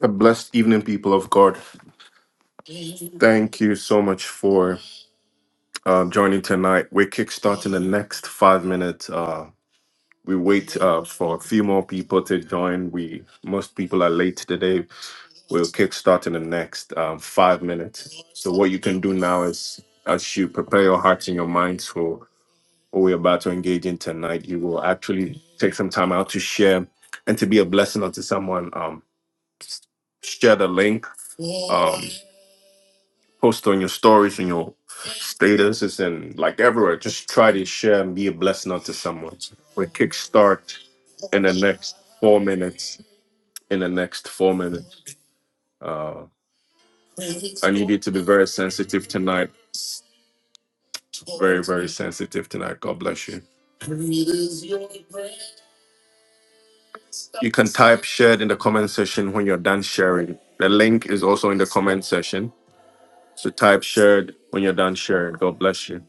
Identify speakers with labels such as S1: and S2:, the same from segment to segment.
S1: A blessed evening, people of God. Thank you so much for uh, joining tonight. We're kickstarting the next five minutes. Uh, we wait uh, for a few more people to join. We most people are late today. We'll kickstart in the next um, five minutes. So what you can do now is, as you prepare your hearts and your minds for what we're about to engage in tonight, you will actually take some time out to share and to be a blessing unto someone. Um, share the link. Um, post on your stories and your statuses and like everywhere. Just try to share and be a blessing unto someone. We kickstart in the next four minutes. In the next four minutes. Uh, I need you to be very sensitive tonight. Very, very sensitive tonight. God bless you. You can type shared in the comment section when you're done sharing. The link is also in the comment section. So type shared when you're done sharing. God bless you.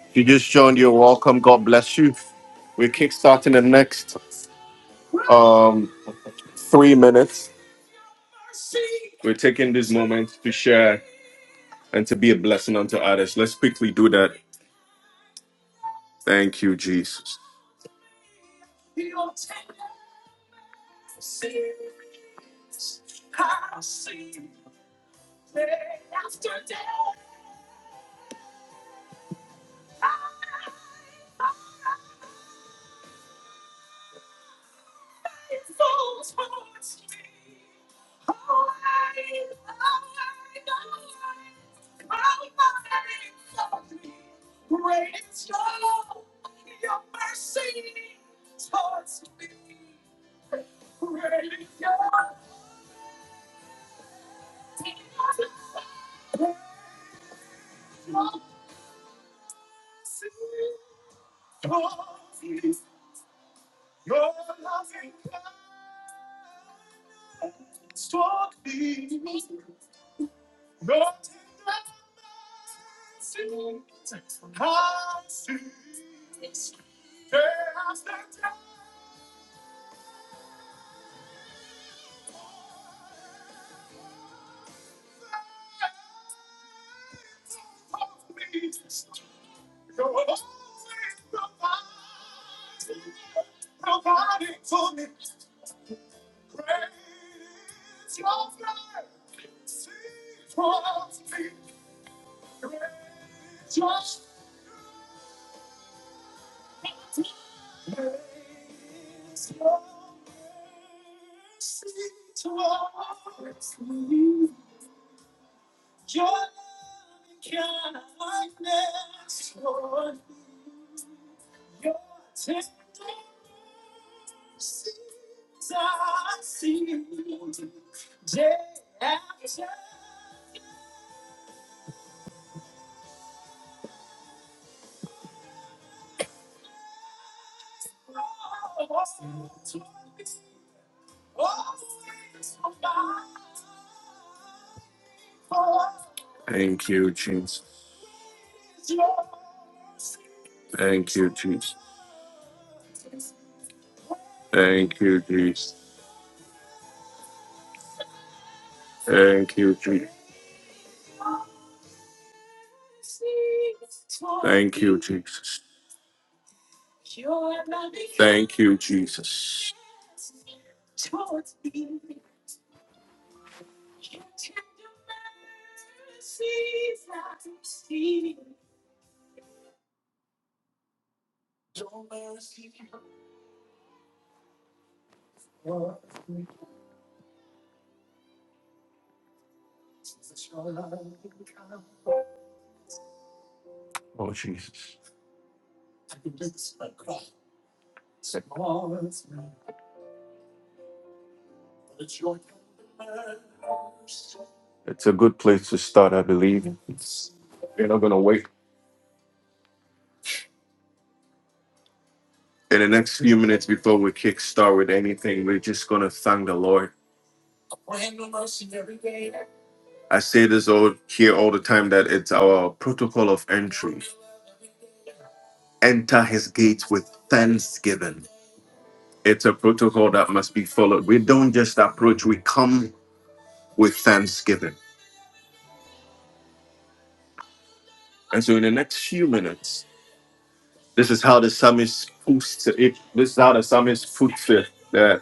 S1: If you just joined, you're welcome. God bless you. We're kickstarting the next um, three minutes. We're taking this moment to share and to be a blessing unto others. Let's quickly do that. Thank you, Jesus. Thank you, Jesus. Thank you, Jesus. Thank you, Jesus. Thank you, Jesus. Thank you, Jesus. Thank you, Jesus. Oh, Jesus. It's a good place to start, I believe. We're not going to wait. In the next few minutes before we kick start with anything, we're just going to thank the Lord. I say this all here all the time that it's our protocol of entry. Enter his gates with thanksgiving. It's a protocol that must be followed. We don't just approach, we come with thanksgiving. And so in the next few minutes, this is how the psalmist puts it. This is how the psalmist puts it that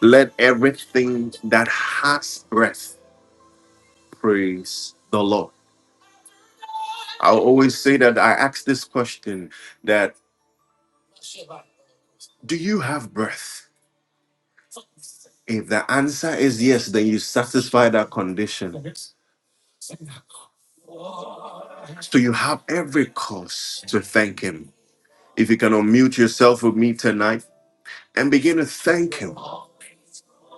S1: let everything that has breath praise the Lord. I'll always say that I ask this question that do you have breath? If the answer is yes, then you satisfy that condition. So you have every cause to thank Him. If you can unmute yourself with me tonight and begin to thank Him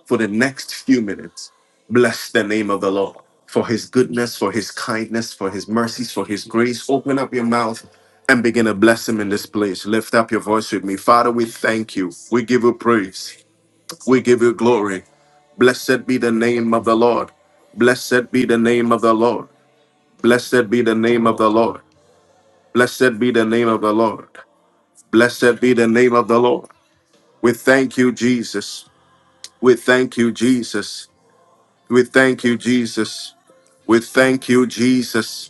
S1: for the next few minutes, bless the name of the Lord for His goodness, for His kindness, for His mercies, for His grace. Open up your mouth and begin to bless Him in this place. Lift up your voice with me. Father, we thank you. We give you praise. We give you glory. Blessed be the name of the Lord. Blessed be the name of the Lord. Blessed be the name of the Lord. Blessed be the name of the Lord. Blessed be the name of the Lord. We thank you, Jesus. We thank you, Jesus. We thank you, Jesus. We thank you, Jesus.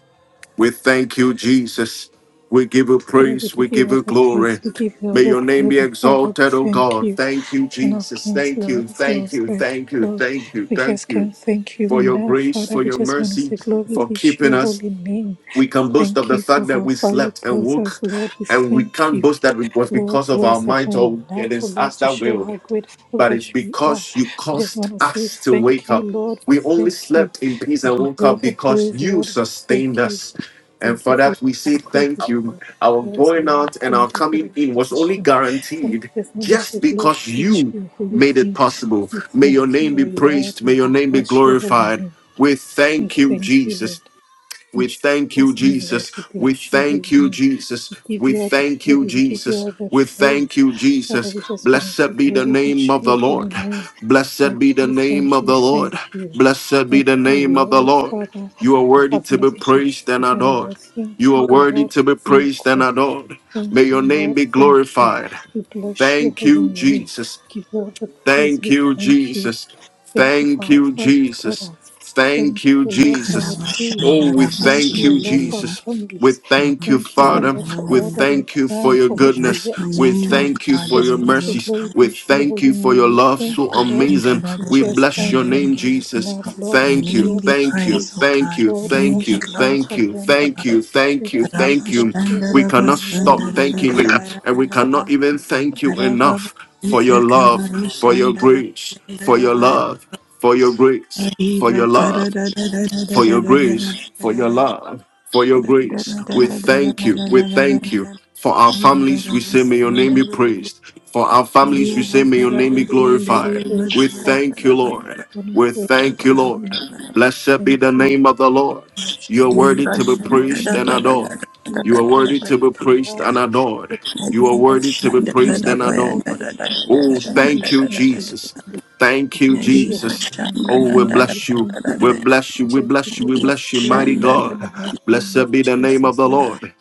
S1: We thank you, Jesus. We give you
S2: Father, we
S1: praise.
S2: give
S1: We
S2: you
S1: give
S2: all
S1: you
S2: the praise,
S1: glory.
S2: we give you all
S1: May
S2: the
S1: your name be
S2: glory, Father, we
S1: exalted, O
S2: thank
S1: God.
S2: you.
S1: Thank you,
S2: King of
S1: Jesus.
S2: kings,
S1: Thank
S2: Lord
S1: you,
S2: of
S1: thank
S2: lords,
S1: you,
S2: like you,
S1: thank you,
S2: Lord.
S1: thank you,
S2: We just
S1: thank you
S2: can't thank you
S1: for your
S2: enough,
S1: grace,
S2: Father.
S1: for
S2: We
S1: your
S2: just want to
S1: mercy,
S2: say glory
S1: for
S2: be to
S1: keeping
S2: your
S1: us.
S2: holy name.
S1: We can boast of
S2: Thank
S1: the
S2: you for
S1: fact that
S2: how
S1: we
S2: far you
S1: slept and
S2: brought us,
S1: woke,
S2: Lord. We
S1: and we
S2: thank
S1: can't
S2: you.
S1: boast that it was
S2: Lord,
S1: because of our
S2: words are not
S1: minds or it
S2: enough, oh
S1: is
S2: Lord,
S1: us
S2: to
S1: that
S2: show
S1: willed,
S2: how grateful
S1: but
S2: that
S1: it's
S2: we are.
S1: because you
S2: We just
S1: caused
S2: want to say
S1: us to
S2: thank
S1: wake
S2: you,
S1: up.
S2: Lord. We
S1: We only
S2: thank you.
S1: slept in peace
S2: We
S1: and
S2: give
S1: woke
S2: you all
S1: up
S2: the
S1: because
S2: praise,
S1: you
S2: Lord. We
S1: sustained
S2: thank you.
S1: us. And
S2: Thank you
S1: for
S2: for your
S1: that, we say
S2: love. Thank
S1: thank
S2: you for
S1: you.
S2: your
S1: Our
S2: words, oh
S1: going
S2: Lord.
S1: out and
S2: Thank
S1: our
S2: you for the
S1: coming in was only
S2: provision. Father,
S1: guaranteed
S2: we just want to say,
S1: just
S2: Lord,
S1: because
S2: be to
S1: you
S2: your holy
S1: made it
S2: name.
S1: possible.
S2: We
S1: May your
S2: thank
S1: name
S2: you,
S1: be
S2: oh Lord.
S1: praised.
S2: We
S1: May your name be
S2: bless your holy
S1: glorified.
S2: name.
S1: We
S2: We
S1: thank you,
S2: thank you,
S1: Jesus.
S2: Lord. In
S1: We thank you,
S2: Jesus' name, Lord,
S1: Jesus.
S2: we
S1: We
S2: bless your
S1: thank
S2: holy
S1: you,
S2: name
S1: Jesus.
S2: give
S1: We
S2: you all the
S1: thank you,
S2: glory, we give you
S1: Jesus.
S2: all the
S1: We thank
S2: praise.
S1: you,
S2: Father,
S1: Jesus.
S2: we just want to say
S1: Blessed be the
S2: glory be
S1: name
S2: to
S1: of
S2: your
S1: the
S2: holy
S1: Lord.
S2: name.
S1: Blessed be
S2: Thank
S1: the
S2: you,
S1: name
S2: thank
S1: of
S2: you,
S1: the Lord.
S2: thank you.
S1: Blessed be
S2: Thank
S1: the
S2: you, O
S1: name of the
S2: Lord,
S1: Lord.
S2: Father,
S1: You are
S2: for
S1: worthy to
S2: having
S1: be
S2: us as your
S1: praised and
S2: children, O
S1: adored.
S2: Lord.
S1: You
S2: Thank
S1: are
S2: you, O
S1: worthy
S2: Lord, for
S1: to be
S2: being
S1: praised and
S2: God.
S1: adored. May
S2: Thank you,
S1: your name
S2: Lord.
S1: be
S2: Thank you.
S1: glorified.
S2: We bless your
S1: Thank
S2: holy
S1: you,
S2: name.
S1: Jesus.
S2: Give you all the praise.
S1: Thank
S2: We
S1: you,
S2: thank you.
S1: Jesus.
S2: Thank you for
S1: Thank
S2: how
S1: you,
S2: far you've brought
S1: Jesus.
S2: us. Thank
S1: Thank
S2: you,
S1: you,
S2: O Lord, for our
S1: Jesus.
S2: day.
S1: Oh, we
S2: Thank
S1: thank
S2: you, O
S1: you,
S2: Lord, for our
S3: Akarabashandarabasundera.
S1: Jesus. We
S2: families.
S1: thank
S3: Lord,
S1: you,
S2: Thank you, O
S3: we
S1: Father.
S2: Lord, for
S1: We
S2: all
S3: glory.
S2: that you've
S1: thank you for
S2: done,
S1: your
S2: for
S3: We
S2: what you're
S3: bless
S1: goodness.
S3: your
S2: yet to
S1: We
S3: name, O
S2: do.
S1: thank you
S3: God,
S1: for
S2: Just
S1: your
S2: want to say
S1: mercies.
S3: Arayosa.
S2: glory
S1: We
S2: be to your
S1: thank
S2: holy
S1: you for
S2: name.
S1: your
S2: We
S1: love so
S2: thank you, Lord.
S1: amazing.
S2: We
S1: We
S2: just
S1: bless
S2: can't
S1: your name,
S2: thank you
S3: Kayandarabashandarabaya.
S1: Jesus.
S2: enough, Lord. We
S3: Your
S1: Thank
S2: give you
S1: you,
S3: name
S2: all
S3: be
S2: the
S1: thank you,
S3: praised,
S2: praise.
S3: O
S1: thank
S3: God.
S1: you,
S3: Your
S2: Lord,
S3: name
S2: yes,
S1: thank
S3: be
S1: you,
S2: she hands
S1: thank you,
S2: surrender.
S1: thank
S3: glorified.
S1: you,
S2: Thank
S1: thank you,
S2: you, we
S1: thank you.
S2: bless your
S1: We
S2: holy
S1: cannot
S2: name, Lord.
S1: stop
S2: We thank
S1: thanking
S2: you,
S1: you,
S3: Rabashandarabasandarabaya.
S1: and we cannot even thank you
S3: Arababa.
S1: enough for your love, for your grace, for your
S3: Itakabaroshandarabayandarabaya.
S1: love, for your grace, for
S3: Ariva
S1: your love for your grace, for your
S3: karadadadadadadadadadadadada.
S1: love, for
S3: Shanda
S1: your grace. We thank you. We thank you. For our families, we say, may your name be praised. For our families, we say, may your name be glorified. We
S2: praise, Father,
S1: thank you, Lord.
S2: Son, and
S1: We
S2: praise.
S1: thank you,
S2: for the
S1: Lord.
S2: name.
S1: Blessed be the
S2: Thank you,
S1: name of the Lord.
S2: bless
S1: You
S2: your
S1: are
S2: holy
S1: worthy to be
S2: name, O Lord.
S1: praised and
S2: Thank you,
S1: adored.
S2: for
S1: You
S2: peace.
S1: are
S2: Thank
S1: worthy
S2: you
S1: to be
S2: for
S1: praised and
S2: love.
S1: adored.
S2: Thank you
S1: You
S2: for
S1: are
S2: what
S1: worthy
S2: you
S1: to be praised
S2: doing,
S1: and
S2: Father.
S1: adored.
S2: bless you.
S1: Oh,
S2: Thank you,
S1: thank you,
S2: thank you, thank
S1: Jesus.
S2: you. We
S1: Thank you,
S2: bless your
S1: Jesus.
S2: mighty
S1: Oh,
S2: name,
S1: we
S2: Lord. We
S1: bless you.
S2: thank
S1: We
S2: you.
S1: bless
S2: We
S1: you. We
S2: just give
S1: bless you.
S2: you
S1: We
S2: the
S1: bless you,
S2: praise,
S1: mighty
S2: Father,
S1: God.
S2: in the mighty name of
S1: Blessed be the name of
S2: Jesus,
S1: the
S2: Lord.
S1: Lord.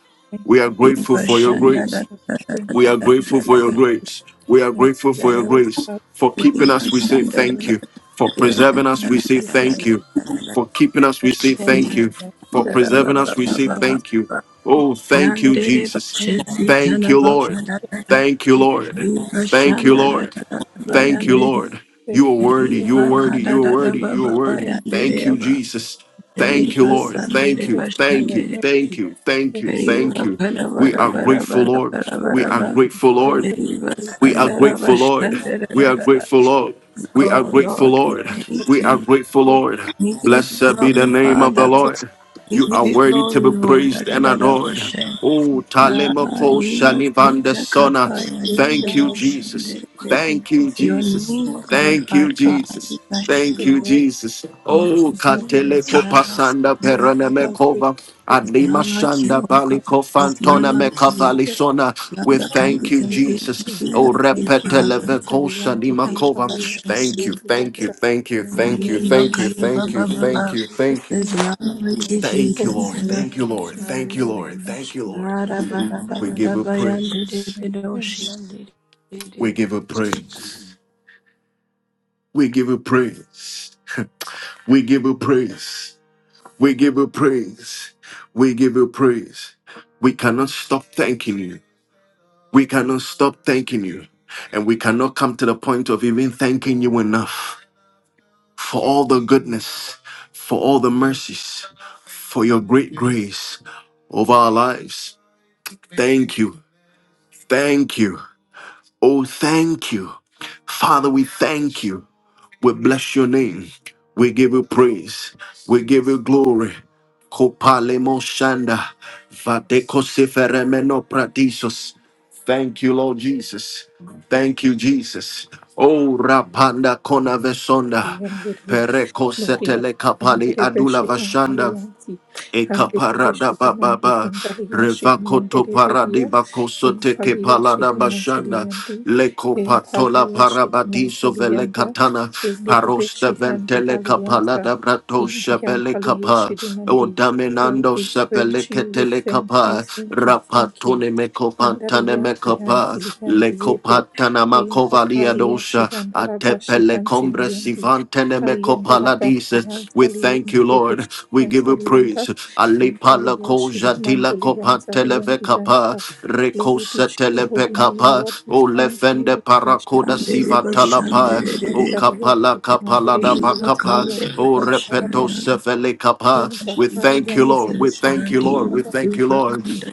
S1: We are grateful for
S2: much,
S1: your
S2: O Lord
S1: grace.
S2: Father. Thank
S1: We
S2: you,
S1: are
S2: thank
S1: grateful
S2: you,
S1: for your
S2: thank you,
S1: grace. We are
S2: thank
S1: grateful
S2: you,
S1: for your
S2: Lord.
S1: grace. For
S2: Hallelujah.
S1: keeping us, we say thank
S2: Hallelujah.
S1: you. For preserving us, we say thank
S2: Hallelujah.
S1: you. For keeping us,
S2: Thank
S1: we
S2: you
S1: say
S2: for the life of everyone in
S1: thank you.
S2: our life.
S1: For
S2: O Lord,
S1: preserving
S2: you are
S1: us, we
S2: so
S1: say
S2: mighty.
S1: thank you.
S2: Thank
S1: Oh,
S2: you,
S1: thank you,
S2: Lord.
S3: Yandere
S1: Jesus.
S2: We
S3: bashesi
S1: Thank
S2: give
S1: you,
S2: worship
S1: Lord.
S3: tanabakana
S1: Thank you,
S2: you,
S1: Lord.
S3: riva
S1: Thank
S2: we
S1: you,
S3: shandara
S2: glory to
S1: Lord.
S2: your holy
S1: Thank you,
S2: name.
S3: bayandere
S1: Lord.
S2: Thank
S1: You are worthy.
S2: you, thank
S1: You
S3: riva
S1: are
S2: you,
S1: worthy. You are
S2: thank
S3: kadada
S1: worthy.
S2: you,
S1: You are
S3: baba
S1: worthy.
S2: thank you,
S3: bayandere
S1: Thank you,
S2: Lord,
S3: yaba
S2: and
S1: Jesus.
S2: thank you for your
S1: Thank you,
S3: riva
S1: Lord.
S2: grace.
S3: sandere
S1: Thank you.
S2: Thank you for
S1: Thank
S2: your
S1: you.
S3: bashandere
S1: Thank
S2: mercy.
S1: you. Thank you.
S2: Thank you, Lord.
S1: Thank
S3: riva
S1: you. We
S3: kadabara
S2: Thank
S1: are
S3: bara
S1: grateful,
S2: you.
S3: bara
S1: Lord.
S3: bara
S2: Father,
S1: We
S3: bara
S1: are
S3: bara
S2: we
S1: grateful,
S2: Give you all
S1: Lord.
S2: the
S3: riva
S2: praise,
S1: We are
S3: sandara
S2: Lord.
S1: grateful, Lord. We are
S3: bashandere
S1: grateful, Lord. We are
S3: Oh
S1: grateful,
S3: Lord, we
S1: Lord.
S2: We are most grateful,
S3: thank
S1: We are
S3: you.
S1: grateful, Lord.
S3: We give you
S1: Blessed be the
S3: glory,
S1: name of the
S3: Father.
S1: Lord.
S3: We
S1: You
S3: give
S1: are
S3: you
S1: worthy to
S3: glory,
S1: be
S3: Lord. Da,
S1: praised
S3: da,
S1: and
S3: da, da,
S1: adored.
S3: Hashem.
S1: Oh,
S3: Na,
S1: Talemoko
S3: lima,
S1: Shanivanda
S3: sita,
S1: Sona.
S3: kapa, ya,
S1: Thank
S3: linda,
S1: you,
S2: Lord. We
S3: Hashem,
S1: Jesus.
S2: thank
S3: de,
S2: you, thank
S1: Thank
S2: you,
S1: you,
S2: thank you,
S3: Your
S1: Jesus.
S3: name is
S1: Thank you,
S3: glorified,
S2: thank
S3: God.
S1: Jesus.
S3: We
S2: you so
S3: bless
S2: much,
S3: you,
S2: O
S1: Thank you,
S3: Lord.
S2: Lord.
S1: Jesus.
S2: My
S1: Oh,
S3: Thank
S2: God,
S3: you, Jesus.
S2: Lord,
S1: Kateleko
S3: Da,
S2: I
S3: da, da,
S1: Pasanda
S2: thank you.
S3: da, da, da,
S2: How
S3: da.
S2: grateful
S1: Peranemekova.
S2: that
S3: There's
S1: Adlima
S2: I
S3: none like you,
S1: Shanda
S3: oh God.
S2: am.
S1: Baliko
S3: There's
S1: Fantona
S3: none like you.
S2: Thank you.
S1: Mekavalisona.
S3: None
S1: We
S3: that can be
S1: thank you,
S3: compared to
S2: Amen.
S1: Jesus.
S3: you
S1: Oh,
S3: like you,
S2: Thank you,
S3: Father.
S2: Lianta,
S1: Repeteleveko
S2: Lianti,
S3: I
S2: Hampa,
S1: Shanimakova.
S3: bless
S2: Liashkutan,
S1: Thank you,
S2: and
S1: thank
S3: you,
S1: you,
S2: Lianta.
S1: thank you,
S2: More
S1: thank you,
S2: glory be
S1: thank you,
S2: to
S3: Makaya
S2: your
S1: thank
S2: holy
S3: Baba
S1: you,
S3: Baba.
S2: name.
S1: thank you,
S2: We
S1: thank you.
S2: thank
S3: There's
S2: you,
S3: none like you,
S2: bless your
S1: Thank you,
S3: Jesus.
S2: holy
S1: Lord.
S2: name.
S1: Thank you, Lord.
S2: Thank you
S1: Thank you,
S2: so
S1: Lord.
S3: Rakashandiribe.
S1: Thank
S2: much,
S1: you,
S2: Lord.
S1: Lord.
S2: Give you the
S1: We give
S2: praise
S1: a
S2: in Jesus'
S1: praise.
S3: Arabarabaradabayandiribe
S2: name. Amen.
S1: We
S3: doshandiribe.
S1: give a praise. We give a praise. We give a praise. We give a praise. We give a praise. We cannot stop thanking you. We cannot stop thanking you. And we cannot come to the point of even thanking you enough for all the goodness, for all the mercies, for your great grace over our lives. Thank you. Thank you. Oh, thank you. Father, we thank you. We bless your name. We give you praise. We give you glory. Kopalemo shanda. Vadeko seferemeno pradisos. Thank you, Lord Jesus. Thank you, Jesus. Oh, Rapanda Konavesonda.
S2: Luyandere,
S1: Pereko
S2: Loria,
S1: setele kapali
S2: Andere
S1: adula
S2: Beshi,
S1: vashanda
S2: Hantaliansi, Handere
S1: ekaparada
S2: Beshi, Dimandi,
S1: bababa
S2: Handalia,
S1: revakoto
S2: Shidimandere
S1: paradi
S2: Beria,
S1: kosote ke
S2: Impalia,
S1: palada bashanda
S2: Shidimansaliandi,
S1: leko patola
S2: Empalia,
S1: parabadiso vele
S2: Shidimansalianda,
S1: katana
S2: Endere
S1: parosta
S2: Beshi, Handi,
S1: ventele
S2: Halianta,
S1: kapalada brato
S2: Indian
S1: shebele
S2: Palia,
S1: kapa o
S2: Shidimandi. Lord,
S1: daminando
S2: we
S1: sepele
S2: praise you, we
S1: ketele
S2: thank you,
S1: kapa
S2: thank you, thank you.
S1: rapatone meko pantane
S2: Andariya
S1: meko
S2: Shihan
S1: pa leko
S2: Silihan
S1: patana
S2: in
S1: makovalia
S2: papalia
S1: dosha
S2: shihandarabashi
S1: Atepele combre
S2: hansiliendi.
S1: sivantene me
S2: Aliandarabashi
S1: copaladises. We thank
S2: hansaliendi
S1: you,
S2: bish
S1: Lord. We give you praise.
S2: hansalienda. In
S1: Alipala
S2: palia
S1: koja tila
S2: shidimanduli
S1: copanteleve
S2: hansaliendi
S1: capa.
S2: yanda. Glory be to your
S1: Recosetelepe
S2: holy name,
S1: capa.
S2: Lord. We
S1: O
S2: thank you.
S1: lefende
S2: We bless
S1: paracoda
S2: your holy
S3: Yandiribe
S2: name.
S1: sivatalapa. O
S3: shandiribe.
S2: Lianzalia
S1: capala da
S2: shidimandirebe
S1: bakapa
S2: hansalia
S1: O
S3: Ibakandiribe
S1: repeto
S3: shaya.
S2: shidimandarabakanta.
S1: sefele kapa.
S2: In
S3: Thank
S1: We
S3: you,
S1: thank
S2: papalia
S1: you, Lord.
S2: ndirebe
S1: We
S3: Jesus,
S1: thank you, Lord. We
S3: Redeemer,
S2: shidimandarabakanta.
S1: thank you,
S3: Super
S1: Lord.
S3: Conductor.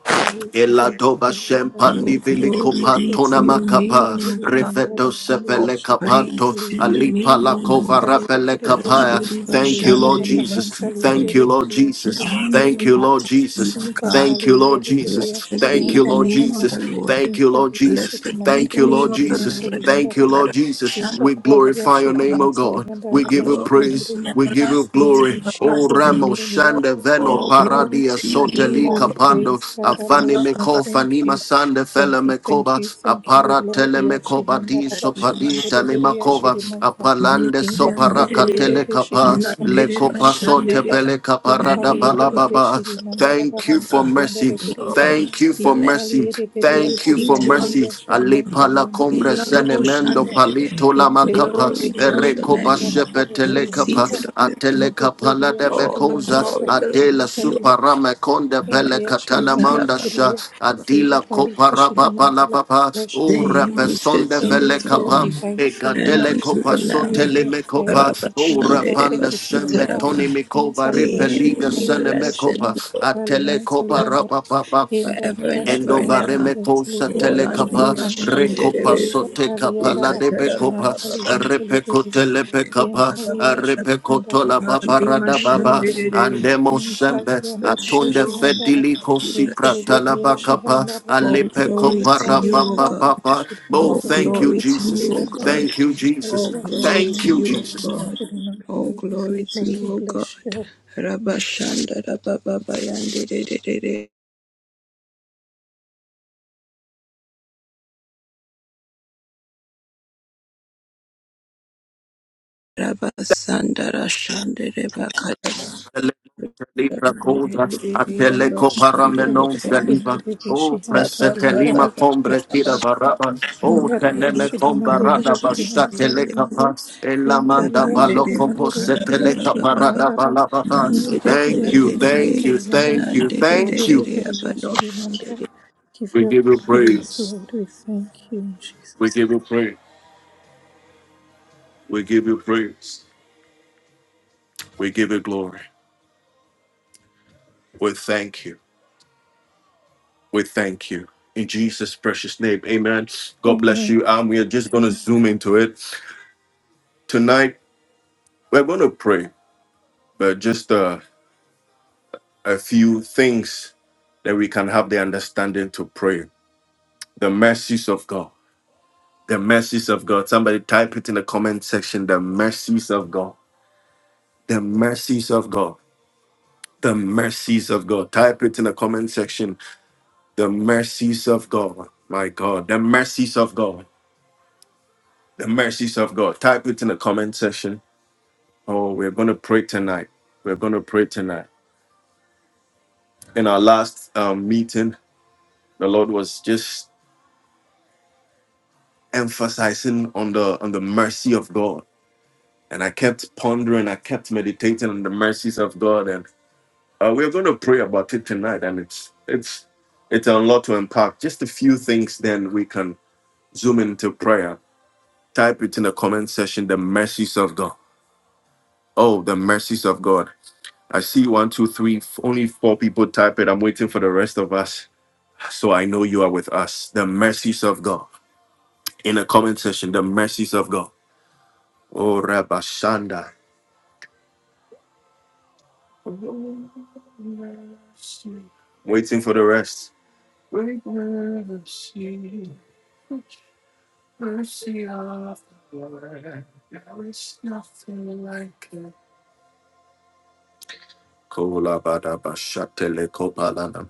S1: Eladoba shempandi viliko
S3: Glory be
S2: Jesse
S3: to
S1: patona
S3: your
S2: Glebe
S1: makapa
S3: name, O
S2: shughuli
S3: God.
S2: nyingi
S1: reveto
S2: upande
S3: All
S2: the
S1: sepele kapato
S3: praise
S2: Shilinanzali
S3: to
S2: yambi
S3: your
S1: alipa
S3: name, O
S1: la kova
S3: Lord.
S2: Mpali
S1: rapele
S2: yedere peshi
S1: kapaya.
S3: Randiriva
S1: Thank you, Lord
S2: Riyandara the
S3: Shandiriva
S1: Jesus. Thank
S3: Sikhe.
S1: you,
S2: yedere
S1: Lord
S2: Riya
S1: Jesus.
S3: Honor
S2: Shilinanzali
S1: Thank
S3: and
S1: you,
S2: yambi
S1: Lord
S3: majesty,
S1: Jesus.
S3: O God.
S1: Thank
S2: Impapali
S1: you, Lord
S2: yedere Riya
S1: Jesus.
S3: Blessed be
S1: Thank you,
S3: the
S2: Shihandara
S1: Lord
S3: name of
S2: Vara
S3: the
S1: Jesus.
S3: Lord.
S1: Thank you, Lord
S2: Insali ya
S1: Jesus.
S3: Blessed be
S2: Shilinandere
S1: Thank
S3: the
S1: you, Lord
S3: name of
S2: Beshiri
S3: the
S1: Jesus.
S2: Mansali
S3: Lord.
S1: Thank
S2: yandara
S1: you,
S2: Vara
S1: Lord Jesus. We
S2: Impapali ya
S1: glorify your
S3: Arashandarabba.
S1: name, O
S2: Shilinanzali
S1: God. We
S2: yandara
S1: give you
S2: Bashi
S3: Glory to
S1: praise.
S2: yandere
S1: We give you
S3: everlasting to
S2: Glory be
S1: glory.
S2: to your
S1: O
S2: holy
S3: everlasting.
S1: Ramo
S2: name, Lord.
S1: Shande
S2: we
S1: Veno
S3: All
S2: Thank you.
S3: glory
S1: Paradia
S3: to your
S2: We give you
S3: name,
S1: Soteli
S3: O
S2: the
S1: Capando
S3: Lord.
S2: praise, Father,
S1: Afani
S2: Lord. We
S1: Meko
S2: thank you.
S1: Fanima Sande Fele
S2: Thank you, thank
S1: Mekoba
S2: you, thank you, Lord.
S1: Aparatele
S2: Yashi
S1: Mekoba Di
S3: Glory to
S2: handarabashi
S1: Sopadita
S2: handereberi yashi
S1: Limakova
S3: the
S2: dimanta.
S3: Lamb. You
S1: Apalande
S2: Impapali
S1: Soparaka
S2: enderebeshi
S1: Telekapa
S2: handarabashi
S1: Lekopa
S2: hantirianda.
S1: Sotepele Caparada
S2: Impali enderebeshi
S1: Balababa Thank you
S2: dimandarabahansa
S1: for mercy.
S2: liandereberiya.
S1: Thank you for
S2: Impali
S1: mercy.
S2: endereberi
S3: are
S1: Thank
S2: yashi
S1: you for
S3: seated
S2: dimandore
S3: on the
S1: mercy.
S2: yashi dimanta
S3: throne.
S1: Alipa la combra
S2: liandereberi yashi
S1: senemendo
S2: dimandara.
S3: Ilaro-shandere.
S1: palito la macapa,
S3: Glory
S2: Inserebereberi
S3: to
S2: yashi
S3: the
S1: erecopa
S3: Lamb.
S2: dimandara
S3: You
S2: parashi
S3: are
S1: shepetelecapa,
S2: dimandara.
S3: seated on the throne.
S1: atelecapa
S2: Impeperi
S1: la de
S2: yashi
S3: All the
S1: becosa,
S3: glory
S1: adela
S3: belongs to you,
S2: dimandara
S1: suparame conde
S3: O
S2: Gloria Shri
S1: pelecatana mandasha,
S2: Maleribiriya
S3: God.
S2: in
S1: adila
S2: Gloria Shri
S1: coparapa la
S2: Mandala.
S1: papa,
S2: Bless
S3: The
S2: your
S1: o
S2: holy
S3: him
S2: name.
S3: who
S1: repesonde
S3: sits on
S2: Thank
S3: the
S2: you for your
S1: velecapa,
S3: throne
S2: divine
S3: and
S2: favor.
S1: egadele
S3: unto
S1: copa
S3: the
S2: Thank you, O
S3: Lamb.
S1: sotele
S2: Lord, for
S1: mecopa,
S3: Rabba
S2: everything.
S1: o
S2: Oh, Lord,
S3: Shandedeva
S2: thank
S1: rapanda
S2: you for your
S1: shembe
S2: love.
S1: toni
S3: Sutaraba.
S2: In
S1: mikova
S3: To
S2: Salia
S3: him
S2: Shri
S1: ripeliga
S3: be
S2: Maleribishi
S3: blessing
S1: senemecopa,
S2: and Papali and
S1: atelecopa
S2: Saliander
S1: rapapa.
S2: in
S3: forever and ever
S2: Darabashi
S3: and
S2: and Pali
S3: ever.
S2: and
S1: Endovaremeko
S3: Lord
S2: Salibiria Shri
S1: satelekapa,
S3: Andima
S2: Mandi
S1: rekopa
S3: Shandedeva.
S2: in Papali
S1: sotekapa,
S2: and
S1: la
S2: Darabashi and
S1: debekopa,
S2: Pali
S3: Ikatarababa.
S2: and
S1: repeko
S2: Salibiria
S3: Randedeva
S2: in
S1: telepekapa,
S2: Palia
S3: Kalababa.
S2: Shri
S1: repeko tolaba
S2: Mandarabashi
S3: Andima
S1: parada baba,
S2: and
S3: Shandedeva.
S1: andemo
S2: Impali
S1: sembe,
S2: yandere
S3: Bless you,
S1: atonde
S2: beshi
S3: Lord.
S2: yandara
S1: fediliko
S3: We
S2: yentere
S3: Bless
S1: siprata
S3: you,
S2: beri
S3: Lord.
S2: yashi
S1: labakapa,
S2: yandara
S3: All
S2: bam.
S1: alepeko
S3: glory to
S2: Impali
S3: you, O
S1: parapapa
S3: God.
S2: yandara
S1: papa.
S2: beshi di
S1: Oh,
S3: All
S2: mantoli
S1: thank you,
S3: glory
S2: yandere
S3: to
S2: beri
S1: Jesus.
S3: you, O
S2: yandara.
S3: God.
S1: Thank you,
S2: Impali
S1: Jesus.
S3: All
S2: yashi di
S3: glory
S1: Thank
S3: to
S1: you,
S3: you,
S2: mantoli
S3: O
S1: Jesus.
S3: God.
S2: beri di
S3: All
S2: mantoli.
S3: glory to
S2: Lord we
S3: you, O
S2: bless
S3: God.
S2: you.
S3: Rabashanda Rababa Yandere Rabasanda Rashanda Rebakada.
S1: Libra cosa a teleco paramenon saliva
S2: Yandere beshi
S1: o
S2: yandara
S1: presetelima combre
S2: beshi.
S1: varaba o
S3: Mandiri
S1: teneme
S2: Indarashiri
S3: bakana
S1: combarada
S2: Mandaribishri
S1: basta
S3: shandiri,
S2: Ambaliandi
S1: telecapa e la manda
S2: Inzaliashiri
S3: randiri
S1: baloco posse
S2: Mandaribiriashiri
S3: bakada
S1: parada
S2: Mandara
S3: As
S1: balabata
S3: the
S1: thank you thank you thank
S2: Invaliandalianzaliandara
S1: you thank you
S2: Indaribiriashiri Mandara Give
S1: we
S2: you all
S1: give
S2: the
S1: you
S2: praise,
S1: praise
S2: Lord. We thank you in
S1: we
S2: Jesus'
S1: give you praise we give you praise we give you glory we thank you We thank you. In Jesus' precious name, amen.
S2: name.
S1: God bless
S2: Amen.
S1: you. And we are just going to zoom into it. Tonight, we're going to pray, but just uh, a few things that we can have the understanding to pray. The mercies of God. The mercies of God. Somebody type it in the comment section. The mercies of God. The mercies of God. The mercies of God. Type it in the comment section. The mercies of God. My God. The mercies of God. The mercies of God. Type it in the comment section Oh, we're going to pray tonight. We're going to pray tonight. In our last um, meeting, the Lord was just emphasizing on the on the mercy of God, and I kept pondering, I kept meditating on the mercies of God, and uh, we're going to pray about it tonight. And it's it's it's a lot to unpack. Just a few things, then we can zoom into prayer. Type it in the comment section. The mercies of God. Oh, the mercies of God. I see one, two, three, f- only four people type it. I'm waiting for the rest of us. So I know you are with us. The mercies of God. In the comment section, the mercies of God. Oh, Rabashanda. Waiting for the rest. Kolabadabashatelekopalana.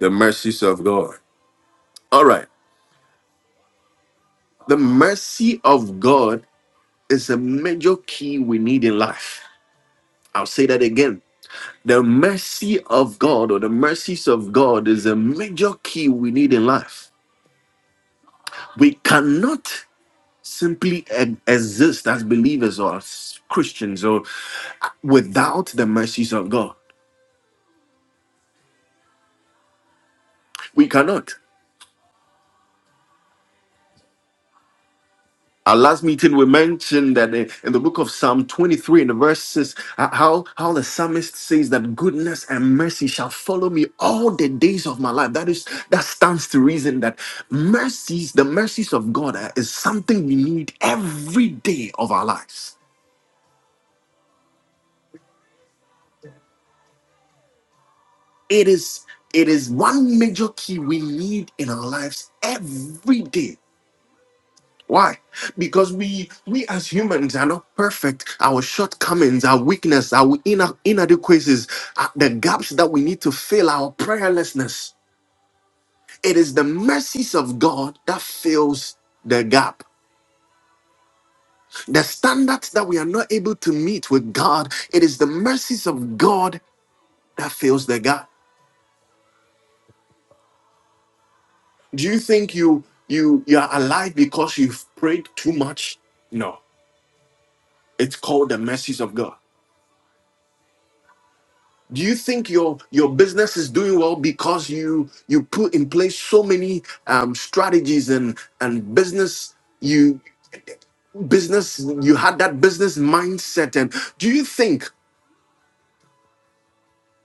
S1: The mercies of God. All right. The mercy of God is a major key we need in life. I'll say that again. The mercy of God or the mercies of God is a major key we need in life. We cannot simply e- exist as believers or as Christians or without the mercies of God. We cannot. Our last meeting, we mentioned that in in the book of Psalm 23, in the verses, uh, how, how the psalmist says that goodness and mercy shall follow me all the days of my life. That is that stands to reason that mercies, the mercies of God, uh, is something we need every day of our lives. It is it is one major key we need in our lives every day Why? Because we we as humans are not perfect. Our shortcomings, our weakness, our ina- inadequacies, are the gaps that we need to fill, our prayerlessness. It is the mercies of God that fills the gap. The standards that we are not able to meet with God, it is the mercies of God that fills the gap. Do you think you you you are alive because you've prayed too much? No. It's called the mercies of God. Do you think your your business is doing well because you you put in place so many um, strategies and and business you business you had that business mindset and do you think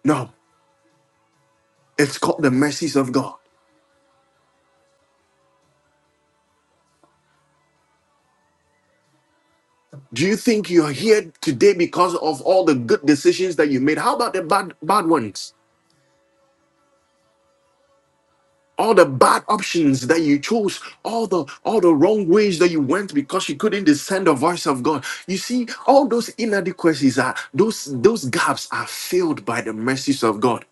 S1: no it's called the mercies of God. Do you think you're here today because of all the good decisions that you made? How about the bad bad ones? all the bad options that you chose all the all the wrong ways that you went because you couldn't discern the voice of god you see all those inadequacies are those those gaps are filled by the mercies of god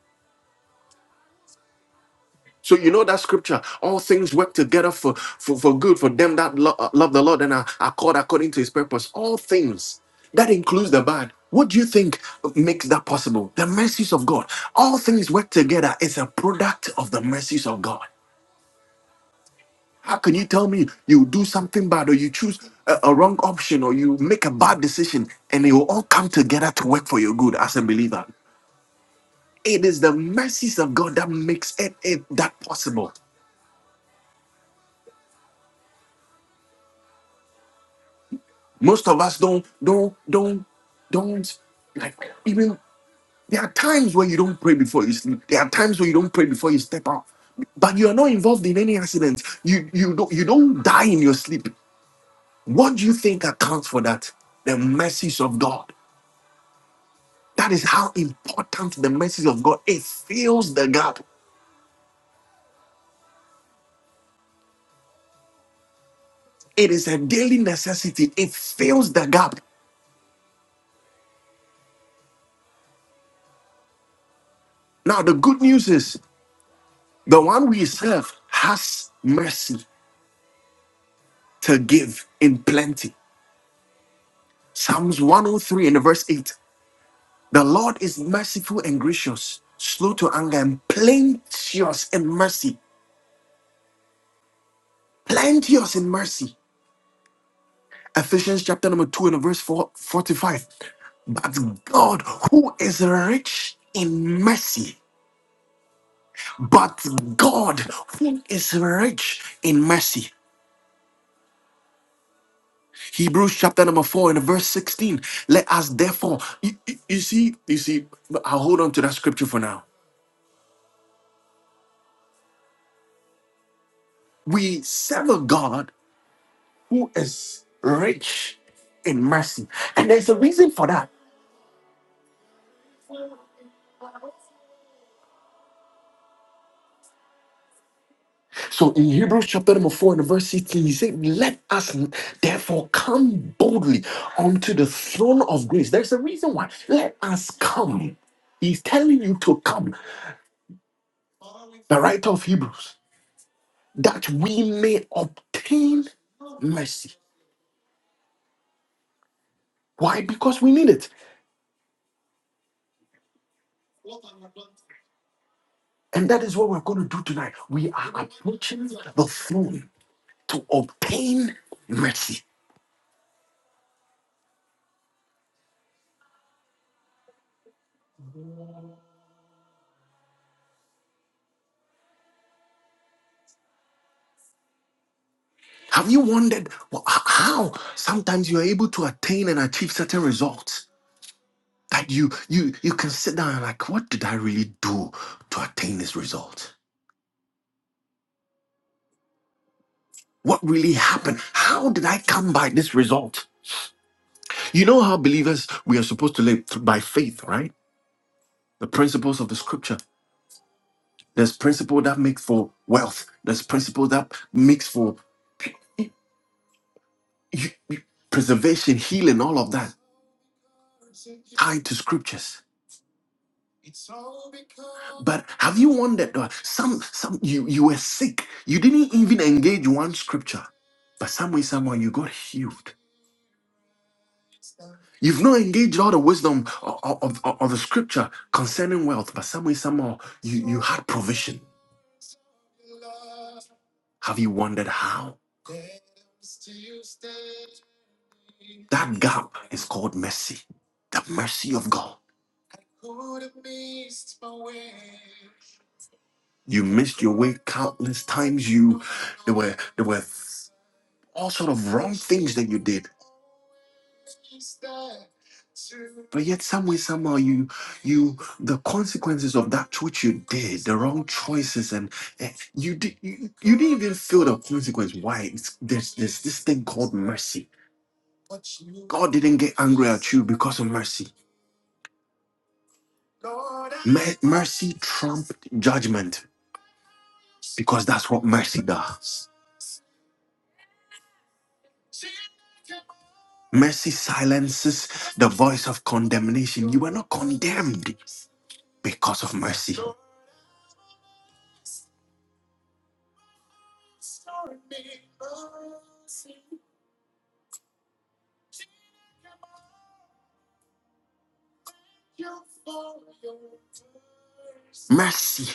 S1: so you know that scripture all things work together for for, for good for them that lo- uh, love the lord and are, are called according to his purpose all things that includes the bad what do you think makes that possible the mercies of god all things work together is a product of the mercies of god How can you tell me you do something bad or you choose a, a wrong option or you make a bad decision and it will all come together to work for your good as a believer? It is the mercies of God that makes it, it that possible. Most of us don't don't don't don't like even there are times where you don't pray before you sleep. There are times where you don't pray before you step out. But you are not involved in any accidents. You you don't you don't die in your sleep. What do you think accounts for that? The mercies of God. That is how important the message of God. It fills the gap. It is a daily necessity. It fills the gap. Now the good news is the one we serve has mercy to give in plenty. Psalms 103 and verse 8. The Lord is merciful and gracious, slow to anger and plenteous in mercy. Plenteous in mercy. Ephesians chapter number 2 and verse 4, 45. But God, who is rich in mercy But God, who is rich in mercy. Hebrews chapter number four and verse 16. Let us therefore, you, you- you see, you see, but I'll hold on to that scripture for now. We serve a God who is rich in mercy. And there's a reason for that. So in Hebrews chapter number four and verse 16, he said, Let us therefore come boldly unto the throne of grace. There's a reason why. Let us come. He's telling you to come. The writer of Hebrews. that we may obtain mercy. Why? Because we need it. And that is what we're going to do tonight. We are approaching the throne to obtain mercy. Have you wondered wh- h- how sometimes you are able to attain and achieve certain results that you you you can sit down and like, what did I really do to attain this result? What really happened? How did I come by this result? You know how believers we are supposed to live th- by faith, right? The principles of the scriptures There's principle that makes for wealth. There's principle that makes for you- you- preservation, healing, all of that tied to scriptures. But have you wondered? uh, Some, some you you were sick. You didn't even engage one scripture, but some way, somehow, you got healed. You've not engaged all the wisdom of, of, of of the scripture concerning wealth, but some way, somehow, you you had provision. Have you wondered how? That gap is called mercy. The mercy of God. You missed your way countless times. You there were there were all sort of wrong things that you did. But yet some way, somehow you you the consequences of that which you did, the wrong choices and, and you did you, you didn't even feel the consequence. Why? It's, there's there's this thing called mercy. God didn't get angry at you because of mercy. Mer- mercy trumped judgment. because that's what mercy does. Mercy silences the voice of condemnation. You were not condemned because of mercy. Mercy.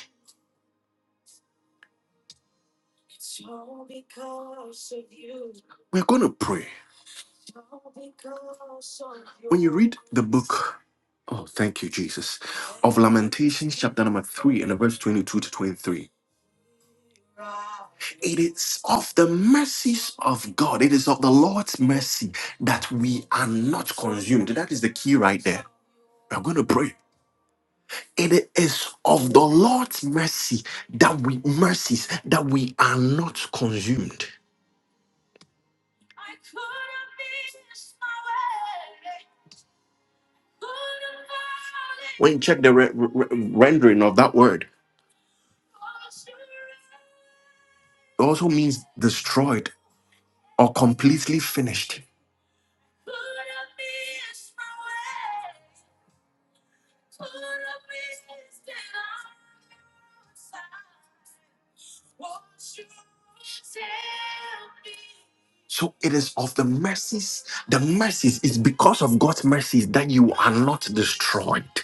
S1: We're going to pray. When you read the book, oh, thank you, Jesus, of Lamentations, chapter number 3, and the verse 22 to 23, it is of the mercies of God, it is of the Lord's mercy that we are not consumed. That is the key right there. We're going to pray. It is of the Lord's mercy that we mercies that we are not consumed. When you check the re- re- rendering of that word, it also means destroyed or completely finished. So it is of the mercies, the mercies is because of God's mercies that you are not destroyed.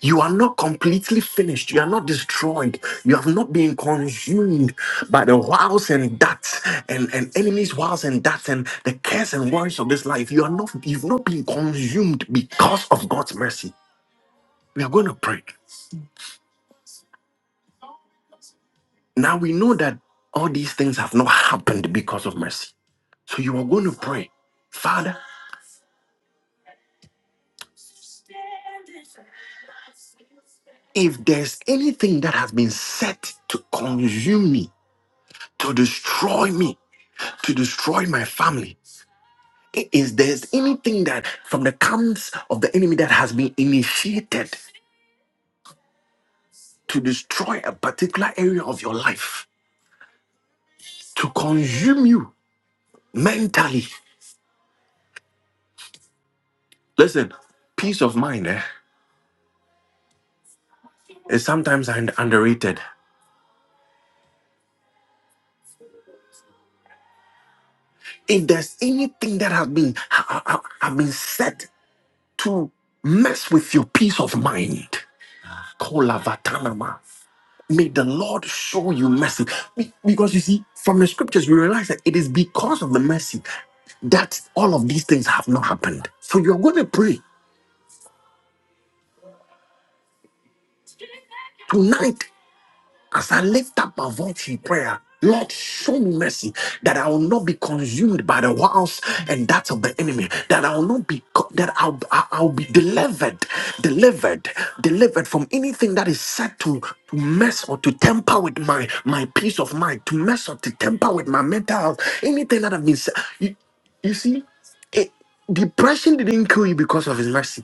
S1: You are not completely finished. You are not destroyed. You have not been consumed by the wiles and darts and, and enemies' wiles and darts and the cares and worries of this life. You are not, you've not been consumed because of God's mercy. We are going to pray. Now we know that all these things have not happened because of mercy. So you are going to pray, Father, if there's anything that has been set to consume me, to destroy me, to destroy my family, Is there's anything that from the camps of the enemy that has been initiated to destroy a particular area of your life, to consume you mentally? Listen, peace of mind eh, is sometimes un- underrated. If there's anything that has been ha- ha- have been set to mess with your peace of mind, call Avatanama. May the Lord show you mercy. Be- Because you see, from the scriptures, we realize that it is because of the mercy that all of these things have not happened. So you're going to pray tonight. As I lift up my voice in prayer, Lord, show me mercy that I will not be consumed by the wiles and that of the enemy. That I will not be co- that I'll, I- I'll be delivered, delivered, delivered from anything that is set to to mess or to temper with my my peace of mind, to mess or to temper with my mental health. Anything that I've been, se- you, you see, it, depression didn't kill you because of His mercy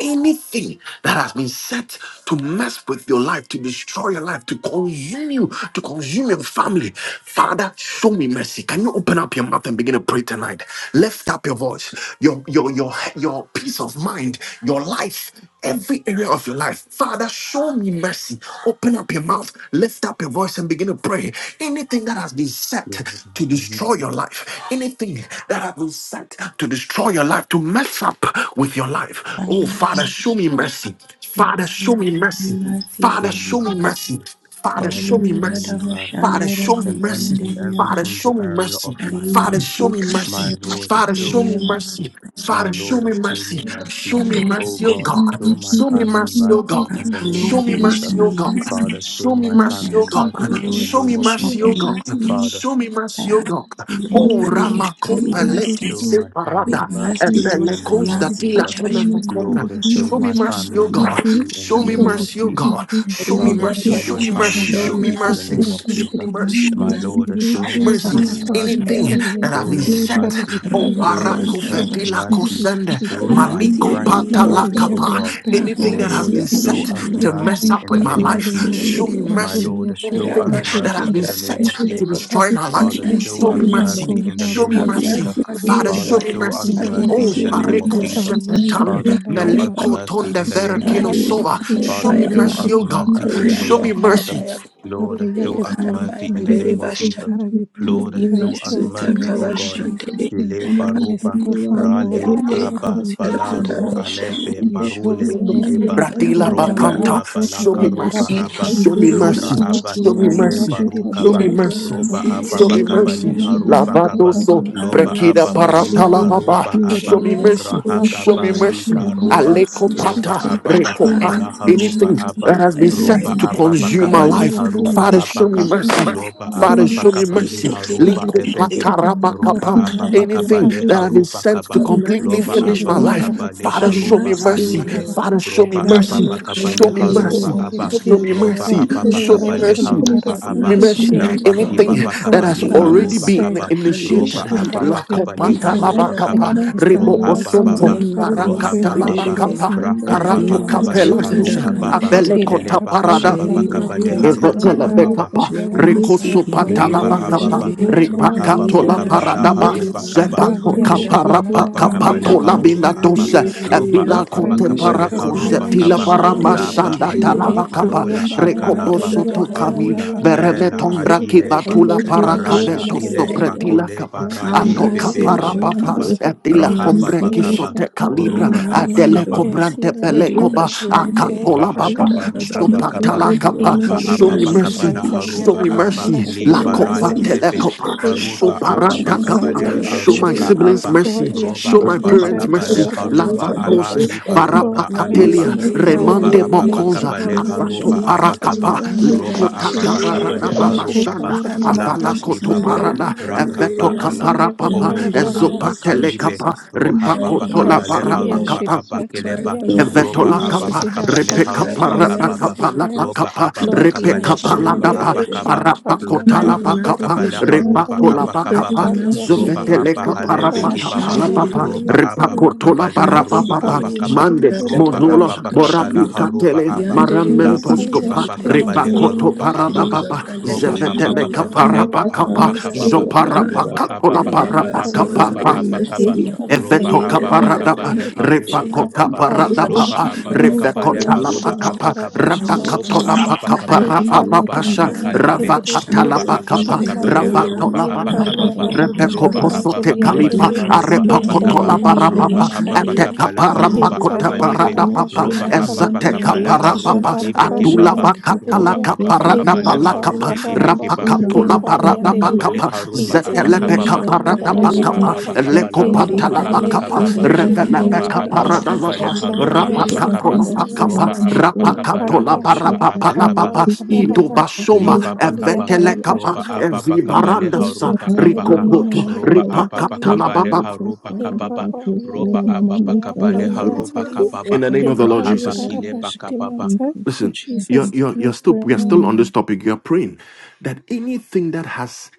S1: anything that has been set to mess with your life, to destroy your life, to consume you, to consume your family. Father, show me mercy. Can you open up your mouth and begin to pray tonight? Lift up your voice, your your your your peace of mind, your life, every area of your life. Father, show me mercy. Open up your mouth, lift up your voice and begin to pray. Anything that has been
S4: Show
S1: set
S4: me
S1: to
S4: any-
S1: destroy your life, anything that has been set to destroy your life, to mess up with your life. Oh, Father, show me mercy. Father, show me mercy. Father,
S4: show me
S1: show me mercy.
S4: mercy.
S1: Father, show
S4: Father,
S1: me
S4: show
S1: mercy.
S4: me mercy
S1: Father, show me
S4: in, an- in
S1: mercy.
S4: every
S1: Father, show
S4: single
S1: me
S4: area of
S1: mercy.
S4: my
S1: Father,
S4: life.
S1: show me
S4: My
S1: mercy.
S4: Lord,
S1: Father,
S4: show
S1: show
S4: me
S1: me mercy.
S4: mercy. My
S1: Father, show
S4: Lord,
S1: me
S4: show me
S1: mercy.
S4: mercy.
S1: Show
S5: Thank
S1: me
S4: Oh
S1: mercy, oh
S4: God,
S1: God.
S4: show my
S1: Show me
S4: family
S1: mercy, oh
S4: mercy
S1: God.
S4: in the name
S1: Show
S4: of
S3: Lord
S1: me
S3: you will
S4: Jesus.
S3: show
S1: mercy, oh
S3: me
S1: God.
S3: mercy.
S4: Father,
S1: Show
S4: show
S1: me
S4: my
S3: I
S1: mercy,
S4: family
S1: oh
S3: ask
S1: God.
S3: for the
S4: mercy in the
S3: Lord
S1: Show
S3: to
S1: me
S4: name of
S3: show
S1: mercy,
S4: Jesus.
S1: oh
S3: me
S1: God.
S3: mercy.
S4: Father,
S5: you.
S1: Show me
S3: I
S1: mercy, oh
S3: ask
S1: God.
S3: the Lord
S1: Oh,
S3: that He
S5: Miriam
S3: will show me
S5: Sibelius
S1: Ramakopeleko
S3: mercy.
S4: show my
S3: With
S4: family
S1: separada.
S5: Cooper
S3: mercy,
S5: is
S4: mercy in
S3: Lord,
S4: the
S3: I
S4: name
S1: Epelekos
S4: of
S1: da
S3: am
S2: Lord, we
S3: for
S1: tila
S4: Jesus.
S3: church
S2: pray
S5: Supreme
S1: kememokombra.
S4: Lord, show
S1: Show me
S4: my
S3: mercy.
S5: Committee
S1: mercy,
S4: family
S1: oh
S5: on
S1: God.
S5: Issues
S4: mercy in the
S3: I
S1: Show me
S5: Affecting
S3: don't
S4: name of
S1: mercy, oh
S2: for
S4: Jesus.
S1: God.
S2: your
S5: People with
S2: grace
S1: Show
S2: in
S3: know
S1: me
S4: Father,
S3: why,
S2: every
S1: mercy.
S4: show
S2: part
S3: but you
S2: of
S1: Show
S4: my
S1: me
S2: our
S3: should
S5: Disabilities
S4: family
S1: mercy.
S2: life.
S3: show
S1: Show me
S4: mercy in
S3: mercy
S4: the
S1: mercy.
S3: today,
S5: of
S4: name of
S5: the
S1: Show me
S4: Jesus.
S2: Atarabashiri
S3: that you will show
S1: mercy.
S2: mantali
S4: My
S5: Congress
S3: mercy,
S4: Lord,
S1: Show
S4: show
S1: me
S2: yediribishi
S4: my
S1: mercy.
S3: God.
S4: family
S5: Incorporated
S2: hapapali
S4: mercy.
S3: I
S1: Anything
S2: yantali
S1: that
S5: President
S2: yede.
S1: I've
S4: Show
S1: been
S3: Lord,
S4: me
S1: set.
S2: Father,
S5: Claudia
S2: we
S4: mercy.
S2: pray,
S1: Oh,
S2: O
S3: Rabba
S4: Show
S2: Lord, that
S4: the
S2: you
S1: Parako
S3: Santa,
S4: church
S2: show
S3: Rabba
S2: us
S1: Vetila
S3: Shaka,
S5: Schiffer
S4: mercy.
S2: mercy in
S1: Kosende,
S3: have
S4: Show
S2: Jesus'
S4: my
S2: name.
S5: Association
S3: mercy
S1: Maliko
S3: on
S5: Body
S4: friends
S3: me, O
S2: Mercy
S4: mercy,
S5: in
S2: in
S4: O
S3: Lord.
S1: Patalakapa.
S2: every
S5: Government
S4: God.
S2: aspect of
S3: Have
S4: O
S2: our
S1: Anything that has
S4: Lord,
S3: mercy
S5: Societies
S1: been
S3: on
S2: lives in
S4: show
S3: me.
S1: set
S4: us
S5: of
S1: to
S2: Jesus' name.
S1: mess
S4: mercy
S1: up
S4: in the
S1: with
S3: Have
S1: my
S4: name of
S3: mercy
S1: life.
S2: Mandili
S3: on
S4: Jesus.
S1: Show
S2: yashidi
S3: me,
S1: me
S3: O Lord.
S4: My
S2: manduli
S1: mercy.
S4: Lord,
S2: yashidi
S4: show
S1: Anything
S4: us
S3: Rabba
S2: mantuli
S1: that has
S4: mercy
S3: Shanda,
S1: been
S4: in the name
S3: Rabba
S1: set
S4: of
S2: yediribishi
S1: to
S4: Jesus.
S3: Yate.
S1: destroy my
S3: Have
S1: life.
S4: Father,
S5: People
S4: show
S3: mercy
S1: Show
S2: Mercy
S3: on
S4: us
S1: me
S3: me,
S2: now
S1: mercy.
S4: mercy
S3: Lord.
S4: in
S2: going
S4: the
S2: out,
S1: Show
S5: with
S4: name
S1: me
S4: of
S3: Have
S5: Disabilities
S2: mercy
S1: mercy.
S4: Jesus.
S2: now
S3: mercy on
S1: Father,
S3: me,
S2: coming in.
S4: Father,
S1: show
S3: Lord.
S1: me
S4: show us
S1: mercy.
S3: Have
S4: mercy in
S1: Oh,
S3: mercy
S4: the
S2: Indarabashi
S3: on
S4: name
S3: me,
S4: of
S1: Pareko
S3: Lord.
S4: Jesus.
S2: hampapalia
S5: Thank
S3: Rabba
S1: Shefetami,
S4: Father, show us
S3: Kayaba,
S2: shidimandarabashi
S1: Meliko
S4: mercy
S1: Tonde
S4: in the name of
S1: Verakino
S2: dimantalianda.
S4: Jesus.
S3: Adi,
S1: Sova. Show
S3: Kayaba,
S4: Father,
S1: me
S2: Impalia
S4: show
S3: Yaba,
S4: us
S1: mercy, oh
S4: mercy
S1: God.
S4: in the
S2: shidimantulia
S5: you.
S1: Show
S4: name
S3: Alianga
S4: of
S1: me
S4: Jesus.
S1: mercy.
S2: shidimanda.
S3: Kayaba,
S2: Father,
S4: Lord,
S5: This
S2: you are
S4: show
S2: the
S4: us
S2: God of
S5: revival
S4: mercy in the
S3: Karabashandere
S5: season
S4: name
S2: mercy.
S4: of
S5: is
S4: Jesus.
S3: bashandi
S2: Father,
S5: the
S2: we pray, O
S5: to
S4: Lord,
S2: Lord, that you
S4: show us
S2: show
S5: Jesus.
S2: us
S3: masuta
S4: mercy,
S5: Jesus
S4: O
S2: mercy in
S4: God.
S3: kabashandere
S2: Jesus'
S5: is
S2: name.
S4: Kile
S5: someone
S4: baroba,
S5: can do
S2: Merciful
S5: what
S2: Father,
S5: I'm
S2: O Lord,
S4: rale
S3: bakayande
S5: assuming
S2: we
S5: I
S4: aba,
S2: come
S5: can
S2: to you
S5: do better.
S4: balaro
S3: karandaro
S2: tonight
S3: shandi
S4: alebe,
S2: that
S5: And
S2: you
S5: this
S2: show
S5: will
S4: barule,
S2: us
S5: I'm
S2: mercy
S5: the
S2: in
S4: kideba,
S2: every part
S1: Bradila
S2: of our
S3: kayabayaba
S4: robe,
S1: Bakanta,
S2: lives.
S1: show me
S4: babalaka roba
S1: mercy,
S4: aba,
S2: Andarabashi
S1: show me
S3: inkambi
S1: mercy,
S4: lora
S2: handirabashi
S4: aba,
S1: show me
S4: hibele,
S3: bakashandere
S2: hampapalia
S1: mercy, show
S4: barukaba,
S1: me
S3: yande
S1: mercy,
S2: shidimantuliande.
S4: roba
S3: masite
S4: aba,
S1: show me
S2: Impali
S1: mercy.
S4: bakabali,
S3: rebekiyo
S2: yashiri
S4: haruba
S3: yande
S2: mandiri
S1: Lavado
S4: kaba,
S1: so
S2: bahari
S3: have
S4: loba
S2: yashiri
S1: brekida
S3: mercy
S4: aba,
S3: O
S2: mansali
S4: bali,
S1: paratala
S2: yanda
S3: God
S1: baba,
S4: aruba
S3: have
S4: aba,
S1: show
S2: yendere
S1: me
S3: mercy
S2: bishi
S1: mercy,
S3: O
S1: show
S2: hampali
S4: rahakaba,
S1: me
S3: God
S1: mercy.
S2: yashiri
S4: lika
S3: have
S4: roba,
S2: mansali
S3: mercy
S1: Aleko
S3: O
S2: yanda
S4: Loba
S1: pata
S3: God
S4: abba
S2: no
S1: recopa.
S4: bakabala
S2: assurance mercy
S4: haruba
S1: Anything
S2: in
S3: karabashandi
S5: kind.
S4: abba,
S1: that has been
S2: Jesus
S5: Thank
S1: set
S2: name
S4: Roba
S5: you.
S1: to
S3: kayandere
S4: abba
S1: consume my
S2: impali
S4: bakabali
S5: Thank
S1: life,
S3: karandaro
S2: yendere
S4: haruba
S3: bakayande
S2: bishi
S1: Father, show me
S4: abaka.
S1: mercy.
S2: hampali
S4: Loba
S2: yashiri
S1: Father,
S4: abba
S2: mansali
S1: show me
S4: bakabali
S3: masite
S1: mercy.
S4: haruba
S2: yandere
S3: kebasite
S2: bishi
S4: ebeke. Roba
S2: mansali
S3: have
S1: Likopatarabakapam.
S2: yanda
S4: abba
S3: mercy
S2: rabba
S1: Anything
S3: O
S4: bakabale
S1: that I've been
S4: haruba
S1: sent to
S4: kaba.
S3: Have
S2: Inzli
S1: completely
S3: mercy,
S4: Loba
S3: O
S2: yashidi
S1: finish
S4: abba
S1: my
S3: Lord.
S1: life,
S2: mandarabha
S4: bakabale
S1: Father,
S3: Have
S2: shidi
S1: show
S4: haruba
S1: me
S3: mercy,
S2: mantuli
S3: O
S1: mercy.
S4: alibe.
S3: Lord.
S2: yandarabha
S1: Father, show me
S4: Roba abba
S2: Lori
S1: mercy.
S2: yashidi
S4: bakabale
S1: Show me
S3: Radabakayande.
S2: mansali
S1: mercy.
S4: haruba abba,
S2: yandiribe
S1: Show me
S4: Roba
S2: Lord
S1: mercy.
S4: abba
S2: any
S1: Show me
S3: Yadidabashandaraba.
S2: words
S4: bakabale
S2: O
S1: mercy.
S2: Lord that
S4: haruba
S2: has
S3: Have
S1: Show
S2: been
S1: me
S4: aba.
S3: mercy,
S1: mercy.
S3: Lord
S2: exchanged
S4: Laba
S3: God.
S4: kiba
S2: any
S1: Anything that
S2: words
S1: has
S2: that
S4: bakabale
S2: have been
S1: already
S4: karuba
S2: said
S1: been
S3: Rimasita
S4: kaba.
S5: you.
S4: Roba
S1: initiated.
S2: anything that
S4: abba
S3: Kadishande.
S2: has been
S4: bakabale
S5: manda
S2: written
S4: haruba
S1: Lakopatarabakapa.
S4: kaba.
S5: sukuna
S2: against our
S4: Roha
S2: lives O
S1: Ribokosonto.
S4: baba.
S2: Lord
S3: Yema
S2: Father we
S4: Roha
S2: pray that you
S4: baba.
S2: show
S3: kosanderebe
S2: us
S1: Parakatalabakapa.
S2: mercies
S4: Rakaba,
S3: adi
S1: Parato
S4: baba
S2: in
S3: masu
S4: kabale
S1: kapela
S2: Jesus
S3: tada
S4: haruka
S1: zusha.
S2: name
S3: kama
S4: baba
S3: da da
S1: Abele
S3: da
S4: ele
S1: kota
S3: da
S2: Yandarabha
S4: baba
S2: shi-
S1: parada.
S4: kababa
S3: eri
S4: kabale
S3: makaya
S2: yantali
S3: baya
S4: haruka
S3: ba
S1: Evetele
S3: ya ba.
S4: baba
S2: yandarabha
S1: bekapa,
S2: shi-
S3: Ya
S2: yandi.
S3: masu
S1: rekoso
S3: gene
S2: Lord,
S1: patala
S4: liba
S3: mene vene
S1: bakapa,
S2: Yabashidi
S4: ababa
S3: be
S2: Mantuli
S4: ruha
S3: ari
S1: ripakato
S4: baba
S1: la
S3: ndala
S4: kabala
S2: Yampali
S1: paradaba,
S3: shandere
S4: haruba kaba
S3: bakana
S1: zepato
S3: banada
S2: Impaliashi
S4: roba
S1: kapara
S4: ababa
S5: Manda
S4: kabale
S3: ndele
S2: Mandarabashi
S1: pakapato la
S5: Diana
S3: peke
S4: haruba aba
S1: minadosa,
S3: ndele
S5: Sakandiada,
S2: Ampaliasa
S3: ndele
S4: loba
S3: ya
S1: evila
S4: ababa
S1: kote
S5: Resendi
S2: Itarabashi
S4: kabale
S3: masu
S1: parako
S4: haruba
S3: mano
S5: Osuramamaya
S1: zetila
S2: Handiribishi
S4: kaba
S1: barama
S3: shandere
S5: Kayandia
S2: Handiribiri
S4: daba
S3: peke
S1: sanda
S3: rebe
S5: Sandio,
S4: aiba
S3: ndele
S1: talabakapa,
S4: parola
S5: Rosunda
S2: Impaliashi
S5: Maraya
S1: rekopo
S3: randa
S4: akalaba
S3: da
S5: Kanga
S3: da
S1: soto
S3: da da
S1: kami,
S2: Manduliantali
S3: da
S2: and
S4: parola
S5: Tayandia Dada,
S2: Arabashi
S4: bela
S1: beremeton braki
S2: Handiribi
S3: adi
S4: akileba
S5: Resatande
S1: batula
S3: kana
S5: Kusura
S4: arala
S1: parakavento
S2: Impaliashi
S5: Mama
S3: mashandere
S4: ile
S3: de
S5: Kanya,
S1: sopretila
S2: Mantulian
S4: bakole
S1: kapa,
S5: Blessed
S3: have
S5: and
S4: barale
S1: ato
S5: the
S3: mercy
S4: bebe
S2: Gloria
S5: Jesus,
S1: kapara
S5: we
S2: Shidi
S3: lord
S5: are
S4: baruka
S1: papa,
S4: ba
S5: blessed.
S2: Mantali
S3: have
S1: evila
S4: raha
S1: kombre
S5: Mr.
S4: baba
S3: mercy, Lord.
S2: Ribiriashi
S4: kaba
S5: Mr.
S1: kisote
S3: Have
S1: kalibra,
S4: oroba
S5: Kabiyana
S2: Mantuli
S5: Sayan,
S3: mercy,
S1: adele
S4: abakaba
S2: and
S3: Lord.
S1: kobrante
S2: seen every part
S3: Arriba
S2: of
S5: Sukunda
S1: pelekoba,
S2: my life,
S1: akato
S3: Shande.
S2: Lord. Yashidi
S1: Polababa,
S5: Payamasena,
S4: Lahakaba
S2: mentally and
S5: Mr.
S4: Ruhabakaba
S3: Rabababababa.
S1: Sopatalakapa,
S5: Fabiana
S3: May
S4: Loba
S2: impali
S3: your
S1: show me
S5: Sukunda
S2: yashidi
S3: mercy
S4: Ababakaba
S1: mercy,
S3: speak,
S5: Payama,
S2: mentally
S3: O
S2: and
S1: show me
S4: Laharuba
S3: God.
S4: aba
S1: mercy,
S5: Lakenda
S3: May
S2: yashidi
S3: your
S4: Liberale
S1: Lakova
S3: mercy
S2: mentally and
S5: Sayadriamata,
S4: Ebe
S3: speak,
S1: Telekopa,
S3: O God.
S4: Baruba
S2: impali
S5: Suga
S2: yashidi
S5: Mama
S3: Mercy,
S1: Soparatakapa,
S4: Ababakabale
S3: Lord,
S2: mentally
S5: Tadia
S3: the
S2: and
S1: show my
S2: Iribe.
S4: Aruka
S1: siblings
S3: triumphs
S5: Gusukaba,
S4: aba
S3: of the
S2: Lord
S1: mercy,
S4: Roba
S1: show
S5: Lakando
S2: yashidi
S1: my
S3: judgment.
S1: parents
S5: Samana
S2: mentally
S1: mercy,
S4: Ababakabale
S2: yashidi
S5: Kayana
S4: Haruba
S5: Kayani
S2: mentally and
S4: ala
S1: Lavatos,
S3: Rabakatabababa.
S5: Arusayana,
S2: Lord
S4: ibalora Alaba
S2: mercy
S1: Varapakatelia,
S3: Nanderebe
S2: is
S5: Izeno
S2: in our
S5: Surya
S4: Roba
S1: Remande
S3: Yanderebe.
S2: workplace,
S5: Matamana,
S1: Mokosa,
S2: Lord
S4: Ababakabale
S3: Nima
S2: yashidi
S1: Avato
S4: Haruba
S5: Lakunda
S3: Sita
S5: Kaba
S2: mentally
S4: Abakaba
S1: Parakapa,
S2: and
S3: Makadada
S4: Roba
S5: Sayandika,
S1: Likota
S2: shidi
S3: Bayanderea.
S2: mandiri
S1: Kabarana
S4: Ababakabale
S2: be
S5: Lakabaya
S2: shidi
S4: Harukaba
S1: Babashanda,
S5: Kusura
S2: mentally
S5: Mama
S3: Kadada
S4: Laba
S2: mercy
S5: Kana,
S2: is in
S1: Avalakoto
S2: our
S4: Kibaba
S3: Shanderea
S1: Parada,
S5: Redno
S2: academics
S5: Seno
S4: Rakaba
S1: Eveto
S5: Sura
S3: Bayanderea
S2: and
S4: Ala
S2: see in
S5: Mama
S2: every
S5: Kayapa.
S1: Kaparapapa,
S2: part of
S4: Oroba
S2: our lives. In
S4: Abakalibe
S2: Jesus'
S1: Ezopatelekapa,
S2: name,
S4: Roha
S3: cry
S2: we
S3: for
S1: Ripakoto
S2: help
S4: Babakabale
S3: mercy,
S2: the
S3: Lord.
S4: Haruba
S1: La
S3: We
S2: Ashidima to
S3: cry
S4: Abakeleba
S2: the
S3: for
S2: end.
S5: Thank
S3: mercy,
S4: ropa
S1: Evetola
S4: apa
S3: Lord.
S2: Mercies
S1: kapa,
S4: pa
S2: in our
S4: kapa
S3: We
S4: leha
S1: repeka
S2: families,
S3: cry
S4: ropa
S3: for
S1: parapa
S2: mercy
S4: kapa
S2: in our
S4: pa
S3: mercy.
S1: kapa
S3: Lord.
S1: lapa
S2: friends.
S4: ropa
S1: kapa,
S4: apa pa
S2: Lord,
S3: That kind
S4: kapa
S3: of
S1: repeka
S4: leha
S2: Yashidima,
S4: ropa
S2: the
S1: paladapa,
S4: apa
S3: shandalebe.
S4: kapa
S2: Bishia,
S1: parapa
S3: We
S2: Palian
S4: ropa
S1: kota
S3: cry
S2: to
S5: you.
S3: for
S2: the
S1: lapa
S4: apa
S2: end,
S4: pa
S2: the
S1: kapa,
S4: kapa
S3: mercy,
S4: leha
S3: Lord.
S5: Like
S4: ropa
S2: Bishianda,
S1: repato
S3: We
S5: music,
S4: apa
S1: lapa
S3: cry
S2: in
S4: kapa
S3: for
S4: pa
S5: you
S1: kapa,
S5: are
S3: mercy,
S4: ropa
S5: seated
S2: Paliashidima
S3: Lord.
S1: zovetele
S4: apa
S2: to
S5: in the
S2: the
S1: kapa
S2: end,
S3: That
S4: halepe
S3: we
S1: rapa
S2: the
S4: kipa
S5: city,
S1: kapa
S4: pa
S1: lapa
S2: Bishian,
S5: but it
S1: pa,
S3: shandalebe.
S4: ropa
S2: Palian to the
S4: apa
S3: We
S4: pa
S2: end.
S3: cry
S1: repakoto
S4: kapa
S3: for
S1: lapa
S4: leha
S1: rapa
S2: In
S5: was
S3: mercy,
S4: ropa
S1: papa,
S4: apa
S3: Lord.
S5: not
S4: kapa
S1: mande,
S2: Paliashidima, the
S4: ropa
S2: Bishia,
S1: mozola,
S4: apa pa
S3: Rakatadabaka
S2: Shidim,
S4: kapa
S1: borapi
S4: leha
S3: shandalebe.
S4: ropa
S1: katele,
S4: apa
S3: Yandelebe
S5: historic
S2: in
S4: lapa
S1: maramentos
S4: kipa
S1: kopa,
S3: sitalebe
S4: pa
S5: in
S4: kapa
S2: Paliashidima, to
S4: leha
S3: yandelebe.
S2: the
S1: repakoto
S4: ropa
S2: end,
S5: Salome,
S4: apa
S1: parada
S4: ka
S3: Riva
S1: papa,
S4: ropa
S3: bandelebe
S5: son
S4: apa
S1: zevetele
S5: of
S4: pa
S1: kapa
S4: kapa
S3: yandelebe.
S5: Diana
S1: rapa
S4: lepa
S3: Your
S1: kapa,
S5: Cassan,
S4: arupa kapa
S3: mercy,
S4: pa
S3: O
S5: Sadia
S3: God.
S1: zoparapa
S4: ropa
S5: Kusaba,
S4: apa
S1: kapola
S4: pa kapa
S3: Deliver
S5: and
S1: parapa
S3: us,
S4: leha
S3: Lord,
S4: ropa
S3: by
S5: Tagando
S3: your
S1: kapa,
S4: apa kapa
S5: Sekiria,
S3: mercy.
S5: the
S4: ropa
S1: Evetoka
S3: Riva
S4: apa
S3: da
S4: pa
S3: da
S5: Tagando
S3: da
S4: kapa
S1: paradapa,
S3: da
S5: Saba.
S4: leha
S3: da
S4: ropa
S3: da.
S5: Thank
S4: kapa
S1: revakota
S3: Riva
S1: paradapa,
S4: Loba
S3: shanda.
S4: ababa
S3: da da
S4: kabale
S2: Impaliya
S3: da
S1: revekota la
S3: da
S2: should
S4: haruba
S3: da.
S1: pakapa,
S2: mandara
S4: abakaba.
S3: Thank
S2: pashiande
S4: Roba
S1: rapakatona
S4: ababa
S1: pakapa,
S4: kabala
S2: Inzali
S4: aruba
S1: rapapapasha,
S2: Hashiriman
S4: abakalibe.
S2: Rebereri
S1: ravakata la
S4: Roba ababa
S1: pakapa,
S4: kabale
S2: Hashirimandu
S1: ravato
S4: haruba
S1: la pakapa,
S2: Impali and
S4: abakababa.
S2: Arabashi
S1: rebeko
S4: Loba
S1: poso te
S4: ababa
S2: Mansuli and
S4: kabale
S1: kalipa,
S2: Rebe
S4: haruba
S2: and
S1: arepakoto
S4: abakaba.
S1: la
S2: Arabashi
S4: Roba
S1: parapapa,
S4: ababa
S2: Hampali and
S1: ateka
S4: kabala haruba
S1: parapakota
S2: Inzali and
S4: abalibe.
S1: paradapa,
S2: Arabashi
S4: Roba
S2: Hampali
S4: ababa
S2: and
S1: ezateka
S4: kabala
S2: and
S1: parapapa,
S4: haruba
S2: Arabashi
S4: ibekebaba.
S2: and
S1: adula
S4: Roba
S2: Reberia
S1: Laka
S4: ababa
S1: parana
S2: in
S4: kabale
S5: you.
S1: palaka
S2: Papali
S1: pa
S4: harube
S2: and Araba
S4: ibekeba.
S1: rapaka
S2: in
S1: pula
S4: Loha
S2: Pali
S1: parana
S4: baba
S2: and Rebe
S4: kabale
S1: pakapa
S4: haruba
S2: Inzali
S1: zetelebe
S4: abakababa.
S1: kaparana
S4: Roba
S2: Hashirimandarashi
S1: pakapa
S4: ababa
S2: Hampa
S1: leko
S4: kabala
S2: in
S4: haruba
S1: patala
S2: Papali and
S1: pakapa
S4: abakababa.
S2: Rebe Shiri
S1: revelebe
S4: Loba
S2: Mansuli
S4: ababa
S1: kaparana
S2: and
S4: kabale
S1: baba
S2: Lord
S4: haruba
S3: you.
S1: rapaka
S5: Sotura
S2: mercy
S4: abakaba.
S1: pula
S2: mercy
S5: Kavasura
S1: pakapa
S2: mercy
S4: Roba ababa
S5: Mamakura
S2: in
S1: rapaka
S5: Baba
S4: kabala
S1: pula
S2: Pali
S4: haruba
S1: parapa
S5: Nesatando
S4: abakaba.
S1: palapa
S2: Apoli and
S5: Sikiria
S1: ido
S2: Araba,
S1: basoma
S5: Kataria
S4: Liba
S2: Impoli and
S4: bakaba.
S1: evetele
S5: Sutaria
S2: Arabashi
S1: kapa
S4: Roba
S2: and
S4: ababa
S2: Araba,
S5: Samba
S4: kabale
S1: evibaranda
S5: Kosa
S1: sa
S2: Intoli,
S4: haruba
S5: Kambaya
S4: abaka.
S5: Mama
S1: rikopoto
S2: Liberiashi and
S4: Roba
S5: Mataya
S1: ripaka
S4: ababa
S2: Popoli and Araba,
S4: kabale
S1: talababa.
S5: Urfelo Kosa
S4: haruba
S5: Dada
S4: kababa.
S2: Impopoli and
S5: Kosura
S4: Roba
S5: Mama
S4: ababa
S2: Libishi and
S5: Nusaya
S4: kabale
S2: Poli and
S4: haruba
S2: Solian,
S1: In
S4: kababa.
S1: the name
S5: Nesatando
S1: of the Lord
S2: Impoli
S4: Rahaba
S2: and
S1: Jesus.
S5: Sotura
S4: kile
S5: Mama
S2: Arabashi
S4: bakababa.
S2: Dimonsa, in
S1: Listen, you're,
S2: Jesus'
S1: you're,
S2: name
S1: you're
S2: we
S1: still, we are
S2: pray.
S1: still on this topic. You're praying that anything that has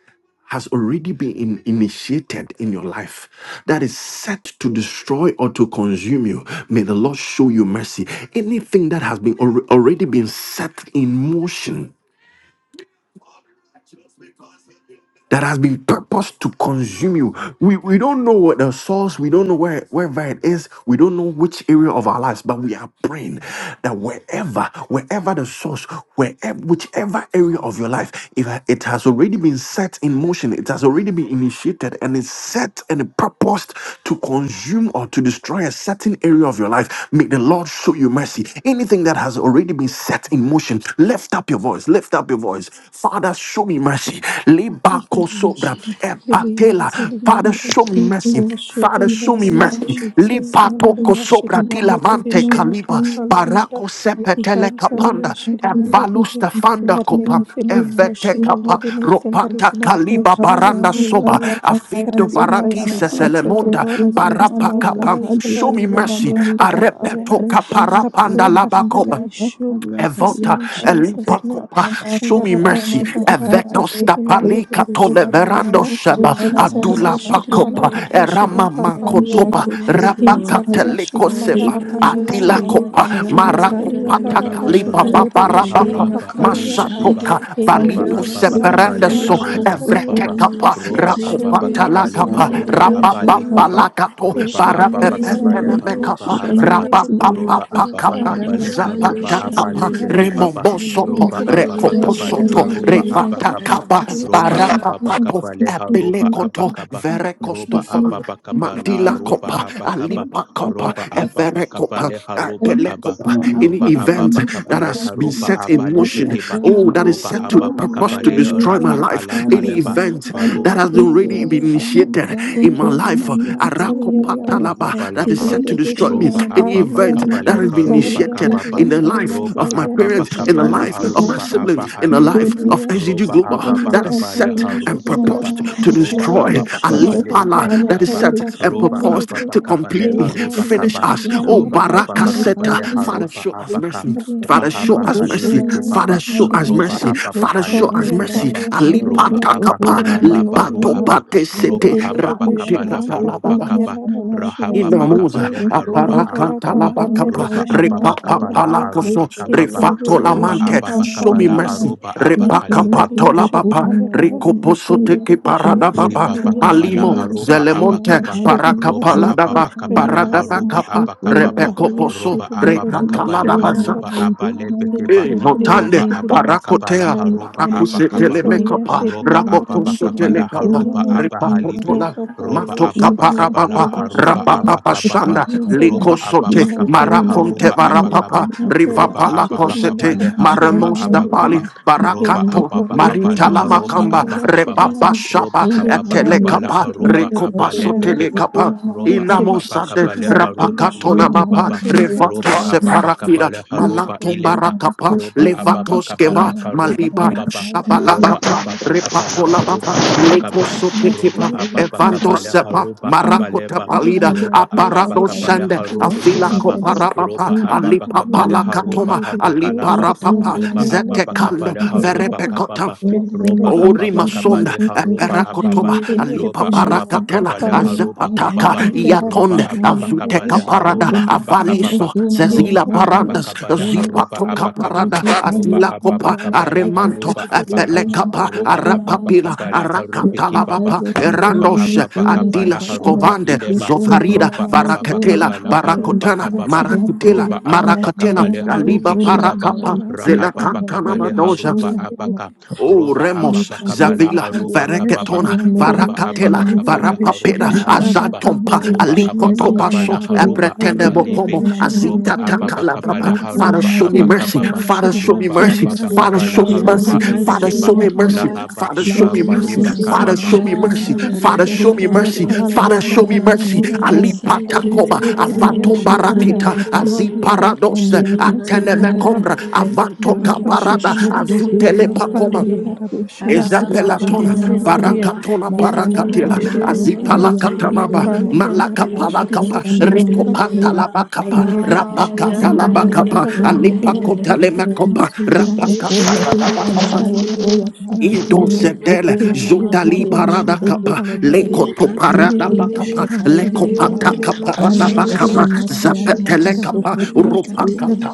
S1: has already been in- initiated in your life that is set to destroy or to consume you may the lord show you mercy anything that has been alre- already been set in motion that has been purposed to consume you. We, we don't know what the source, we don't know where wherever it is, we don't know which area of our lives, but we are praying that wherever, wherever the source, wherever whichever area of your life, if it has already been set in motion, it has already been initiated and is set and purposed to consume or to destroy a certain area of your life, may the Lord show you mercy. Anything that has already been set in motion, lift up your voice, lift up up your voice. Father, show me mercy.
S2: Father,
S1: Lebako sobra epatela. Father, show me
S5: Thank you,
S1: mercy.
S5: Lord.
S2: surely
S1: Father,
S5: Thank you,
S1: show
S5: Lord.
S1: me
S2: mercy
S5: I'm
S2: in
S1: mercy.
S2: Jesus'
S5: thankful that
S2: name.
S5: I
S1: Lipatoko
S5: can-
S2: Hallelujah. Shiri
S1: sobra
S5: I'm
S2: mandiri
S5: so
S1: tilamante
S2: bishi
S5: similar
S2: and
S5: to
S1: kaliba.
S5: know what
S2: papali
S5: you.
S2: and uh,
S1: Barako
S5: Yes,
S1: sepetele
S5: yes,
S2: ihansaliya
S1: kapanda.
S5: I
S2: shiri
S5: feel like
S2: mandiri
S5: it's
S2: bi.
S1: Evalusta fanda
S2: That
S1: kopa.
S5: important to
S2: anything
S5: the dark
S1: Evete
S5: world.
S2: emotional,
S1: kapa.
S2: Lord, anything that is
S1: Ropata
S2: in
S5: Santa
S1: kaliba
S2: operation,
S1: baranda
S5: Cabriano
S2: anything, oh
S1: soba.
S2: Lord,
S5: Sabakata
S2: that
S1: Avinto
S5: and
S2: has been
S1: barati
S5: Desayanama,
S2: activated, oh
S1: seselemonda.
S2: Lord,
S5: Resuna
S2: against
S1: Barapa
S2: my
S5: Mamano
S1: kapa.
S5: Sata,
S2: life, oh
S1: Show
S2: Lord,
S5: Dico
S1: me
S2: Yashi
S1: mercy.
S2: and
S5: Saramanikara,
S2: papali and
S1: Arepeto
S5: Reseno
S2: I
S1: kaparapanda
S2: pray
S5: Sunama
S2: that
S5: and
S2: Father,
S1: labakoba.
S2: you show
S5: Irakataria
S2: me mercy
S1: Evota,
S2: in
S5: Tariata,
S2: Jesus' name.
S5: Rosa
S1: Elipacopa, show
S5: Cabaco
S1: me
S2: Mandaraba
S1: mercy.
S5: Samamania
S2: Shivandaraba
S1: Eveto
S5: Karate,
S2: Shiri
S5: Lisa
S1: stapalika
S2: Mandarebe Shiri
S5: Kura
S1: toleverando
S2: Mandara
S5: Tayano
S1: sheba,
S3: Give us
S5: Sukaramania
S2: Inzaliye
S1: Adula
S2: Shiri
S3: salvation, and
S5: Kasuta,
S1: pacopa,
S2: Mandaraba
S3: deliver.
S2: Shihan
S1: Erama
S5: Rosa
S3: Oh,
S2: Papalian
S5: Tambia
S3: show
S1: makotopa,
S3: mercy,
S5: Kusurama
S3: Lord.
S2: Inzaliya
S5: Kayapa,
S2: Shiri
S1: Rabakateliko
S3: Oh,
S1: seva,
S3: show me
S2: Mandaraba
S5: Lika
S1: Atila
S3: mercy.
S2: Shihandere
S1: copa,
S2: Inzaliya
S4: Roba
S1: Maracopata
S2: Daraba
S4: Ababa
S1: calipa,
S3: Ra-la-la-la-la-la-la-la-la.
S2: Shihanderebe Shihan
S1: Babarabapa,
S4: Loharaba
S3: Rimakana
S4: Ali
S2: Papalian Da
S4: bekeba.
S3: shande.
S1: Masatoka,
S5: Thank
S4: Roba
S5: you.
S1: Valito
S2: Inderebe
S4: Ababa
S2: Shihan
S3: Arabasanda
S4: Kabale
S1: seperandeso,
S5: Lisataria
S3: rabasha.
S2: Papalian
S4: Haruda
S2: Zaliya
S5: Kosokora
S1: Evrete
S4: Kababa
S1: capa,
S5: Mabakaya
S4: Roba
S2: Lord show me
S4: Ababa
S3: Rimasikirinde.
S1: Racopata la
S4: Kabale
S2: mercy
S1: capa,
S2: Lord
S3: Nanda
S4: Haruba
S5: Isabella
S2: Yes Shiri
S4: Abale
S1: Rabababa
S5: Makosaka
S4: Kiba
S2: Mandar
S1: la
S3: rabababa.
S1: capo,
S2: In
S4: Roba
S3: Show me
S4: Ababa
S5: Buddha
S2: Papalia
S3: mercy,
S4: Kabale
S3: Lord.
S5: begin
S1: Barapepentene
S2: Rabariya
S4: Haruba
S2: Shiri
S3: Show me
S4: Abaka
S3: mercy,
S2: Mandarebe
S3: Lord.
S4: Roba
S1: capa,
S2: Shihan
S4: Ababa
S1: Makapa,
S3: Radaba
S4: Kabale
S2: Papalian
S3: Kande
S2: Shiri
S4: Haruba
S1: Zapata Kapa,
S4: Abale
S3: Shandaraba.
S2: Mandaraba
S4: Bekibaba
S1: Remombo Sopo,
S4: Roba
S5: is
S4: Ababa
S2: Inzaliya
S1: Recopo
S5: equal
S2: Shiri
S4: Kabale
S5: and
S1: Soto,
S4: Haruba
S5: one of
S2: Mandaraba
S1: Revata
S4: Abakaba
S5: two
S3: Radaba
S1: Kaba,
S5: to
S2: Please take
S4: Roba
S3: Sandara.
S5: the
S1: Barapa
S4: Ababa
S5: program
S1: Papo,
S4: Kabale
S5: of
S4: Haruba
S5: Jesus that
S1: Abelekoto,
S4: Abakaba
S5: he has
S4: Roba
S2: care
S5: removed
S1: Verecostofan.
S4: Ababa
S5: his
S4: Kabala
S1: Mandila
S4: Roba
S5: miracle
S1: Copa,
S2: of your
S4: Abakaba
S5: and
S1: Alipa
S5: Saka
S1: Copa,
S4: Roba Ababa
S1: Evere
S5: Makusaka
S1: Copa,
S4: Kabale Haruba
S5: and
S1: Apele
S4: Kaba
S1: Copa,
S5: Usana
S1: any
S4: Loba
S5: Makura
S1: event
S4: ababa
S1: that
S5: Yamusa
S4: kabale
S1: has
S5: Taka
S1: been
S4: haruba
S1: set in
S4: abale
S5: Musaka
S1: motion,
S4: bekeba.
S1: oh,
S2: pregnant
S5: Yatonama
S1: that is
S2: and
S4: Roba
S1: set to
S4: ababa
S2: clearly
S5: Ramusa
S1: purpose to
S4: kabale
S2: and
S4: ra
S1: destroy
S2: your
S1: my
S5: Yanika
S4: akala
S1: life,
S5: Sano
S1: any
S2: application
S4: kaleba.
S2: of
S5: Sano
S1: event that
S5: Taria
S1: has
S2: the
S1: already
S5: Kusur
S1: been
S2: Mansalian
S1: initiated
S5: Ramusa
S2: in
S1: in my
S5: Makura
S1: life,
S2: the
S5: Maniaka
S2: Salian
S1: Arakopa
S2: Arab
S1: Talaba,
S5: Yamiyamata
S1: that is
S2: in
S4: Pakapalapa,
S1: set to destroy destroy
S2: the
S5: Ramusura
S1: me.
S4: Ropa
S2: of
S1: Any
S4: Apa
S5: Namakusa
S1: event
S2: of
S1: that has
S4: Pakapaleka,
S1: been
S5: Yamusa
S4: Ropa
S2: Gloria,
S1: initiated
S4: Kapapa,
S1: in
S2: Pariash
S1: the
S5: Yakusandra
S1: life
S2: reminds
S4: Ropa
S1: of my
S4: Apa
S2: Aliaria
S1: parents,
S2: she
S1: in the
S5: Thank
S4: Pakapala,
S2: reminds
S1: life of my
S4: Arupa
S2: Oliani
S1: siblings,
S4: Apa
S1: in the
S2: in
S1: life
S4: Alibe,
S1: of
S2: Aliash
S1: SDG
S4: Ropa
S1: Global
S4: Apa
S1: that is
S2: Saliera
S4: Pakapala,
S1: set
S2: Pariash
S1: and
S4: Harupa
S2: reminded
S4: Kapa,
S1: proposed to
S4: Ropa
S1: destroy
S4: Apa
S2: Gloria she had
S1: Ali
S4: Pakapale,
S1: Pala
S2: Papalia
S1: that is
S4: Karukaba,
S1: set
S2: Rabashi
S1: and
S4: Ropa
S2: and
S1: proposed
S4: Apa
S2: Ribe
S1: to
S4: Pakapale,
S2: in
S1: completely
S4: Harupa
S2: Salia
S1: finish
S4: Kapa,
S2: she
S1: us.
S2: and
S1: Oh,
S4: Loba Apa
S2: Rabashi and
S1: Barakaseta,
S4: Pakapale,
S2: Papalia
S1: Father,
S4: Harupa
S1: show us
S4: Apaka,
S1: mercy.
S2: Hallelujah.
S1: Father, show
S4: Rahaba
S1: us
S2: Lord, show
S1: mercy.
S4: Kalibe
S2: me mercy
S1: Father,
S4: Kibaba,
S2: in
S1: show us
S2: Jesus'
S4: Ropa
S1: mercy.
S2: name.
S4: Apa
S1: Father, show
S2: Lord,
S4: Pahalibe
S1: us
S2: yeah, but
S1: mercy.
S4: Kibaba,
S2: yeah,
S1: Ali
S2: should him and
S4: Ropa
S2: that
S4: Apa
S1: Patakapa,
S2: should him
S4: Kalapa
S2: and fully and it
S4: Ruhaba,
S1: Lipatopate
S4: Roba
S1: Sete,
S2: in the
S4: apa
S2: rebeshi
S1: Rakute
S4: pakaba
S2: and
S4: laha
S2: papa yeah,
S1: Katalababa.
S4: roba
S2: Lord a bashi and
S4: Rahaba
S1: Inamuza
S2: salini.
S4: Rahababakabale Haruba
S2: In Lord
S1: aparakanta
S2: rabba
S1: la
S4: Abakaba
S2: and the
S1: bakapa
S4: Roba
S2: rebeshi and
S1: repapa
S5: you.
S2: papa
S4: Ababakabala
S2: yeah.
S5: Thank
S1: palakoso
S4: Aruba
S2: In
S4: Kababa
S1: refato la
S2: Silveria
S4: Roba
S2: she
S1: mante
S2: ham
S1: show
S2: pali
S1: me
S4: Ababakabala
S2: and
S1: mercy
S2: the
S4: Aruba
S2: he
S4: abakalibe.
S1: repakapato
S2: papalia
S1: la
S2: should him
S1: baba
S2: and Lord
S1: rikoposo
S2: in the
S1: teke
S2: rebeshi
S1: parada
S2: and
S1: baba
S4: Liba
S2: papalia
S4: bakaba
S2: should
S4: la
S2: him
S1: malimo
S2: and so.
S4: haruba
S1: zelemonte
S2: Lord,
S4: abakaba
S2: show me
S4: roba
S2: mercy,
S1: parakapala
S2: Lord,
S1: daba
S2: show
S4: ababakaba
S2: me
S4: le
S1: parada
S2: mercy.
S4: haruba
S1: bakapa
S4: abakababa
S2: Papalia
S1: repekoposo
S4: roba
S2: should him and the
S4: ababakaba
S1: rekatala
S4: le
S2: rebeshi and that.
S1: daba
S4: haruba abalebekeba
S1: Eh,
S2: Intele priya
S1: motande,
S4: roba
S2: shiri mansuri
S4: ababakaba la
S1: paracotea,
S2: yandara.
S4: haruba
S1: paracuse
S2: Intele
S4: abakababa
S2: ya
S1: telemecapa,
S2: shiri
S4: roba
S2: mandara
S1: rabocoso
S2: shiri
S4: ababakaba la
S2: mansuri
S1: telecapa,
S4: haruba
S2: yandere.
S4: abahalibe
S5: you.
S1: ripapotola,
S2: Eko pali
S4: roba
S2: ya
S1: matoca
S2: shiri
S5: Thank
S4: ababakaba la
S1: parapapa,
S2: mansuri shiri
S4: haruba
S2: mandara.
S1: rapapapa
S4: abakababa
S1: shanda,
S2: Intele
S4: roba
S2: ya shiri
S1: licosote,
S4: ababakaba le
S2: mansuri
S1: maraconte
S4: haruba
S2: yandara.
S4: abakaba
S1: varapapa,
S2: Intele
S4: roba
S2: ya
S1: rivapala
S2: shiri
S4: ababakaba
S1: cosete,
S4: le
S2: mandara shiri
S4: haruba
S1: maramos da
S2: mandere be.
S1: pali,
S4: abakaba roba
S2: Eko
S1: baracato,
S2: pali ya
S4: ababakaba la
S1: marita
S2: shiri
S4: haruba
S1: lamacamba,
S2: mansuri shiri
S4: abakababa
S1: repapa
S2: mandara.
S4: roba
S1: shapa,
S2: Eko
S4: ababa
S2: pali
S4: kabala
S1: etelecapa,
S2: shiri
S4: haroba
S2: mansuri
S4: abale
S1: recopaso
S2: yandara.
S4: bekeba
S1: telecapa.
S4: roba
S2: Intele
S4: ababa
S2: ya
S1: Inamosade
S2: shiri
S4: kabale
S2: mandara
S4: haroba
S2: shiri
S1: rapakatona na mapa
S4: ibekebaba
S1: revato
S4: roba ababa
S1: separakira
S4: kabale haroba
S1: malanto
S4: ileba
S1: barakapa
S4: roba ababa
S1: levato
S4: kabala
S1: skeva
S4: karoba
S1: maliba
S4: kababa roba
S1: shabalakapa
S4: ababa kabala
S1: repako la
S4: haroba
S1: mapa leko
S4: abakaba roba
S1: sotekipa
S4: ababa
S5: you.
S1: evando
S2: mandara.
S4: kabala
S1: sepa
S4: haroba
S5: Hii
S1: marako
S4: abaleba
S2: Thank
S1: tapalida
S4: roba ababa
S1: aparado
S4: kabala
S1: sende
S4: harobe
S1: avila
S4: kibaba
S1: kopara mapa
S4: roba ababa
S1: alipa
S4: kabala haroba
S1: palakatoma alipa
S4: abakalaba
S5: Kusura
S1: rapapa
S4: loba
S5: mama
S4: ababa
S5: kasanda
S1: zetekando
S4: kabala
S5: lama
S4: haroba
S5: kaya.
S1: verepekota
S4: kababa
S5: Yaseme
S4: roba
S1: Ori
S4: ababa
S5: kusura
S1: masonda
S4: kabale
S5: makusu
S4: haroba ababa
S1: eperakotoba
S5: katandiru
S1: alipa
S4: loba
S5: sakandia.
S4: ababa
S1: parakatela
S4: kabale
S5: Lama
S4: haroba
S1: azepataka
S5: sakana
S4: kababa
S5: kusa
S4: roba
S1: yatonde
S5: katanda
S4: ababa
S1: azuteka
S4: kabale
S5: sayama.
S1: parada
S4: haroba
S5: Una kamano
S4: abakababa
S1: avaliso
S5: suna mama
S4: roba
S1: zezila
S4: ababa
S5: kandana.
S1: parandas,
S2: you.
S4: kabale
S5: Lendo
S4: haroba
S1: zipatro
S5: sarira
S4: abakaba
S1: kaparada,
S5: kusi
S4: loba
S5: tandia
S1: atila
S4: ababa
S1: kopa
S5: kambarana
S4: kabale
S5: sayandi.
S1: aremanto
S4: haroba abaka
S5: Lizuna
S1: epelekapa
S4: roba
S5: makusura
S4: ababa
S5: mama
S1: arapapila
S5: kaya.
S4: kabala harubi
S5: Lesa
S4: kibaba
S1: arakatalabapa
S5: kebro
S4: roba
S5: kasaya
S1: erandos
S4: ababa
S5: nusura
S4: kabala
S1: adila
S5: katayandi.
S4: haruba
S1: skovande
S4: ileba
S5: Lizuna mama
S1: zofarida
S4: roba
S5: mama
S4: ababa
S1: barakatela
S5: nusura
S4: kabala
S5: katayandi.
S4: haruba
S1: barakotana
S4: kababa
S5: Ratu
S1: marakutela
S4: roba
S5: kusamba
S4: ababa
S1: marakatena
S5: kayana
S4: kabale
S2: Impali
S1: aliba
S4: harubi
S5: bakusuria
S2: yashiri
S4: kibaba
S5: kaya.
S1: parakapa
S2: mandara,
S5: Rito
S4: rahaba
S2: impali
S5: kakara
S4: kabale
S1: zelakantanabadoja
S2: yashiri
S4: haruba
S5: musuria
S2: mandiri,
S5: kaba.
S4: abaka
S1: Oh,
S4: roba
S1: Remos,
S4: ababa kabala
S5: Misakunda
S1: Zavila,
S5: kabla
S4: aroba
S5: la
S2: Reshi
S4: kababa
S1: Vareketona,
S5: kasaya no
S4: roba
S2: mantali
S5: kasaya na
S1: Varakatela,
S4: ababa
S2: hende
S4: kabala
S5: makumbia
S2: rebeshi
S4: haroba
S1: Varapapera,
S2: handa raba
S5: likanza
S4: abakaba
S2: hande
S1: Azatompa,
S5: kasaya na
S4: loba
S2: rebeshi
S5: koso
S4: ababa
S2: handi
S5: kaya na
S4: kabala
S1: Alikotopaso,
S5: mapea
S4: haroba
S2: impali hando
S1: Abretendebo
S5: ikosa
S4: abalebe
S1: Como,
S5: na
S2: rebeshi
S5: mama
S2: and
S5: no
S4: roba
S1: Azita
S4: ababa
S5: saria
S2: yeshi
S1: Takalababa.
S4: kabala
S2: mandara
S5: koso na
S1: Father,
S4: haroba
S1: show me
S5: makunda
S1: mercy.
S2: impapali
S4: abakababa
S5: kaya
S1: Father,
S2: yeshi
S5: ka
S1: show me
S4: roba
S2: mantali
S1: mercy.
S5: yemna
S4: ababa
S2: yarara
S5: kasa
S1: Father,
S5: na
S4: kabala
S1: show me
S3: Show
S5: makura
S3: me
S1: mercy.
S4: haroba
S2: impali
S3: mercy,
S1: Father.
S2: yeshi
S5: kasaya
S4: ibekeba
S1: Show me
S3: Lord
S2: handa
S5: kasambra
S1: mercy,
S2: raba
S3: God.
S5: ya
S4: lahaba
S1: Father. Show
S3: Show
S5: layo
S1: me
S3: me
S4: kibaba
S2: intili
S1: mercy,
S4: roba
S5: sura
S3: mercy,
S2: reberi
S1: Father.
S3: Lord
S4: kababa
S1: Show
S5: kasana
S2: yeshi
S1: me
S3: God.
S1: mercy,
S2: mandara
S5: kasaya
S1: Father.
S5: se
S1: Show me mercy,
S5: lesero
S2: impapali
S1: Father.
S5: koso
S2: handa
S3: Radadadadadadadadada.
S1: Show
S5: na
S1: me
S2: raba
S5: mama
S1: mercy.
S2: shi
S5: no
S3: Reba
S5: kaya
S1: Ali
S2: handara
S5: kasaya
S3: Sandere.
S1: patakoma,
S5: nde
S2: intili
S5: na
S2: reberi
S5: mama
S1: avatom
S2: yeshi
S5: so
S2: handa
S5: kunda
S1: barakita,
S2: lori
S5: bakasaya na
S2: yavari
S1: aziparados,
S5: makambia
S3: Reba
S5: mama
S1: atenemekombra,
S3: Dadadadadadadada.
S5: Nanosura
S1: avantoka
S3: Madiba
S5: mandia
S1: parada,
S2: Darabashihanda
S5: kosokia
S1: azutele pakoma.
S2: Lihampalia
S5: nakayandia
S3: Shandere.
S5: kusa
S2: Darabashihanda
S5: tambia
S3: Arababa Baba
S1: Ezapelatona,
S5: kosura
S3: Baba
S5: mamandia
S2: Ribashirimareberia
S3: Baba.
S1: Varakatona
S5: nasunda
S2: Hinzalia
S1: Parakatila,
S5: kabra
S3: Radiandere
S5: so
S2: Shirimandia
S5: sotambia
S1: Azipalakatalaba,
S5: kosura
S3: bakatarare
S5: mama
S2: Impalia
S5: kabra
S3: rebararo
S1: Malakapalakapa,
S5: kosandira
S3: shandere
S2: Darabashirimansuliandara
S5: mandaria
S3: ba
S1: Recopatalabakapa,
S5: kasavro saya
S2: Hindiribishihanda
S3: ayandere
S5: unamayano
S1: Rapakatalabakapa,
S5: sura
S3: barabarande
S5: ya
S3: nemere
S5: kaire
S2: Loria
S3: berende
S5: keseyandi
S1: Alipakotalemakopa,
S5: kise
S3: rande
S2: Shirimansuliandara
S5: kunde
S3: kebere bero
S1: Rapakatalabakapa,
S5: kakabaya
S3: shandere
S5: soya ka ramo
S3: endere
S2: Impaliandarabashihandiribi
S3: ba ba
S1: Idosedele,
S3: ba
S5: sukuna
S3: ba
S5: mama
S3: ba ba
S1: Jotali
S3: ba
S2: Hinziliberia
S3: ba
S5: karyano
S3: ba
S1: parada
S3: ba.
S5: seke
S1: kapa,
S2: Shihampalianda
S5: sotoria
S1: Lekoto
S3: Thank
S1: parada
S5: ikunda
S1: bakapa,
S5: kakaya
S2: Hindiribishihambaliadabarabashihanda
S1: Lekopata
S5: sutama ramo
S1: kaparada
S2: Lori ya
S1: bakapa,
S5: sukuna
S2: bari ya
S5: kayana
S2: shirimanda
S1: Zapetele kapa,
S2: rabashi ya
S5: makusukutaya
S1: Rupa
S2: ntaliyadi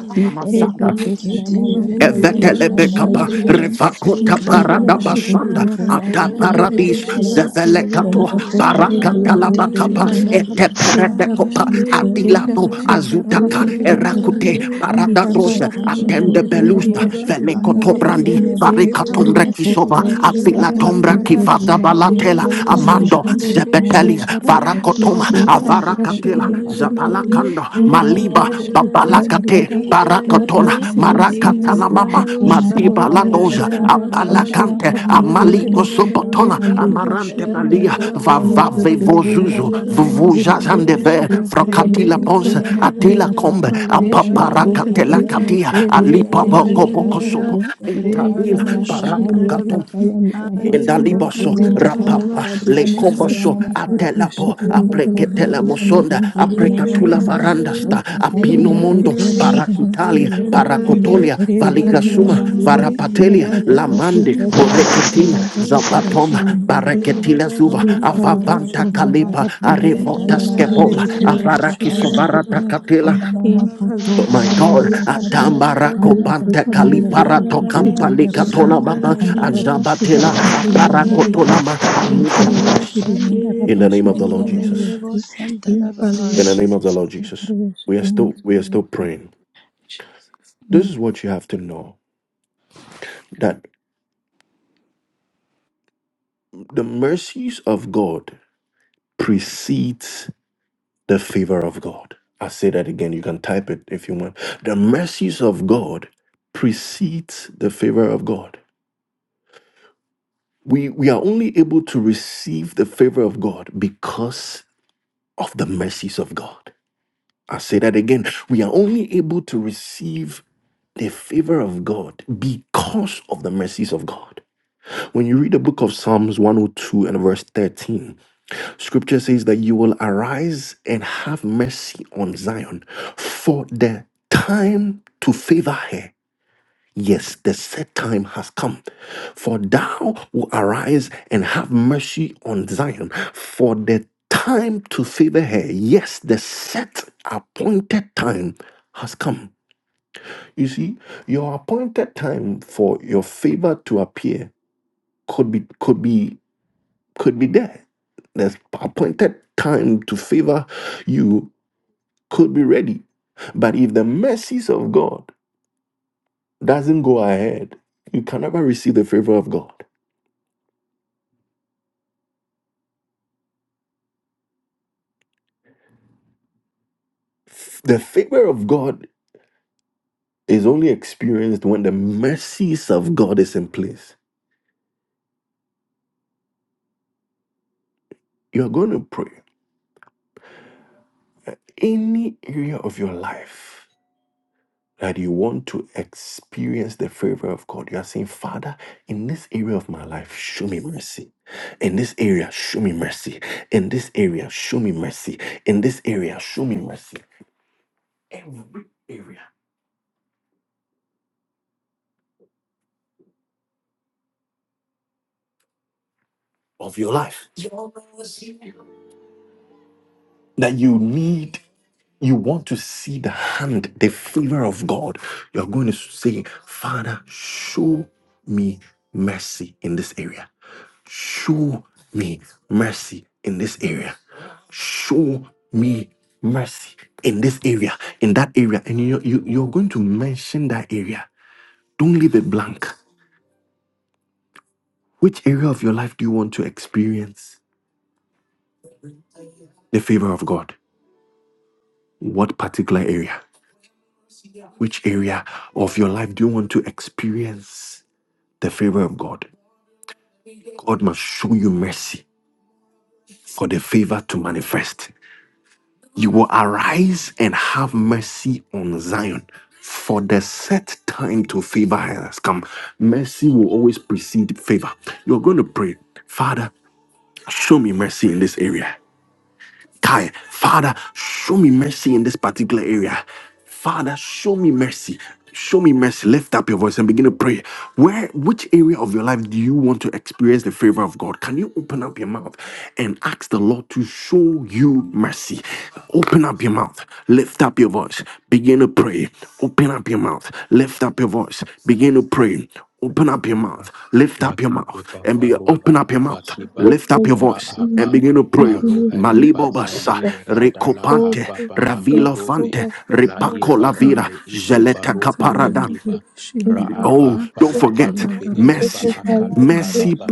S2: henda
S5: Iferekoso
S2: rabashi
S5: karamanesa
S2: rimandori ya
S5: yaneka
S1: Evetelebekapa,
S5: sariyaka
S2: shirimatuliyadi
S5: yasaka
S1: Revakota
S2: impali ya
S1: Parada
S5: rozarabakoso
S1: Basanda,
S2: shirimandara
S1: Ata
S5: kundabamanasa
S1: Paradis,
S2: yenderebeshi ya
S5: sarata. Then
S1: Zevelekato,
S2: ntaliyadori
S5: esoka
S1: Baraka
S2: impali ya
S5: sariyakoso
S1: Talabakapa,
S2: shihanda
S5: yaramandiya.
S1: Ete
S2: rabashi ya
S1: Peretekopa,
S2: ndarashi
S5: Mitombo
S2: henda
S1: Atilato,
S2: rashi
S5: kaka
S2: ya
S1: Azutaka,
S2: ndarabashi
S5: ikodzero
S1: Erakute,
S2: rimantuliya lihanda
S5: ranosaka
S1: Paradatos,
S2: rabashi ya
S1: Atende
S5: rakodzera
S2: ndereberi
S1: Belusta,
S2: ya
S5: mama
S1: Velekoto
S2: shirimandaraba
S5: ranosaka
S1: Brandi,
S2: impali
S1: Varikatombre
S5: rakodzera
S3: you.
S2: ya
S1: Kisoba,
S5: kodzera
S2: shirimandoli ya
S1: Afilatombra
S2: ntaliyandara
S1: Kifada
S5: rakodzera kana
S1: Balatela,
S2: impali ya
S1: Amando,
S5: ramakasaka
S2: shirimanderebeshi ya
S1: Zebetelis,
S2: ndara
S5: rakodzera
S2: Gloria
S5: mitambo
S1: Varakotoma,
S2: Maria
S1: Marakatela,
S5: kakaita
S2: Shidimantoliadi,
S1: Zabalakanda,
S5: inosora
S1: Maliba,
S2: Impalia
S5: marakodzera
S1: Babalakate,
S5: rakasa
S2: Shidimantaliada, Lord
S1: Barakatola,
S2: mercy,
S5: rosakandira
S2: mercy,
S1: Marakatana
S2: mercy,
S5: kakabira
S1: Mama,
S5: kusona
S2: mercy,
S1: Madiba
S2: Lord
S5: kakaira
S1: Ladoza,
S5: kosa ongapa
S2: Yashiandarabashian
S1: Apalakante,
S5: unosora
S1: Amaliko
S2: Papaliandere,
S5: makasa
S1: Sopotola,
S5: rakandirwa.
S2: Impalia
S1: Amarante Balia,
S2: Shidimandarabashian
S1: Vavave
S2: Taliandarab,
S1: Vozuzo,
S3: Randa
S1: Vuvuzazandeve,
S2: Indivishian
S1: Frocatila Ponce,
S2: Taliandaraba,
S1: Atila Combe,
S2: Impalia
S1: Apaparakatela
S2: Shidimantalibi,
S1: Katia, Alipa
S2: Impalia
S1: Boko Boko Sobo,
S2: Shidimandaraba,
S1: Intabila,
S2: Impalia
S1: Parapakatum,
S2: Shidimandiribi,
S1: Indaliboso,
S2: Italia
S1: rapapa, le
S2: Jesus,
S1: comboso,
S2: Lord, you should
S1: atelapo,
S2: we want to live in-
S1: apreketela mosonda,
S2: in the Lord, yes, should
S1: aprecatula
S2: we want to
S1: varandasta, apino
S2: Kindiri
S1: mondo,
S2: biri yashiri manteli
S1: paracutalia,
S2: yandari bi
S5: Makando
S1: paracotolia,
S5: sokia na
S2: yepali
S5: mama
S1: valicasuma,
S2: yashiri
S5: Maria.
S2: mandali
S5: Is
S1: varapatelia,
S2: yara
S5: the
S1: lamande,
S2: yepali
S5: best
S2: yashiri
S5: of
S1: boreketila,
S2: mandara para shiri
S5: Jesus,
S1: zabatoma,
S3: Ribara
S5: but
S2: mandali
S3: Mercy,
S5: so
S3: Lord,
S1: bareketila
S3: mercy,
S2: bi
S1: zuva,
S5: under
S3: Lord, God,
S2: yepali
S1: avavanta
S2: yashiri mandara
S1: calipa,
S2: ba
S3: be
S1: arevota
S2: yenteli biri
S1: skeboma,
S2: biri yashiri mandali yas
S1: avarakisovarata
S2: yepali
S1: Oh my
S2: yashiri
S1: God,
S2: mandara ba
S1: Atambarako Pante
S2: yepali yandiri bi
S1: Kaliparato
S2: shi andara
S1: Kampalika
S2: ba
S1: Tolamama,
S2: andara ba shi
S1: Azabatela,
S2: hapokuli
S1: Aparako
S2: yandiri bi
S1: Tolama,
S2: yenteli
S1: Amita.
S2: yashiri mandara
S1: In
S2: ba
S1: the name of
S2: shiri
S1: the Lord
S2: mandali
S1: Jesus.
S2: in
S1: In the name of the
S2: Paliyashirima
S1: Lord Jesus. We are
S2: Pariyashirima
S1: still we are
S2: Suliya
S1: still
S2: in
S1: praying.
S2: Jesus
S1: This
S2: name.
S1: is what you have to know that the mercies of God precedes the favor of God. I say that again. You can type it if you want. The mercies of God precedes the favor of God. We, we are only able to receive the favor of God because of the mercies of God. I say that again. We are only able to receive the favor of God because of the mercies of God. When you read the book of Psalms 102 and verse 13, scripture says that you will arise and have mercy on Zion for the time to favor her Yes, the set time has come. For thou will arise and have mercy on Zion, for the time to favor her. Yes, the set appointed time has come. You see, your appointed time for your favor to appear could be could be could be there. The appointed time to favor you could be ready. But if the mercies of God doesn't go ahead, you can never receive the favor of God. The favor of God is only experienced when the mercies of God is in place. You're going to pray any area of your life that you want to experience the favor of God. You are saying, Father, in this area of my life, show me mercy. In this area, show me mercy. In this area, show me mercy. In this area, show me mercy. Every area of your life. that you need you want to see the hand, the favor of God, you're going to say, Father, show me mercy in this area. Show me mercy in this area. Show me mercy in this area, in that area. And you, you, you're going to mention that area. Don't leave it blank. Which area of your life do you want to experience the favor of God? What particular area? Which area of your life do you want to experience the favor of God? God must show you mercy for the favor to manifest. You will arise and have mercy on Zion. For the set time to favor has come. Mercy will always precede favor. You're going to pray, Father, show me mercy in this area. Kai, Father, show me mercy in this particular area. Father, show me mercy. Show me mercy. Lift up your voice and begin to pray. Where, which area of your life do you want to experience the favor of God? Can you open up your mouth and ask the Lord to show you mercy? Open up your mouth. Lift up your voice. Begin to pray. Open up your mouth. Lift up your voice. Begin to pray. Open up your
S4: Kaba,
S1: mouth. Lift up your
S4: Laki
S1: mouth
S4: Beba,
S1: and be
S4: Parola,
S1: open up your
S4: Abba
S1: mouth.
S4: Kiba,
S1: Lift up your
S4: ra
S1: voice and
S4: Raaba,
S1: begin to pray.
S4: Barohele,
S1: Malibo basa,
S4: Babali, Radala,
S1: recopante,
S4: Abba Balaka
S1: ravilo
S4: Robe,
S1: fante,
S4: La
S1: ripaco la
S2: Lord
S1: vira,
S4: Ibarale, Ibe
S1: geleta
S2: Yashirima
S4: Barobe,
S2: Tali
S4: le
S2: and
S1: caparadà.
S4: kiba
S2: Devishi
S4: ra
S2: and
S1: Oh,
S4: Raaba,
S2: Daraba
S1: don't
S4: Balaba
S1: forget,
S4: Robe,
S2: Yandaraba
S4: Eleba,
S1: mercy.
S2: Shirima Tali
S4: Akaluka
S2: and
S1: Mercy
S4: Raba,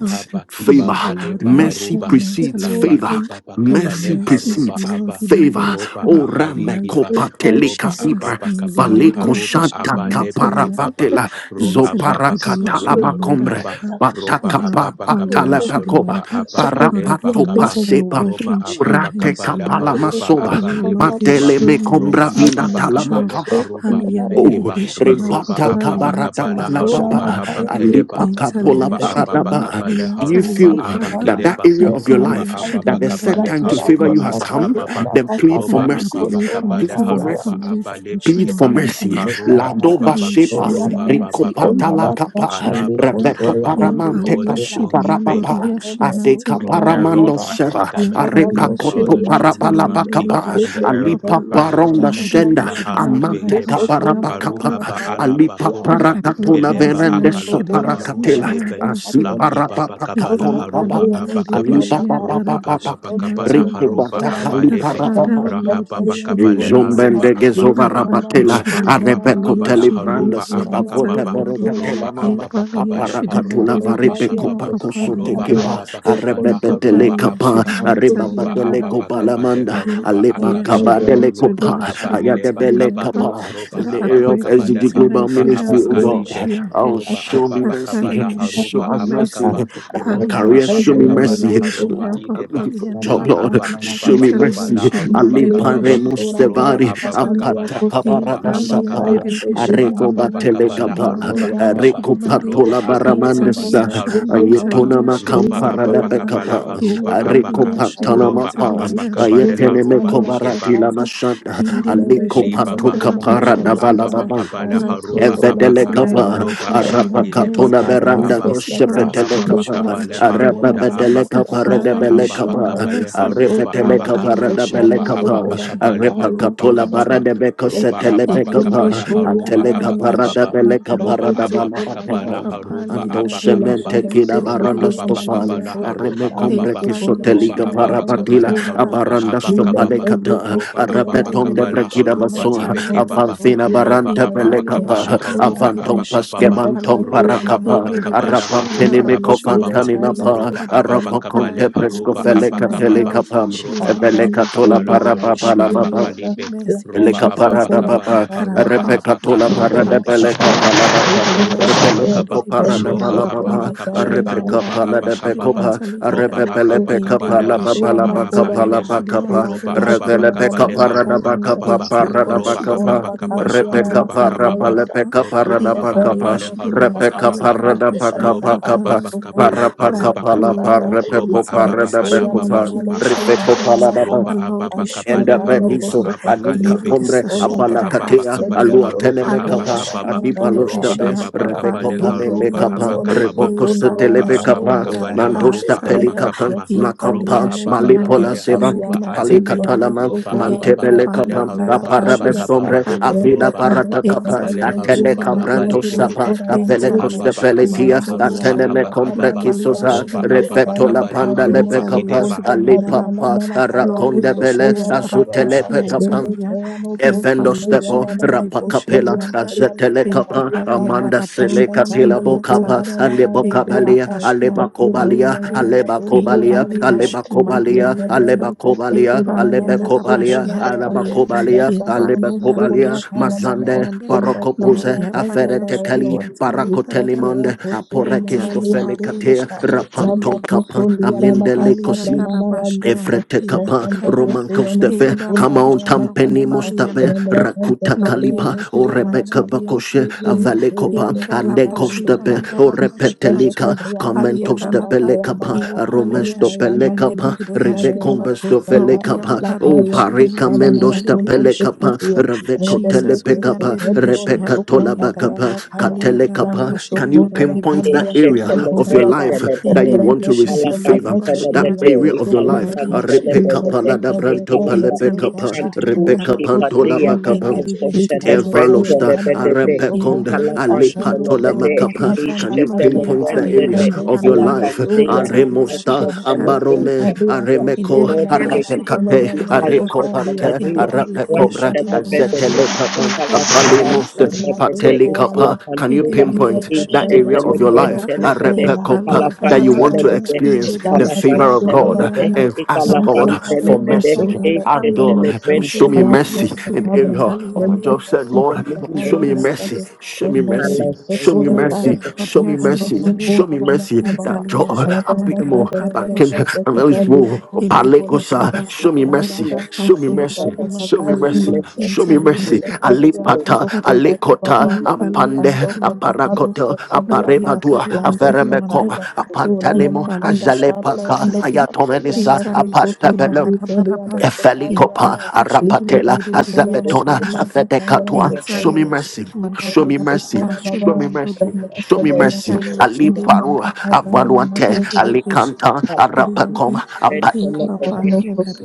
S2: Lord we
S4: Kiba,
S1: favor.
S2: pray, O Lord
S4: Baleba
S1: Mercy
S4: Aruba,
S2: Yashirima
S1: precedes
S2: Tali
S4: Laba
S2: and
S1: favor.
S4: Kiba,
S2: for your
S4: Bakabale,
S1: Mercy
S2: mercies,
S4: Haruba
S2: O
S1: precedes
S2: Lord,
S4: Abba,
S2: in every
S1: favor.
S4: Roba
S2: aspect
S1: Oh,
S2: of
S4: Abba
S2: my
S1: rame
S2: life.
S4: Likiba,
S1: copa
S2: In
S1: teleca
S4: Roba Abba
S2: Jesus'
S1: sibra.
S2: name,
S4: Bakabale,
S1: Faleco
S2: Liandaraba
S4: Haruba
S1: shanta
S4: Abba
S2: Shirima
S4: Lebe
S2: Sali
S4: Kibaba,
S1: caparavatela.
S4: roha baba
S2: Intelibidi
S1: Zoparacatala
S4: kabale
S2: Yashidimanda
S4: aroha
S1: macombre.
S4: ba
S2: Raba,
S4: roba
S1: Pataka
S2: Liam
S4: ababa
S2: Papali
S1: patala
S4: kabala
S1: pacoba.
S4: haroba
S2: Yashidimanda. Lord,
S4: abahale
S2: I
S1: Parapato
S2: commit
S4: bakaba
S2: my
S1: paseba.
S2: work
S4: roba
S2: into your
S4: ababa
S1: Urate
S2: hands,
S4: kabala
S2: Lord.
S1: capala
S4: haroba
S2: I
S1: masoba.
S2: pray, O
S4: abale
S2: Lord, that you
S4: bekeba
S1: Matele
S2: show
S1: me
S2: me
S1: combra
S4: roba
S2: mercies
S1: vina
S2: in
S4: ababa
S2: my
S4: kabale
S2: job.
S1: talamacapa.
S4: haroba
S2: Aliyan
S5: the
S1: Oh,
S4: ibekeba
S2: Dedibishi Ham
S4: roba
S1: repata
S5: so
S2: Papali
S4: ababa
S5: and
S1: kabarata
S5: I
S4: kabala
S2: Yantali
S5: saw
S4: haroba
S1: balababa,
S2: Yashidimandi.
S4: abakeleba
S5: Ramakaya
S1: alipa
S2: Intali
S1: kapola
S4: roba
S5: Let's give
S4: ababa
S5: them all
S1: paradaba.
S2: Yashidimandoli
S5: the
S4: kabale
S1: Do
S5: Satan.
S1: you
S2: Yantali
S4: haroba
S1: feel
S2: Yandaraba.
S1: that that
S4: abakeleba
S1: area of your
S2: Impali
S4: roba
S1: life
S4: ababa
S1: that the set
S4: kabale
S1: time to favor
S4: haroba
S1: you
S2: Yashidimanda
S1: has come?
S4: abakababa
S1: Then plead for
S4: roba
S2: Father, I
S1: mercy.
S4: ababa
S2: pray,
S4: kabale
S1: Plead
S2: committing
S1: for
S2: my
S4: haroba
S1: mercy
S2: family into
S1: plead
S2: your
S1: for
S4: abalebekeba
S2: hands, O
S1: mercy.
S2: Lord.
S4: karoba
S1: La
S2: And
S1: doba
S2: Father,
S4: kibaba
S2: you
S1: shepa,
S2: show me
S4: Roba Baba
S2: mercy, O
S4: Baba
S1: ricopata la
S2: Lord.
S4: Baba.
S1: capa,
S4: Alaba
S2: Yashidimanda,
S4: Ki
S1: reverto
S4: papa,
S2: Empali,
S1: paramante
S4: Lord, show me favor
S2: Yashidimandori,
S1: casuparapapa, aseca
S2: Yashihaitali,
S4: in the area
S2: Yandarab,
S4: of
S1: paramando
S4: my
S1: seva,
S4: academics.
S2: Empali,
S1: arepa coto
S4: Father, show me
S2: Yashidimaitali,
S1: parapalapa
S4: mercy
S1: capa,
S4: in
S2: Yanderebeshi,
S4: the
S2: and
S4: area of my
S1: alipa
S2: Papa,
S4: finances.
S1: paronda shenda,
S4: La
S2: Yanderebeshi,
S4: harube
S1: amante
S4: leba,
S2: Yandarabashi, and
S1: caparapa capa,
S2: Papa.
S4: haruhaba alaba
S1: alipa
S5: Listen,
S2: Father,
S4: koroba,
S2: I pray,
S1: paracatona
S5: Lissotabra
S4: eleba
S2: committing
S1: verende
S2: my
S4: akalaba
S5: kosokola
S2: academics into
S5: lakaya
S1: soparacatela,
S2: your
S4: baruhidebe.
S2: hands, O
S1: asi
S2: Lord.
S4: Laki
S5: rekatolasa
S4: baba
S1: parapapa
S4: kabala
S2: Liham
S1: catona baba,
S4: haruba
S2: Pali and
S5: rotakabreyamo
S4: abakaba,
S1: alipa
S2: Derebeshi
S5: sokolaka
S2: and
S1: papa
S4: roba
S1: papa.
S2: Darabashidi
S4: ababakaba la
S5: risobreyamo
S2: Matsuli
S1: Rico
S2: and
S4: haruba
S1: Batacali
S5: kosoramama
S2: The
S4: abalebe,
S2: Father,
S1: parapapa.
S2: O Lord,
S4: Rahaba
S2: you show
S5: kemreketsariyo
S2: me
S4: bakabale
S5: soramama
S4: haruba
S2: mercies.
S1: Jombende gezova
S2: And
S4: abakaba,
S5: lisoramandi
S1: rapatela,
S4: roba
S2: Rabashidi
S1: arepeco
S2: Mandalia
S4: ababakaba
S5: kosaramanda
S4: la
S2: Shiham
S4: haruba
S1: telebrandas,
S2: Palian
S5: lisoramandi
S1: avota
S4: abakababa,
S2: Saliende,
S1: verocatela
S4: roba
S5: kosoramaka
S1: manda.
S2: Impalia
S4: ababakaba le
S2: Shidi
S1: Aparacatula
S4: haruba
S2: Mandere
S5: lisanotaria
S1: varipeco
S4: abakababa.
S2: Beshiham
S1: pacoso de
S4: Loba
S5: kosaramadiya
S1: kipa,
S4: ababakabala
S1: arebebe
S5: rekosoka
S4: haruba
S2: Ipapalia
S1: delecapa,
S2: shiri
S4: abaka.
S2: mentally
S1: aribaba
S4: Roba
S2: and
S5: rabakosoka
S1: deleco
S2: Arabara. narabara.
S4: ababakabale
S1: balamanda,
S4: haruba
S1: alepa
S2: Impalia
S4: akaba.
S1: caba
S2: shiri
S5: Earlier
S4: Roba
S5: the
S1: delecopa,
S2: mantalia shiri
S5: company
S4: abahile
S5: was
S1: ayatebele
S2: mantalia
S4: bakaba.
S2: mpa.
S5: following
S1: capa.
S4: Roba
S1: In
S2: Father,
S1: the
S2: I
S1: area of
S2: pray
S4: ababakabale
S1: SDG
S5: Sosaka
S2: committing my
S1: Global
S4: haruba
S1: Ministry, oh
S5: Kosaku
S2: finances into
S1: God,
S4: abakalibe.
S2: your
S5: Yakuza and
S1: oh,
S2: hands.
S4: Roba
S1: show me
S5: Akosa
S2: That Father,
S1: mercy,
S4: ababakabala
S2: you show
S1: show
S4: haruba
S2: me
S1: us mercy.
S5: Kosaku
S2: mercy.
S4: abakaba.
S1: In my
S4: Roba
S5: Rakusa
S2: Halia
S1: career,
S2: shiri
S1: show me
S4: ababakabala
S1: mercy.
S2: manderebeshi
S5: Taibe
S1: Oh,
S4: haruba
S1: I'm
S4: ideba.
S1: looking for a
S5: Secundo
S1: job, Lord,
S4: Lahaba
S5: Samana
S1: show me
S2: Ntalia
S1: mercy.
S4: kibabakabala
S2: shiri
S4: aruba
S1: Ali
S2: mandere
S1: alipare
S4: kababa.
S2: beshiri mandori
S4: Roba
S1: mustevari
S2: Ntalia
S1: apata
S4: ababakabala haruba
S1: paparada
S2: impali
S4: abakaba.
S1: sapa
S2: yandere beshiri
S4: Roba
S1: areko
S2: mandara
S1: batele
S4: ababakabala
S2: bashiri
S1: kapa
S4: haruba
S2: mandori
S4: kababa.
S2: yashiri
S1: areko
S2: mande
S4: Loba
S1: patola
S2: Ntalia
S4: ababakabale
S1: baramandesa
S2: shiri
S4: haruba kaba
S1: ayetona
S2: mantalia shiri
S4: roba
S1: makamparada
S4: ababa
S2: mambaraba
S4: kapala
S1: pekapa
S4: haroba
S2: impali
S1: areko
S4: abaka
S2: yashiri
S1: patala
S4: loba
S1: mapa
S2: mantalia
S4: ababa
S2: rashiri
S4: kapale
S1: ayetene
S4: haroba
S2: mantalia shiri
S4: ikeba
S1: mekobarati
S5: Kata
S1: la
S2: manta,
S1: mashanda
S5: he
S2: Indere
S5: said it
S1: aliko
S5: is
S2: beshiri
S4: Libaba
S1: patoka
S2: mandara
S5: certain Mamma
S4: roba
S2: bashiri
S1: parada
S5: Mosa,
S4: ababa
S2: manta.
S1: balababa
S4: kabala
S2: Lord,
S5: and
S2: I
S5: was so
S4: haruba
S2: pray,
S5: torn at
S1: Evedele
S2: committing
S4: abaka
S2: my
S5: Cabarada,
S1: kapa,
S2: life
S4: loba
S2: into your
S1: arapa
S4: abakileba
S5: Rasakato
S2: hands,
S1: katona
S4: karu
S2: both
S5: Cabrad
S1: beranda
S4: aba
S5: or
S2: physical and
S5: Sata,
S1: boshepetele
S4: rahaba
S2: spiritual,
S1: kapa,
S5: Lukaku
S4: bakabale
S2: into your
S1: arapa
S5: Sora
S4: haruda
S2: hands.
S4: aba
S1: betele
S2: The
S1: kapa
S5: Mamanosaka,
S1: rede
S2: Father,
S4: loba
S2: you
S5: he
S1: bele
S2: show
S4: ababa
S5: said
S2: me
S1: kapa,
S5: said the
S4: kabale
S2: mercy.
S4: haruba
S1: arepetele
S4: abaka
S1: kapa
S2: Ampaliya
S1: rede
S2: Shri
S1: bele
S5: Kano
S4: roba
S2: Mandiri
S1: kapa,
S4: ababa
S5: Sokora
S2: Bishi
S4: kabale
S1: arepa
S5: Caparia
S4: haruba
S1: katola
S2: Hampaliya
S4: kababa
S5: Kosama,
S1: barade beko
S4: roba
S1: setele
S5: Lesaka
S4: ababa
S5: Fundo
S4: kabale
S1: bekapa,
S2: Iribishi
S5: Soria
S4: haruba
S1: atele
S2: yandarabari
S5: Kamano
S1: kapa
S4: abaka
S1: rede
S4: baba
S2: yashiri
S5: Saka,
S1: bele
S2: mandoli
S1: kapa
S4: loba
S5: Rado
S1: rede
S2: yanza
S1: bala
S4: ababa
S5: sukuna kaba
S4: kabala
S1: papa.
S2: ipapali
S4: haruba
S1: Ando
S4: abaka
S2: yandaraba
S4: baba
S1: semente
S2: shiri
S5: Ilakado
S1: kina
S4: roba
S5: sufiki
S1: baranda
S2: mandiribiri
S4: ababa
S5: amano
S2: yashiri
S1: stofali,
S4: kabala
S2: mandara
S5: sako
S4: haruba
S1: areme
S5: rano
S1: kombre
S4: kababa
S2: epali
S5: suko lama
S4: roba
S2: yashiri
S1: kisoteliga
S5: kada
S1: para
S4: ababa
S5: rano
S2: mantoli
S1: patila,
S4: kabala
S5: sora
S2: yandaraba
S5: dana
S4: haruba
S1: abaranda
S4: abaka
S5: lile
S2: shinampali
S4: baba
S1: stopale
S2: yanda
S5: sende
S1: kata,
S4: roba
S5: koso liana
S4: ababa
S1: arapetom
S2: indiribiri
S1: de
S4: kabala
S5: manosa
S1: brekida
S2: yashiri
S4: haruba
S1: baso,
S5: rota
S2: mantali
S4: ibeke
S5: kondo
S4: baba
S2: yandaraba
S1: Avanfina
S5: suki amra
S4: roba
S1: baranta
S5: kaya
S4: ababa
S2: ipali
S1: pelekapa.
S4: kabala
S2: yashiri
S5: mekato
S4: haruba
S5: nasa
S1: Avantom
S2: mandiribishi
S4: abaka baba
S5: rende
S2: yampali
S1: paskebantom
S2: ya
S5: suko
S4: roba
S5: yana
S1: parakapa.
S4: ababa
S5: manosa
S4: kabala
S2: indiribishi
S1: Arapam
S4: haruba
S2: yandaraba
S5: isele
S1: penimiko
S4: abaka
S5: kile
S4: baba
S2: shihantali
S5: paila
S1: fantaminapa.
S4: roba
S5: suka
S2: yandaraba
S4: ababa
S1: Arapam
S5: kona
S2: But I
S1: conte
S4: kabale
S2: pray,
S1: presco
S4: haruba
S2: commit
S1: feleka
S2: my
S4: abaka baba
S2: health
S1: telekapam.
S2: into your
S4: roba
S2: hands.
S1: Ebeleka
S4: ababa
S5: Akanoso
S1: tola
S2: And
S4: kabala
S5: kola
S2: Lord, you
S4: haruba
S1: parababa
S2: show
S1: la
S2: me
S1: baba,
S4: abaka
S2: help,
S5: kabianosa
S4: libe
S2: mercy, in
S4: roba
S1: Eleka
S5: lakanosa
S4: ababa
S2: Jesus'
S1: parada
S2: name
S5: kora
S4: kabale
S1: papa,
S2: that I'll
S4: haruba
S5: kakabadana
S2: have good
S4: abaka
S1: repecatola
S2: health, that I'll
S5: ikoda
S1: parada
S2: be
S4: roba
S5: saka
S1: peleca
S4: ababa
S2: strong.
S1: palada
S4: kabale
S1: pa,
S5: ikosa
S2: Aliya
S4: haruba
S2: shidi
S5: kase
S4: abaka ba
S1: repeloco
S2: mandiri bishi
S1: parada
S5: kanoso
S2: and
S4: roba
S2: papa
S4: ababa
S5: kola
S1: palababa,
S2: aliya
S1: a
S4: kabale
S2: shidi
S5: kayaba
S1: repeca
S4: haruba
S2: mamba aliya
S1: palada
S4: abaka
S2: shidi
S4: baba
S1: pecopa, a
S2: mantaliya da.
S4: roba
S1: repepele
S5: Shatakabaroso,
S4: ababa
S1: peca
S2: Indiri
S4: kabale
S1: palaba
S2: bishi di
S5: Kondosora
S4: haruba
S1: palaba capala
S2: mantaliya
S5: Makorara,
S4: abaheleba
S2: shidi
S1: bacapa,
S2: mamba
S4: roba
S2: aliya
S5: Esona
S4: ababa
S1: revele
S5: Kona
S1: peca
S4: kabale
S5: Mamana
S2: shidi
S1: parada
S4: haruba
S5: Sayane,
S1: bacapa
S4: kababa
S2: Easily
S1: parada
S4: roba
S2: Yashidi
S5: Nikondosora
S4: ababa
S1: bacapa,
S2: Mandori
S4: kabale
S2: Yashidi
S5: Makambiara
S1: repeca
S4: haruba
S2: Mansali and
S1: parapa
S4: kababa
S5: Katayosa,
S2: Rapa
S1: lepeca
S4: loba
S1: parada
S4: ababa
S2: Easily
S1: bacapa,
S4: kabale
S5: Isekeriano
S2: Yashidi
S4: haruba
S5: Sota
S1: repeca
S2: Mansali and
S4: abakaba
S2: the
S5: Kampraka,
S1: parada
S2: Bishop and
S4: loba
S1: bacapa
S5: Ratakando
S1: capa.
S4: ababa
S2: Papali and I
S4: kabale
S5: Sokuria
S1: Parapa
S2: pray,
S4: haruba
S1: capala
S4: kababa
S5: Takambrosaya,
S2: Lord,
S4: roba
S2: commit
S1: parrepeco
S2: my
S5: Rikendo
S4: ababa
S1: parada
S2: decision
S4: halaba
S5: Soyana
S1: becopa,
S2: making
S5: Mamalo
S4: baruba
S2: into your
S1: rifeco
S4: abaka
S2: hands.
S5: Sakayana
S1: palada
S4: roba
S5: Kama,
S2: And Lord,
S4: ababa
S2: you
S5: Alo
S2: show
S4: kabale
S1: Enda
S2: me
S5: Katayo
S4: haruba
S1: rebiso
S2: mercy
S5: Kosoka
S2: in
S1: alika
S5: Sebri,
S2: every
S4: abakalebe
S1: pombre
S2: decision
S4: roba
S2: that
S5: Sonasa,
S2: I have
S4: ababa
S1: apalakatea
S2: to
S4: kabale
S2: make.
S1: alua
S5: Lekendo
S4: haruba
S1: teneme
S2: Hallelujah,
S5: Sokora
S1: kapa
S2: Shidi
S4: abakababa
S1: adiba
S2: Mandere
S4: roba
S2: Beshi
S5: Katambriada
S1: lostabe
S2: and
S4: ababa
S5: Saya,
S1: rebeko
S4: kabale
S2: Papali and
S1: panele
S4: haruba
S1: kapa
S2: Dolianza,
S5: Lisekeriano
S4: abakababa
S1: reboko
S2: in
S5: Sokuna
S4: roba
S2: Palia
S1: setelebe
S2: Shidi
S5: Ramayano
S4: ababa
S1: kapa
S2: Mandara
S4: kabale
S5: Soyana
S4: haruba
S1: mandosta peli
S2: Pahantalia,
S5: Randa
S1: kapa
S4: abakababa
S5: Kesha
S2: in
S4: roba
S1: makompa
S2: Palia
S5: Tabriano
S2: Shidi
S4: ababa
S5: Sura
S1: malipola
S4: kabale
S2: Mandere
S1: seba
S2: Beshi
S5: Makanya
S4: haroba
S1: palika
S4: alebe
S2: Matalia
S5: Ikondo
S1: talama
S4: loba
S2: e
S5: Sokora
S4: ababa
S1: mantebele
S4: kabale
S5: Makabranda
S1: kapa
S2: papalienda
S5: Kasa
S4: haroba
S1: aparabe
S2: rabashiha
S5: Kadirata
S1: sombre
S4: abakababa
S1: avila
S2: papalienda
S4: roba
S5: Rekatanda
S1: parata
S2: e
S4: ababa
S1: kapa
S2: inzali
S4: kabale
S5: Sakatakendio
S1: atene
S2: yashiri
S4: haroba
S5: Sotora
S1: kapranto
S4: abalebe
S2: mandirebere
S1: sapa
S4: keba
S5: Makora
S2: e
S1: avele
S4: roha
S2: inzali
S5: Yandeka
S1: koste
S4: baba
S2: yashiri
S4: kabala
S1: peletia
S5: Ikondo
S4: haroba
S1: atene me
S5: Sokoria
S1: compre
S4: abakababa
S5: Kabano
S1: kisosa
S2: Valiashiri
S4: roba
S5: Sakata
S4: ababa
S1: refeto
S2: Mandaraba,
S1: la
S5: Randa
S4: kabala
S1: panda
S5: Kayono
S1: lebe
S4: haroba
S1: kapa
S4: ideba
S2: Inzaliashiri
S5: Sokona
S1: ali
S2: Mandaraba,
S5: Kabiana
S1: papa
S5: Nana Kayono
S1: arakonde
S2: Loriashiri
S1: bele
S5: Sokoya
S2: Mandaraba,
S1: azutele
S5: Nabaraya
S1: pe kapa
S2: Shianzulia,
S5: Dembrekeyano
S2: He
S5: Koso
S1: Evendo stepo
S2: Valiashiri
S5: Kayana Nana
S1: rapa
S2: Miribishiri
S1: capilla
S5: Kosodia
S2: Manda,
S5: Kabriano
S1: azetele
S2: He
S1: capa
S5: Sakaria
S2: Papali and
S5: Kaba
S1: amanda
S2: Arabashi
S1: sele
S5: Onda
S2: and
S1: capilla
S5: Kamano
S2: Lulia
S5: Kora
S1: bocapa
S2: Zalia,
S5: Nana
S1: alebo
S2: He
S1: cabalia
S5: Yandia
S2: Darabashi and
S1: aleba
S2: Papali
S5: Lekindosa
S1: cobalia
S2: and
S1: aleba
S5: Yanamando
S2: He
S1: cobalia
S5: Suramandia,
S2: Valiashiri
S1: aleba
S5: Lisa
S1: cobalia
S2: Manduli and
S5: Cabrera,
S1: aleba
S2: He
S1: cobalia
S2: Pali
S1: aleba
S2: and
S5: Kesudanamando
S1: cobalia
S2: Arabashi
S5: Sukodabaya,
S1: alaba
S2: Hapulia,
S5: and the
S1: cobalia
S2: He
S1: aleba
S2: Pali
S5: Sabrano
S2: and
S5: Suria
S1: cobalia
S2: Arabashi and
S5: Kamamano,
S1: masande
S2: Zulia,
S5: from the
S1: parocopuse
S5: Sandia
S2: Loria
S1: aferete
S2: Pariashiri
S1: cali
S5: Kantakayano.
S2: Manzalia,
S5: Lisepia
S1: paracotenimande
S5: Kosura
S1: apore
S2: Intalia
S5: Mamania
S1: cristofele
S2: varia
S1: cate
S5: Kosuka, Rabba
S2: Intalia
S1: rapanton capa
S5: Kosundia Ramaka
S1: amendele
S2: Impalia
S5: Sabranana
S2: Darabashia
S5: Yandosa,
S1: Efrete
S2: Palia
S1: kapa
S5: Rekande
S2: Darada
S1: Roman
S5: Kosiono
S1: Kosteve
S5: Sukunda
S1: Kamon
S5: Bayana
S2: Indarabashia
S1: Tampeni
S5: Kamama,
S2: Palia
S1: Mostabe
S5: Remrekende
S1: Rakuta
S2: Lori
S1: Kalipa
S5: Cabriano
S1: O
S2: ashiri
S5: Sura mama.
S1: Rebecca
S2: maituli
S1: Bakoshe
S2: yanderevire
S5: Ende
S1: Avale Kopa
S5: keriano suta
S1: Ande
S2: indarabashi
S5: yandeka.
S1: Kostebe O
S2: handarabashi
S5: Isekende
S2: hantu
S1: Repetelika
S5: kebriano
S1: Kamento
S5: sukonda
S2: aliandaraba
S1: Stepele Kapa
S5: kayambaraya.
S2: impali
S1: Romesto
S2: yashiri
S5: Oizayana
S1: Pele
S5: mandi
S1: Kapa
S2: manderevire
S5: kusana
S1: Rive
S2: yashiri ma
S5: yana
S1: Combesto Vele
S2: lori
S5: kusata.
S1: Kapa
S2: yababari
S1: O
S5: Lataria
S2: yashiri
S5: kusana
S2: maituli
S1: Recommendo
S5: mama kundo
S1: stapele
S2: yanderevishi hapa
S5: seketia.
S1: reveco
S5: Redende
S2: Jesus
S1: telepecapa,
S5: kesetende
S2: ulianderevishi
S5: ono
S1: repeca
S2: hapa
S5: sukunda
S2: lianda
S1: tolabacapa,
S5: bayana kama.
S1: catele
S5: Lano
S2: haliandaraba shiri
S1: Can you
S5: sukuna
S1: pinpoint
S2: manderevire
S1: that
S5: bakamaria
S6: Ishak
S2: yashiri
S1: area of
S5: kusukuna
S1: your
S2: maitalia
S6: celebrant
S5: baba.
S1: life that you
S6: celebrate.
S1: want
S5: Rebrete
S1: to
S2: inderevishi
S1: receive
S5: kesete
S6: Kalafan
S1: favor?
S5: kete
S2: handarabashi
S1: That
S5: keria
S6: celebrate.
S2: handa
S1: area of your life,
S5: kusukunda
S2: lori
S6: Ikalafan
S5: ka.
S2: yashiri
S1: repeca
S6: celebrate.
S1: palada
S2: mandaraba
S5: Likesete
S1: branto
S5: brete
S6: Ikalafan
S5: sendo
S2: intalia
S1: palepecapa,
S5: pata.
S2: shiri
S6: ikantush
S1: repeca
S5: Labra
S2: mandaraba
S6: ipadea.
S5: kusukunda
S1: pantolabacapa.
S6: Azo
S2: Indiribe shiri
S5: Mikando
S6: celebrate
S5: kaila
S2: manzuriya
S1: Evaloshta,
S2: da
S5: kamala
S6: celebrate.
S5: kosoka.
S1: Arepekonde,
S2: invaliya
S6: Ikalafan
S2: shiri
S5: Atando
S1: Alepatola
S5: sura
S6: celebrate.
S1: Makapa.
S2: mandiribiriya
S5: makabranda
S1: Can you
S6: Ishak
S2: loriya
S1: pinpoint
S5: kasaba.
S1: the
S6: celebrant
S2: bariya
S1: area
S5: Ende
S1: of your
S2: shiyanda
S5: keyano
S6: Ikalafan
S1: life?
S5: sura
S6: dea.
S5: mama
S2: inzaliya shiri
S1: Aremosta,
S6: Azo
S5: yaka.
S2: mandaraba
S5: Rosa
S6: celebrate
S1: Ambarome,
S5: tabia
S6: kantua.
S1: Aremeko,
S5: kosura
S6: Lord,
S2: indiribiriya
S6: we
S5: mama.
S2: shiri
S6: exalt
S5: Ene
S1: Arapekate,
S6: you.
S5: meno
S2: manzuriya
S6: Azo
S2: dara
S5: sota liya
S1: Arekoparte,
S5: kama.
S6: celebrate.
S2: indiribiriya
S6: Grant
S5: Lisa
S1: Arapekobra,
S2: shiri
S5: kako
S2: mandara
S6: celebrate.
S1: Azetelekapa,
S2: loriya
S6: Ikalafan
S5: mama.
S2: bariya
S5: Lisa
S1: Apalimost,
S2: shiri
S5: liya
S6: celebrate.
S2: manzaliya
S5: kosura mama.
S1: Patelikapa, can you
S6: Ikalafan
S2: indiriya
S1: pinpoint
S2: shiri
S1: that area of your
S2: manzuriya
S1: life
S2: da
S6: Ishetelebentelebede,
S5: Irekesemrekenzerokosora
S1: Arepekopa,
S2: invaliya
S1: that
S2: dara
S1: you
S2: dara
S1: want to
S5: rekanosamana
S6: kalafantelebede,
S1: experience
S2: indiribe
S1: the favor
S2: shira
S1: of
S5: labrakosora
S1: God
S2: baliya
S6: ikalafantelebede,
S2: da
S5: bakande
S1: and ask God
S2: loriya shiri
S1: for
S6: ikalafantelebede,
S1: mercy?
S2: manzaliya
S1: Ask
S2: daraba
S5: rasaterekesoradadayonosa
S1: God, show me
S6: Ishetelebentelebede.
S1: mercy
S2: indiribiriya
S1: in
S2: shiri
S1: the
S5: raknosetabra
S1: area of my job.
S2: manzaliya
S1: Said,
S6: In the
S1: Lord,
S6: name of
S1: show me
S2: Iliri
S1: mercy,
S6: Jesus,
S5: nembekesokotsakabrekesade
S1: show me mercy, show me
S2: yashiri
S5: rekerekesekuraka
S1: mercy,
S2: mandara
S6: kalafantelebede. In
S2: bari
S1: show me
S6: the name of Jesus,
S2: yashiri
S6: in
S1: mercy,
S2: mandiri
S1: show me mercy
S5: rekondosokoravanakababa
S1: that
S2: insali
S1: job,
S2: yashiri
S1: a bit
S2: mandara
S1: more,
S2: bari
S1: but can, and
S2: yashiri
S1: that is
S2: mandiri
S1: more.
S2: iliri bishi
S5: rabendekeberekesetetendiakosokorakaba
S1: Palekosa, show
S2: handara
S1: me
S6: the
S2: bari
S1: mercy,
S6: name of
S1: show
S2: ori
S1: me
S6: Jesus,
S1: mercy,
S2: yashiri
S6: Father,
S1: show
S6: show me
S1: me
S2: mandara
S1: mercy,
S6: mercy,
S5: ranadakosokorakatakayandoese
S1: show me
S2: insali
S1: mercy.
S6: Lord,
S2: yashiri
S6: forgive us
S1: Alipata,
S2: mandara
S6: and bless
S1: Alekota,
S6: me.
S5: isekedriakosokorakababada
S2: impali
S1: Ampande,
S5: Ando
S2: yashiri mandara
S5: katakado
S1: Aparakoto,
S2: lori
S5: satabriaka
S1: Aparebadua,
S2: yabari
S5: lando
S2: yashiri mandara
S1: Averemekoma,
S5: sataya sura
S1: Apantanemo,
S5: mama konda
S2: Impaliash
S6: Do us the
S5: tabra
S1: Azalepaka,
S5: yanda sa
S2: Maliribi
S5: lata koso
S2: Intaliashiri
S1: Ayatomenisa,
S5: totali periado
S2: Madarabaraba
S6: things we do,
S5: sataliaka
S1: Efelikopa,
S2: Impaliashiri
S5: likodo
S1: Arapatela,
S5: sokora
S2: Maliribiria
S1: Azabetona,
S5: bakanda
S2: Shirimanda
S5: kataya
S1: Afetekatua. Show
S6: kalafantelebede.
S1: me
S5: setelia
S2: Intaliashiri
S1: mercy. Show
S5: likodo
S1: me mercy.
S2: Mandarabarabara
S5: sokora baba
S1: Show me mercy.
S2: Shirimanduri
S5: remre
S1: Show me
S5: kene
S6: Thank you,
S1: mercy.
S5: yako
S6: Lord, in the name
S1: Ali
S6: of
S2: Intaliashiri
S5: sokona
S6: Jesus,
S5: mama
S1: Parua,
S2: Mandara
S5: kabra yana mako
S1: Avaluante,
S5: ka
S1: Ali
S2: Indiribishi
S1: Canta,
S6: kalafantelebede.
S2: Uriandi
S6: where
S1: Arapacom,
S6: people
S5: Surya
S6: are able to tell us,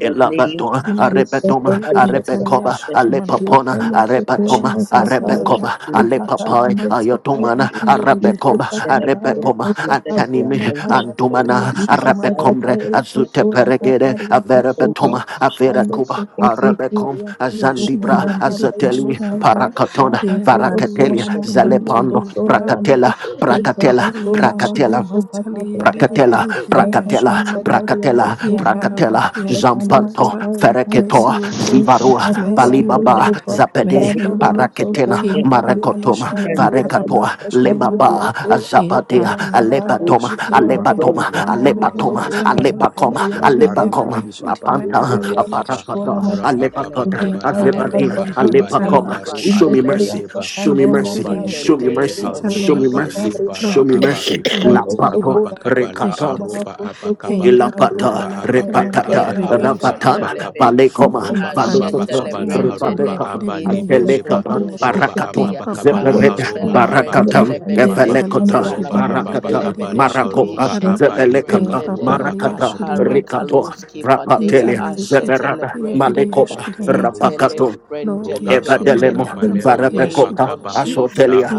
S6: The name of
S1: Elabadoma,
S6: Jesus.
S2: Shirimandiri
S1: Arepetoma,
S6: Celebrate,
S5: Lisekende
S1: Arepecoba,
S5: kosakata.
S2: Intaliashiri
S6: celebrate,
S1: Alepapona,
S2: Mandarabara
S5: Likeno sokora
S1: Arepatoma,
S2: Jesus
S5: makataya.
S1: Arepecoba,
S2: Yandarabara
S5: Likataya
S1: Alepapai,
S2: Shirimanta
S1: Ayotomana,
S5: ndosokayande.
S1: Arapecoba,
S2: Indiribiria
S5: Likasakataya
S1: Arepecoma,
S5: kosakabaya
S1: Antanimi,
S5: nakayande.
S1: Antumana,
S2: Shirimanda
S1: Arapecombre,
S5: Likaseketeri
S1: Azute
S5: kosora
S1: Peregere,
S5: kataria kosoka.
S1: Averapetoma, Averacuba,
S5: Ranosokoti
S1: Arabecom,
S5: kiria
S2: Yashidi
S1: Azandibra,
S5: kosokonda
S2: mandiri
S5: kabaya
S1: Azateli,
S2: bishanda
S5: nosata.
S1: Paracatona,
S2: e
S5: Ratakodo
S2: pali
S1: Varacatelia,
S5: sora
S2: yashidi
S5: makanya
S2: mantuli
S1: Zalepando,
S5: kosora
S2: daraba
S1: Pracatella,
S5: yanda.
S2: e
S1: Pracatella,
S5: Leteke
S2: papali
S5: sora
S2: yashidi
S1: Pracatella,
S2: mantali
S5: makosokata
S2: yandiri
S1: Prakatela,
S5: bayanda.
S2: biri biri yashidi
S1: Prakatela,
S5: Reteke
S2: mandara
S5: sekeria
S1: Prakatela,
S5: dosukunda,
S2: yandaraba
S1: Prakatela,
S2: yashidi
S5: Lekando
S1: Zampanto,
S2: manta
S5: Sokela Kaba,
S2: mercy
S1: Fereketo,
S2: o lord
S1: Zivarua,
S5: Lisatata
S2: mercy o
S5: Brako
S1: Balibaba,
S2: lord
S5: Sukra,
S1: Zapede,
S2: mercy o
S5: Rabrado no
S2: lord
S1: Paraketena,
S5: Sokona
S2: e pali
S5: Cabriano
S1: Marakotoma,
S2: yashidi
S5: Sayande,
S2: mandaraba
S1: Varekatoa,
S5: Lisa
S2: yashidi mandi
S5: Cabriano
S1: Lebaba,
S5: Soya,
S2: e
S1: Zapadea,
S2: pali
S5: Ano Sata
S2: yandaraba
S1: Alepatoma,
S5: Brako
S4: ba
S2: yashidi
S4: ababa
S5: Soraba,
S2: mandiri
S1: Alepatoma,
S2: biri
S4: kala baba
S5: Namano
S2: yashidi
S1: Alepatoma,
S4: rudi
S2: mantali
S5: Sokora
S4: keba
S1: Alepacoma,
S4: la
S5: Cabriano
S4: haruki
S2: yandaraba
S5: Sata,
S1: Alepacoma,
S4: ki
S2: yashidi
S4: papa le
S2: mandiri
S1: Apanta,
S4: aro
S2: biri
S5: Sukira
S4: hapa
S2: yashidi
S5: Sora
S1: Aparakata,
S5: Naka,
S4: raha papa
S1: Alepakota,
S4: kapa la
S5: Indataya
S2: Impali and
S1: Azebadea,
S4: haropa
S2: the
S5: satora
S4: apa
S6: celebrate,
S4: le
S5: Kama,
S2: Hansali
S1: Alepacoma.
S4: baru
S2: Yashid
S1: Show me
S4: ala
S6: celebrate,
S5: Indeteria
S1: mercy,
S4: kideba
S5: Sata
S1: show me
S5: Kona
S1: mercy,
S4: roba
S2: Indiribidi
S6: in the
S5: Sabia,
S1: show
S2: Yashid
S1: me
S4: ipepe le
S6: name
S1: mercy,
S6: of
S4: haru
S5: Nikoro
S1: show
S2: Hansali
S1: me
S2: and
S4: apa
S1: mercy,
S6: Jesus.
S4: le
S5: Sotabria
S1: show
S4: bara
S2: Lord
S1: me
S4: apa
S5: Kosa,
S1: mercy.
S2: Yashid
S1: La
S4: paru
S5: Kando
S2: Mansali
S4: hapa
S2: and
S1: Papa.
S4: pa
S5: Sokorama.
S4: kapa
S2: Rabad
S4: la
S2: Yashid
S1: Rekata,
S5: Ramana
S4: aropa apa
S5: Koso
S4: kapa
S5: Kunda
S2: Hindarabad
S5: Kabriana
S1: Ilapata,
S4: roba
S6: God.
S5: Naka,
S4: apa
S2: Yashid
S4: pa kapa le
S1: Repatata,
S5: Rekando
S2: Mandibidi
S4: haropa
S5: Sota
S2: Yashid
S4: apa
S1: Rapatana,
S5: Briana,
S4: kapa
S6: Epalafanteleben,
S1: Balekoma,
S4: roba
S5: Rekando
S4: apa
S2: Impali
S4: pa
S5: Sota
S1: Valototo,
S2: Yashid
S4: kapa la
S5: Briana,
S2: Mansuli
S4: haropa
S6: ashetelebrendede,
S2: and
S1: Ripalekama,
S4: apa le
S2: Diribidi
S5: Nose
S2: Yashid
S4: pekeba
S1: Antelekama,
S2: Manda
S5: Kabria
S4: roba
S5: Kosota,
S1: Barakato,
S4: apa
S6: ifrukutushkipadia,
S4: pa kapa la
S2: Impapali Yashid
S5: Nakonaka,
S1: Zepereda,
S4: haropa apa
S2: Mandara
S4: le
S1: Barakatam,
S5: Rekanda
S4: pekeba
S6: asotelefrentelebedede,
S5: Sota
S2: Insali
S1: Evelekota,
S2: Yashid
S4: roba apa
S1: Barakata,
S2: Mandaribidi
S4: kapa
S6: ikalafantelebede,
S4: la
S2: Yashid
S1: Marakopa,
S4: haropa
S5: Briana,
S2: Mandara
S4: apa le
S1: Zebelekata,
S4: baru
S6: ishetelebrendede,
S4: apa
S2: Impapali
S4: kapa
S1: Marakata,
S2: Yashid Mansali
S1: Rikato,
S6: akarikaluskipadia,
S1: Rapatelia,
S2: Insali Yashid
S1: Zeberada,
S2: Diribidi
S6: ashetelebrendede,
S1: Malekoma,
S4: Eba ro
S2: Yashid
S4: aba
S1: Rapakato,
S2: Lord,
S4: roha
S2: yashili
S4: baba
S6: itelembrendelebedede.
S1: Evadelemo,
S4: kaba
S2: mandara
S6: In the
S4: leha
S2: bari
S4: roba
S6: name
S2: yashili
S1: Varabecopa,
S6: of
S4: kaba
S2: mandi
S4: la
S6: Jesus,
S1: Asotelia,
S2: e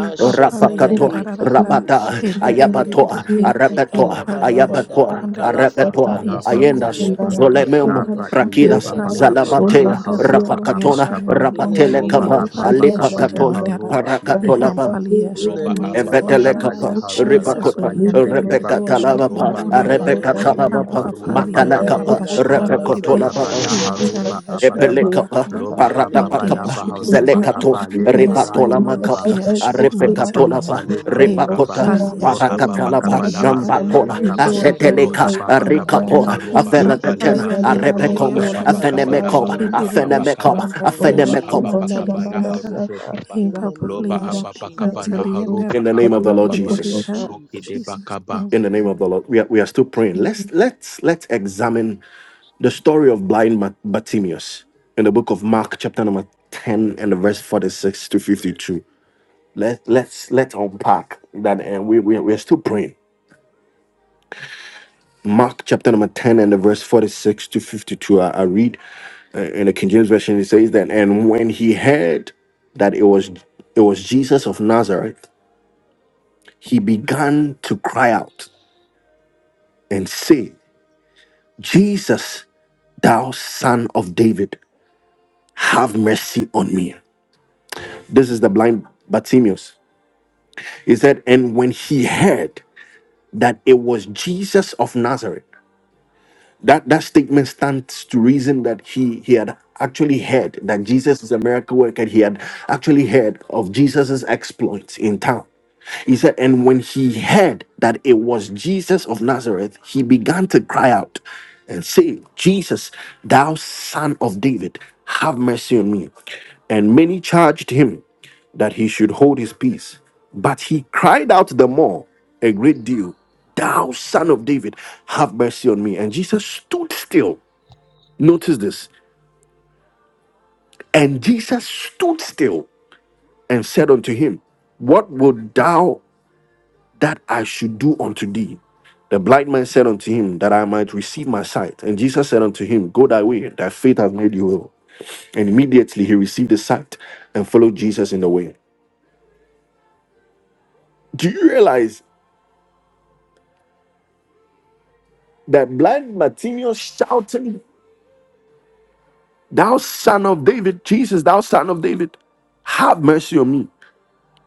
S5: Sota, Ramakoso
S2: papali
S1: Rafakato,
S2: yararararara
S1: Rabata,
S2: e nere bere
S1: Ayapato,
S2: bere bere e
S1: Arapeto,
S2: pali yashili
S6: Ikalabadabada,
S1: Ayapato,
S6: Ikalafada,
S1: Arapeto,
S4: Pakalapa
S2: Italy
S1: Ayendas,
S2: yashiri
S4: koropa
S2: mandaraba
S1: Zolememo,
S6: Isotelefrentelebede.
S4: lapa
S6: In
S1: Rakidas,
S4: ilepa
S6: the
S2: Impali
S6: name
S4: pakapa
S6: of
S2: yashiri
S4: pala
S5: Koda
S1: Zalabatea,
S6: Jesus.
S4: haropa
S2: mandaraba
S1: Rapakatona,
S2: yashiri
S4: apakaba
S2: mandi
S6: In the
S4: roba
S6: name of
S1: Rapatelekapa,
S4: apa
S2: Impali
S6: Jesus.
S4: pakapa
S2: yashiri
S4: le
S1: Alipakatona,
S2: mandara
S4: ibekeba
S1: Parakatolabam.
S2: Ihampali
S6: In
S2: yashiri
S6: the
S4: roba
S6: name
S4: apa
S2: mandari
S6: of
S4: pakapa le
S1: Evetelekapa,
S6: Jesus.
S4: haropa
S2: Jesus
S4: apa
S1: Ripakota,
S2: uli yandere biri
S6: Alafrentelebede.
S4: lebekeba
S2: yashiri
S1: Repekatalabapa,
S4: ropa
S2: manduli
S4: apa
S2: yanda
S6: Amen.
S4: halibe
S1: Arepekatalabapa,
S4: baruha
S2: Apapali
S4: pakapa
S1: Matalakapa,
S6: Amen.
S2: yandaraba shi
S4: roha
S2: yandere be
S4: pakapa
S1: Repekotolabapa,
S4: la
S6: Akalafrentelebede.
S4: haropa
S2: Intali yashiri
S4: apakaba
S1: Epelekapa,
S2: mandaraba
S6: In
S4: loba
S6: the
S4: apa
S6: name
S2: Lord
S6: of
S1: Paratapakapa,
S4: palapa
S2: yashiri
S6: Jesus.
S4: haropa
S2: mandara
S1: Zelekato,
S4: apa le
S6: In
S5: Kabiana,
S6: the
S2: Mercy O
S1: Rivatola
S6: name
S5: if
S6: of
S2: Lord
S4: baradikiba
S1: Makapa,
S6: Jesus.
S2: yashiri
S4: roha
S5: it
S2: mandali ya
S4: pakapa
S1: Arifekatolava,
S6: In the
S4: le
S6: name
S5: Misleko
S6: of
S4: harukaba
S1: Rivakota,
S5: Sura
S2: Impali
S6: Jesus.
S4: loha
S2: yashiri
S5: Bakosayama
S1: Parakatalaba,
S4: pakapa
S2: mandali
S4: la
S2: yanda
S4: aroha
S1: Nambatola,
S5: Amanu
S4: pakapa
S6: Eshetelebrenda
S5: Sura
S2: Intali biri
S6: lebede.
S4: Roha
S1: Aseteleka,
S2: yashiri
S5: Bataya
S4: Baba
S6: In the
S5: Katayana
S4: Kabaleha
S1: Rikapola,
S6: name
S2: the
S6: of
S4: Roba
S2: Ipa
S6: Jesus.
S5: Mikasa
S2: pali
S1: Aferatena,
S4: Abaleba
S6: E-
S2: yandere
S5: Kabriano
S2: beri
S4: Roba
S1: Arepecom,
S6: Evran
S5: Sura
S2: yashiri
S4: Ababa
S2: mate
S6: Kantosh
S5: Makabaya
S4: Kabalaha
S1: Afenemecom,
S5: no
S4: Roba
S2: yandere
S5: Saka
S6: Kepadea.
S2: beshi
S1: Afenemecom,
S4: Abakaba
S2: yandere
S6: In the
S5: Atakondo
S4: Roba
S2: yashiri
S6: name
S1: Afenemecom.
S6: of
S4: Ababa
S5: Sukona
S2: mantali
S5: Bamada
S4: Kabalaha
S6: Jesus.
S2: yandara
S4: Robe
S5: Saka
S4: Kiba
S6: In
S2: Ipa
S6: the
S2: pali
S4: Loba
S5: Ratukara
S6: name of
S2: yashiri
S4: Ababa
S5: Bakataya
S6: Jesus.
S5: no
S2: mantali
S4: Kabalaha
S5: Sura
S2: yandara
S4: Roba
S1: In the name of
S6: In
S1: the
S6: the
S1: Lord
S5: Kabriano
S4: Abakababa
S6: name
S2: yandere
S6: of
S1: Jesus.
S5: Kosuta
S2: be
S4: Roki Deba
S6: Jesus.
S2: Jesus
S4: Kaba
S2: name
S1: In
S5: Jesus.
S1: the name
S2: amen
S1: of the Lord, we are, we are still praying. Let's let's let's examine the story of blind Bar- Bartimaeus in the book of Mark, chapter number ten, and the verse forty-six to fifty-two. Let let's let's unpack that, and we we we're still praying. Mark chapter number ten and the verse forty six to fifty two. I, I read uh, in the King James version. It says that, and when he heard that it was it was Jesus of Nazareth, he began to cry out and say, "Jesus, thou Son of David, have mercy on me." This is the blind Bartimaeus. He said, and when he heard that it was Jesus of Nazareth. that that statement stands to reason that he he had actually heard that Jesus is a miracle worker. He had actually heard of Jesus's exploits in town. He said, and when he heard that it was Jesus of Nazareth, he began to cry out and say, Jesus, thou son of David, have mercy on me. And many charged him that he should hold his peace. But he cried out the more a great deal, Thou son of David, have mercy on me. And Jesus stood still. Notice this. And Jesus stood still and said unto him, What would thou that I should do unto thee? The blind man said unto him, That I might receive my sight. And Jesus said unto him, Go thy way, thy faith hath made you well." And immediately he received the sight and followed Jesus in the way. Do you realize that blind Bartimaeus shouting? Thou son of David, Jesus, thou son of David, have mercy on me.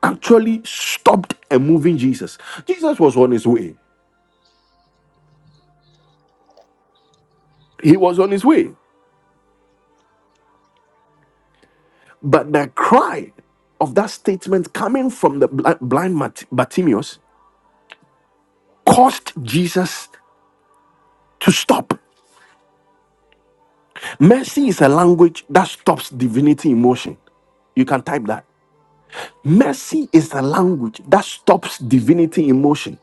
S1: Actually stopped a moving Jesus. Jesus was on his way. He was on his way. But the cry of that statement coming from the bli- blind Mat- Bartimaeus caused Jesus to stop. Mercy is a language that stops divinity in motion. You can type that. Mercy is a language that stops divinity in motion.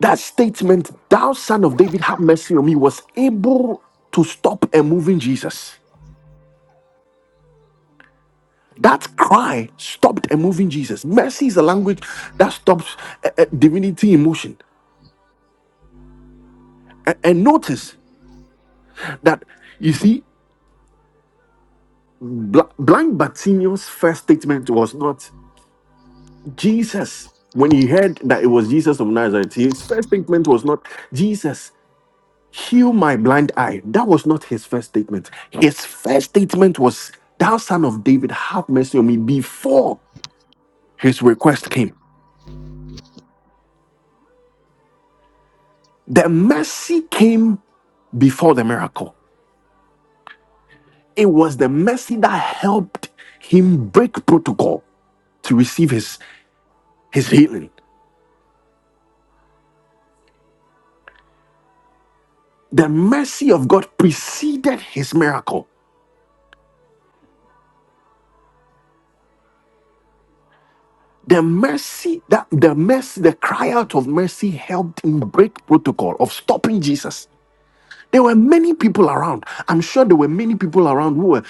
S1: That statement, thou son of David, have mercy on me, was able to stop a moving Jesus. That cry stopped a moving Jesus. Mercy is a language that stops a, a divinity in motion. A- And, notice that, you see, Bl- Blind Bartimaeus' first statement was not Jesus. When he heard that it was Jesus of Nazareth, his first statement was not Jesus. Heal my blind eye. That was not his first statement. His first statement was, Thou son of David, have mercy on me before his request came. The mercy came before the miracle. It was the mercy that helped him break protocol to receive his, his healing. The mercy of God preceded his miracle. The mercy that the mercy, the cry out of mercy helped him break protocol of stopping Jesus. There were many people around. I'm sure there were many people around who were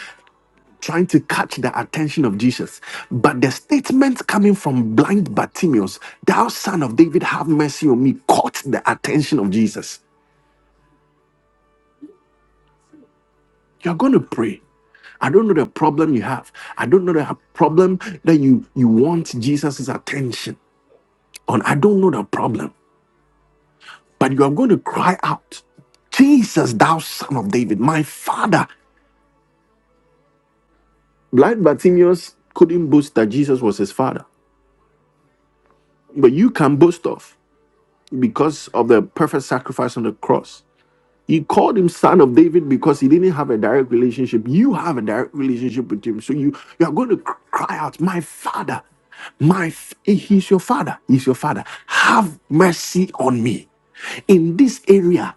S1: trying to catch the attention of Jesus. But the statement coming from blind Bartimaeus, thou son of David, have mercy on me, caught the attention of Jesus. You're going to pray. I don't know the problem you have. I don't know the ha- problem that you, you want Jesus' attention on. I don't know the problem. But you are going to cry out, Jesus, thou son of David, my father. Blind Bartimaeus couldn't boast that Jesus was his father. But you can boast of because of the perfect sacrifice on the cross. He called him son of David because he didn't have a direct relationship. You have a direct relationship with him. So you, you are going to cr- cry out, My father, my f- he's your father, he's your father. Have mercy on me in this area